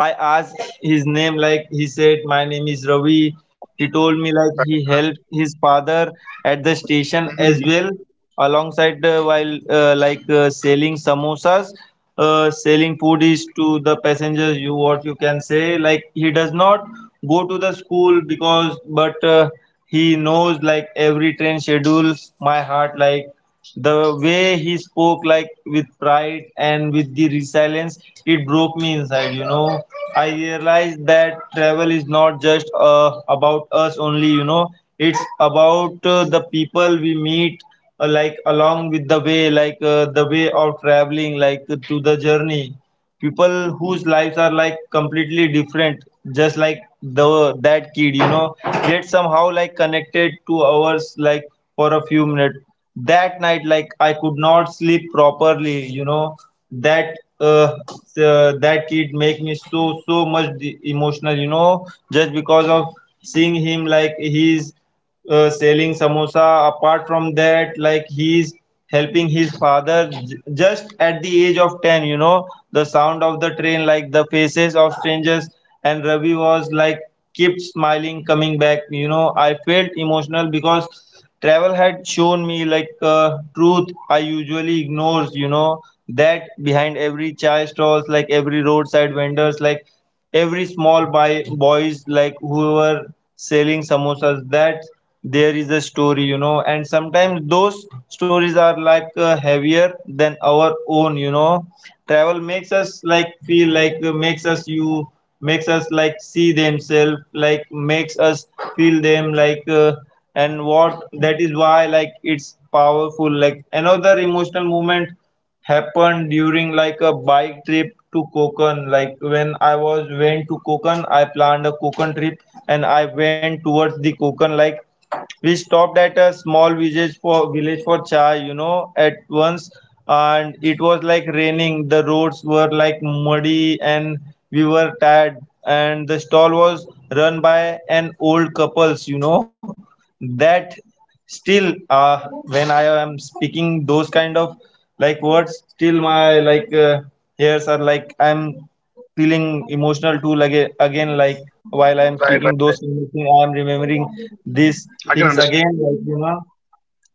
I asked his name, like he said, My name is Ravi. He told me, like, he
right, right.
helped his father at the station
Mhm.
as well, alongside uh, while uh, like uh, selling samosas, uh, selling food is to the passengers. You what you can say, like, he does not go to the school because, but uh, he knows like every train schedule. My heart, like. The way he spoke, like with pride and with the resilience, it broke me inside. You know, I realized that travel is not just uh, about us only. You know, it's about uh, the people we meet, uh, like along with the way, like uh, the way of traveling, like to the journey, people whose lives are like completely different, just like the that kid, you know, yet somehow like connected to ours, like for a few minutes. That night, like, I could not sleep properly, you know. that uh, uh, that kid make me so so much de- emotional, you know, just because of seeing him, like he's uh, selling samosa. Apart from that, like he's helping his father j- just at the age of ten, you know, the sound of the train, like the faces of strangers, and Ravi was like kept smiling coming back. You know, I felt emotional because travel had shown me like uh, truth I usually ignores, you know, that behind every chai stalls, like every roadside vendors, like every small buy boys, like who were selling samosas, that there is a story, you know. And sometimes those stories are like uh, heavier than our own, you know. Travel makes us like feel like uh, makes us you, makes us like see themselves, like makes us feel them, like uh, and what that is why like it's powerful. Like another emotional moment happened during like a bike trip to Konkan. Like when I was went to Konkan, I planned a Konkan trip and I went towards the Konkan, like we stopped at a small village for village for chai, you know, at once. And it was like raining, the roads were like muddy, and we were tired, and the stall was run by an old couples, you know. That still uh, when I am speaking those kind of like words, still my like uh, hairs are like I'm feeling emotional too, like uh, again, like while I am
Right,
speaking
right,
those
right.
kind of thing, I am remembering these
I can
things
understand.
again, like, you know.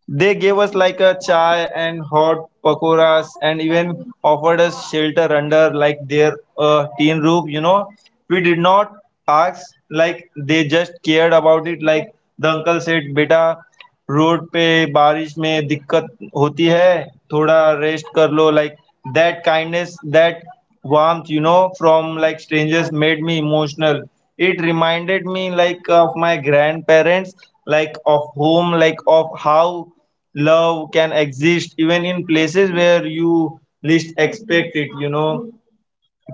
They gave us like a chai and hot pakoras, and even offered us shelter under like their uh, tin roof, you know. We did not ask, like they just cared about it. Like the uncle said, beta, road पे बारिश में दिक्कत होती है थोड़ा rest कर लो like that kindness that warmth, you know, from like strangers made me emotional. It reminded me like of my grandparents, like of home, like of how love can exist even in places where you least expect it, you know.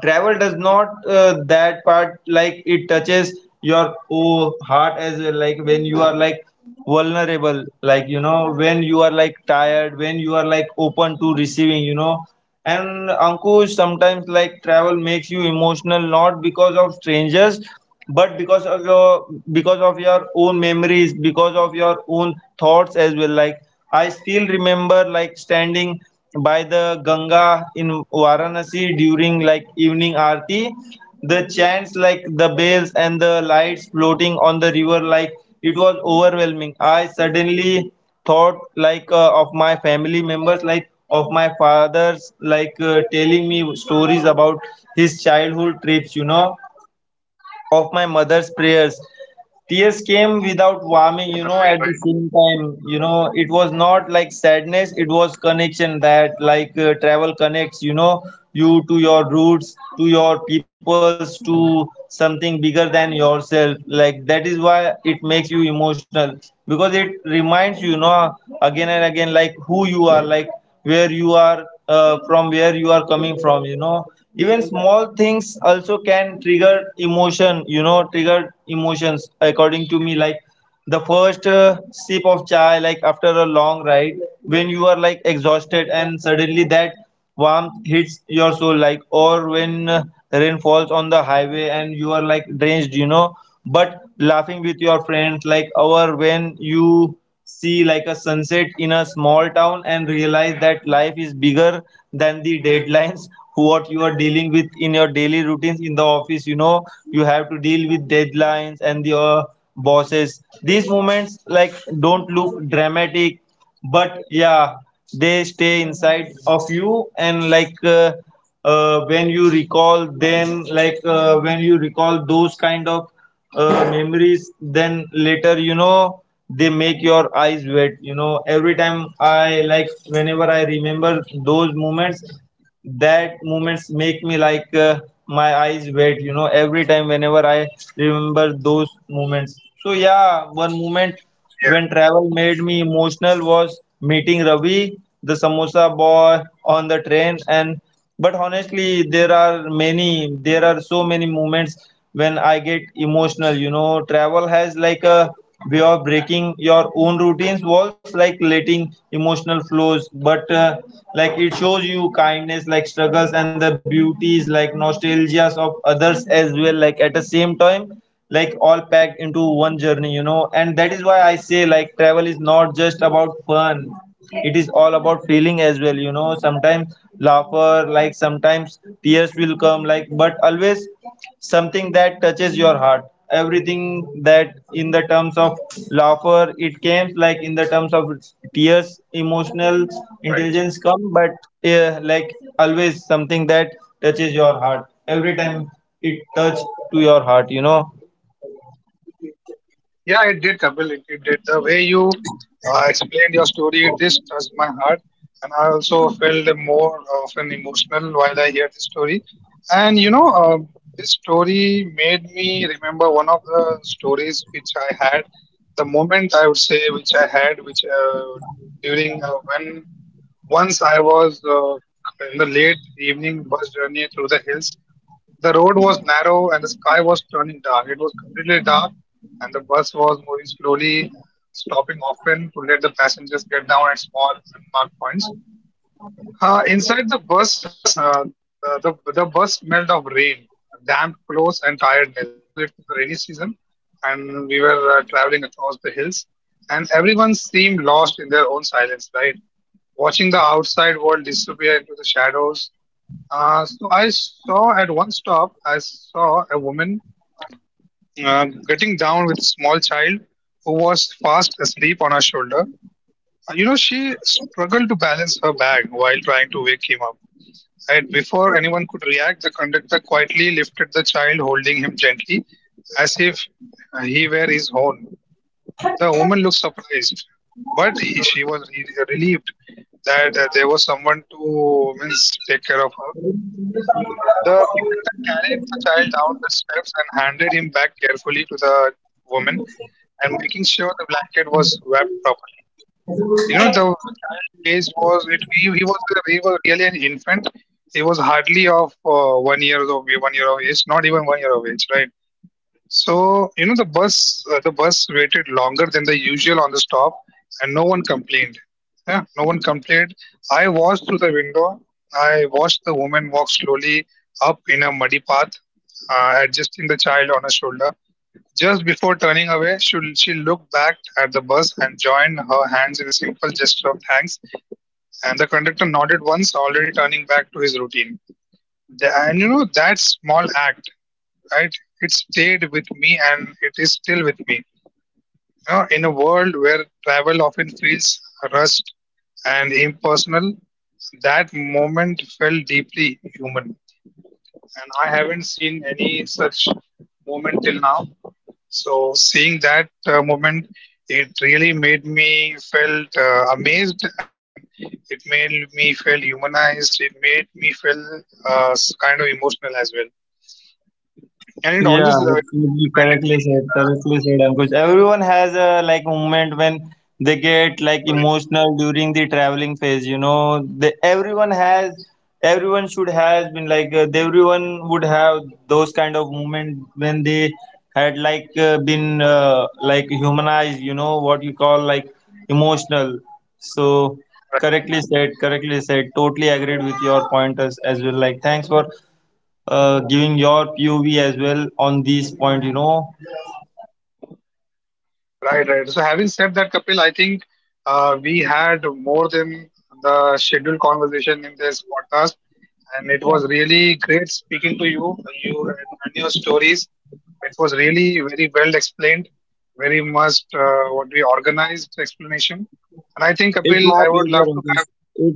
Travel does not uh, that part, like it touches your oh, heart as well, like when you are like vulnerable, like, you know, when you are like tired, when you are like open to receiving, you know. And Ankush, sometimes like travel makes you emotional not because of strangers, but because of your, because of your own memories, because of your own thoughts as well. Like, I still remember like standing by the Ganga in Varanasi during like evening aarti, the chants, like the bells and the lights floating on the river, like it was overwhelming. I suddenly thought like uh, of my family members, like of my father's like uh, telling me stories about his childhood trips, you know, of my mother's prayers. Tears came without warming, you know,
Right,
at the
right.
same time. You know, it was not like sadness, it was connection that, like, uh, travel connects, you know, you to your roots, to your peoples, to something bigger than yourself. Like, that is why it makes you emotional, because it reminds you, you know, again and again, like, who you are, like, where you are uh, from, where you are coming from, you know. Even small things also can trigger emotion, you know, trigger emotions according to me, like the first uh, sip of chai like after a long ride, when you are like exhausted and suddenly that warmth hits your soul, like or when uh, rain falls on the highway and you are like drenched, you know, but laughing with your friends, like or when you see like a sunset in a small town and realize that life is bigger than the deadlines (laughs) what you are dealing with in your daily routines in the office, you know. You have to deal with deadlines and your bosses. These moments like don't look dramatic, but yeah, they stay inside of you, and like uh, uh, when you recall them, like uh, when you recall those kind of uh, memories then later, you know, they make your eyes wet, you know. Every time I like whenever I remember those moments, that moments make me like uh, my eyes wet, you know. Every time whenever I remember those moments, so yeah, one moment when
Yes,
travel made me emotional was meeting Ravi, the samosa boy on the train. And but honestly, there are many, there are so many moments when I get emotional, you know. Travel has like a way of breaking your own routines walls, like letting emotional flows, but uh, like it shows you kindness, like struggles and the beauties, like nostalgias of others as well, like at the same time, like all packed into one journey, you know. And that is why I say like travel is not just about fun, it is all about feeling as well, you know. Sometimes laughter, like sometimes tears will come, like, but always something that touches your heart, everything, that in the terms of laughter it came, like in the terms of tears emotional
right.
intelligence come, but uh, like always something that touches your heart every time. It touched to your heart, you know.
Yeah, it did, Kapil. It, it did. The way you uh, explained your story, it just touched my heart. And I also felt more of an emotional while I hear this story. And you know, um this story made me remember one of the stories which I had, the moment I would say which I had, which uh, during uh, when once I was uh, in the late evening bus journey through the hills, the road was narrow and the sky was turning dark. It was completely dark, and the bus was moving slowly, stopping often to let the passengers get down at small unmarked points. Uh, inside the bus, uh, uh, the the bus smelled of rain, damp clothes, and tiredness because it was the rainy season, and we were uh, traveling across the hills, and everyone seemed lost in their own silence, right? Watching the outside world disappear into the shadows. Uh, so I saw at one stop, I saw a woman uh, getting down with a small child who was fast asleep on her shoulder. Uh, you know, she struggled to balance her bag while trying to wake him up. And before anyone could react, the conductor quietly lifted the child, holding him gently, as if uh, he were his own. The woman looked surprised, but he, she was re- relieved that uh, there was someone to means take care of her. The conductor carried the child down the steps and handed him back carefully to the woman, and making sure the blanket was wrapped properly. You know, the child age was it, he, he was a, he was really an infant. He was hardly of uh, one year of one year of age, not even one year of age, right? So you know, the bus uh, the bus waited longer than the usual on the stop, and no one complained. Yeah, no one complained. I watched through the window. I watched the woman walk slowly up in a muddy path, uh, adjusting the child on her shoulder. Just before turning away, she, she looked back at the bus and joined her hands in a simple gesture of thanks. And the conductor nodded once, already turning back to his routine. The- and you know, that small act, right? It stayed with me and it is still with me. You know, in a world where travel often feels rushed and impersonal, that moment felt deeply human. And I haven't seen any such moment till now. So seeing that uh, moment, it really made me felt uh, amazed, and it made me feel humanized. It made me feel uh, s- kind of emotional as well, and it
Yeah,
always it also
absolutely
reminded
correctly
me.
said,
Uh,
correctly said, Ankush. Everyone has a like moment when they get like
right,
emotional during the traveling phase, you know. They, everyone has, everyone should has been like uh, everyone would have those kind of moment when they had like uh, been uh, like humanized, you know, what you call like emotional. So
right.
correctly said, correctly said. Totally agreed with your pointers as well. Like thanks for uh, giving your P O V as well on this point, you know.
Right, right. So having said that, Kapil, I think uh, we had more than the scheduled conversation in this podcast, and it was really great speaking to you, you and, and your stories. It was really very well explained, very much uh, what we organized explanation. And I think,
It's
Kapil,
my
I would
pleasure,
love to
Ankush.
have,
It,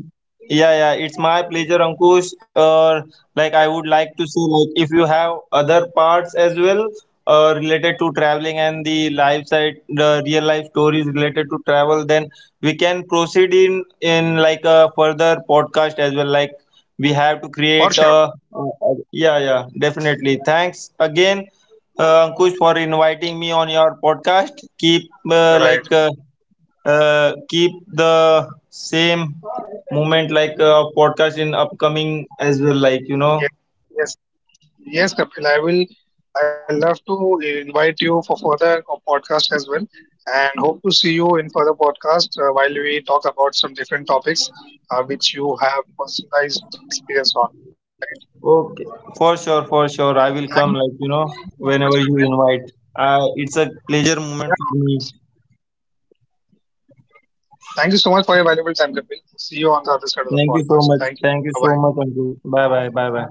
yeah, yeah, it's my pleasure, Ankush. Or like I would
right,
like to say, like if you have other parts as well, uh, related to traveling and the life side, the real life stories related to travel, then we can proceed in in like a further podcast as well. Like we have to
for
create
sure,
a, yeah, yeah, definitely. Thanks again, uh, Ankush, for inviting me on your podcast. Keep uh, like.
right.
Uh, uh, keep the same movement like uh, podcast in upcoming as well, like, you know.
Yes, yes, yes. Yes, Kapil, I will. I love to invite you for further podcast as well, and hope to see you in further podcast uh, while we talk about some different topics uh, which you have personalized uh, experience on.
Okay,
Right.
for sure, for sure, I will come, like, you know,
Thank you so much.
whenever
Thank you
you
so much,
invite.
Kapil.
Uh, it's
Thank
a
you. s-
pleasure moment for me.
Yeah, always. Thank you so much for your valuable time, Kapil. See you on the
Thank
other
you so
side of the
much, thank
podcast.
you so
Thank you.
much,
Bye
Ankush.
bye.
Bye bye, bye bye.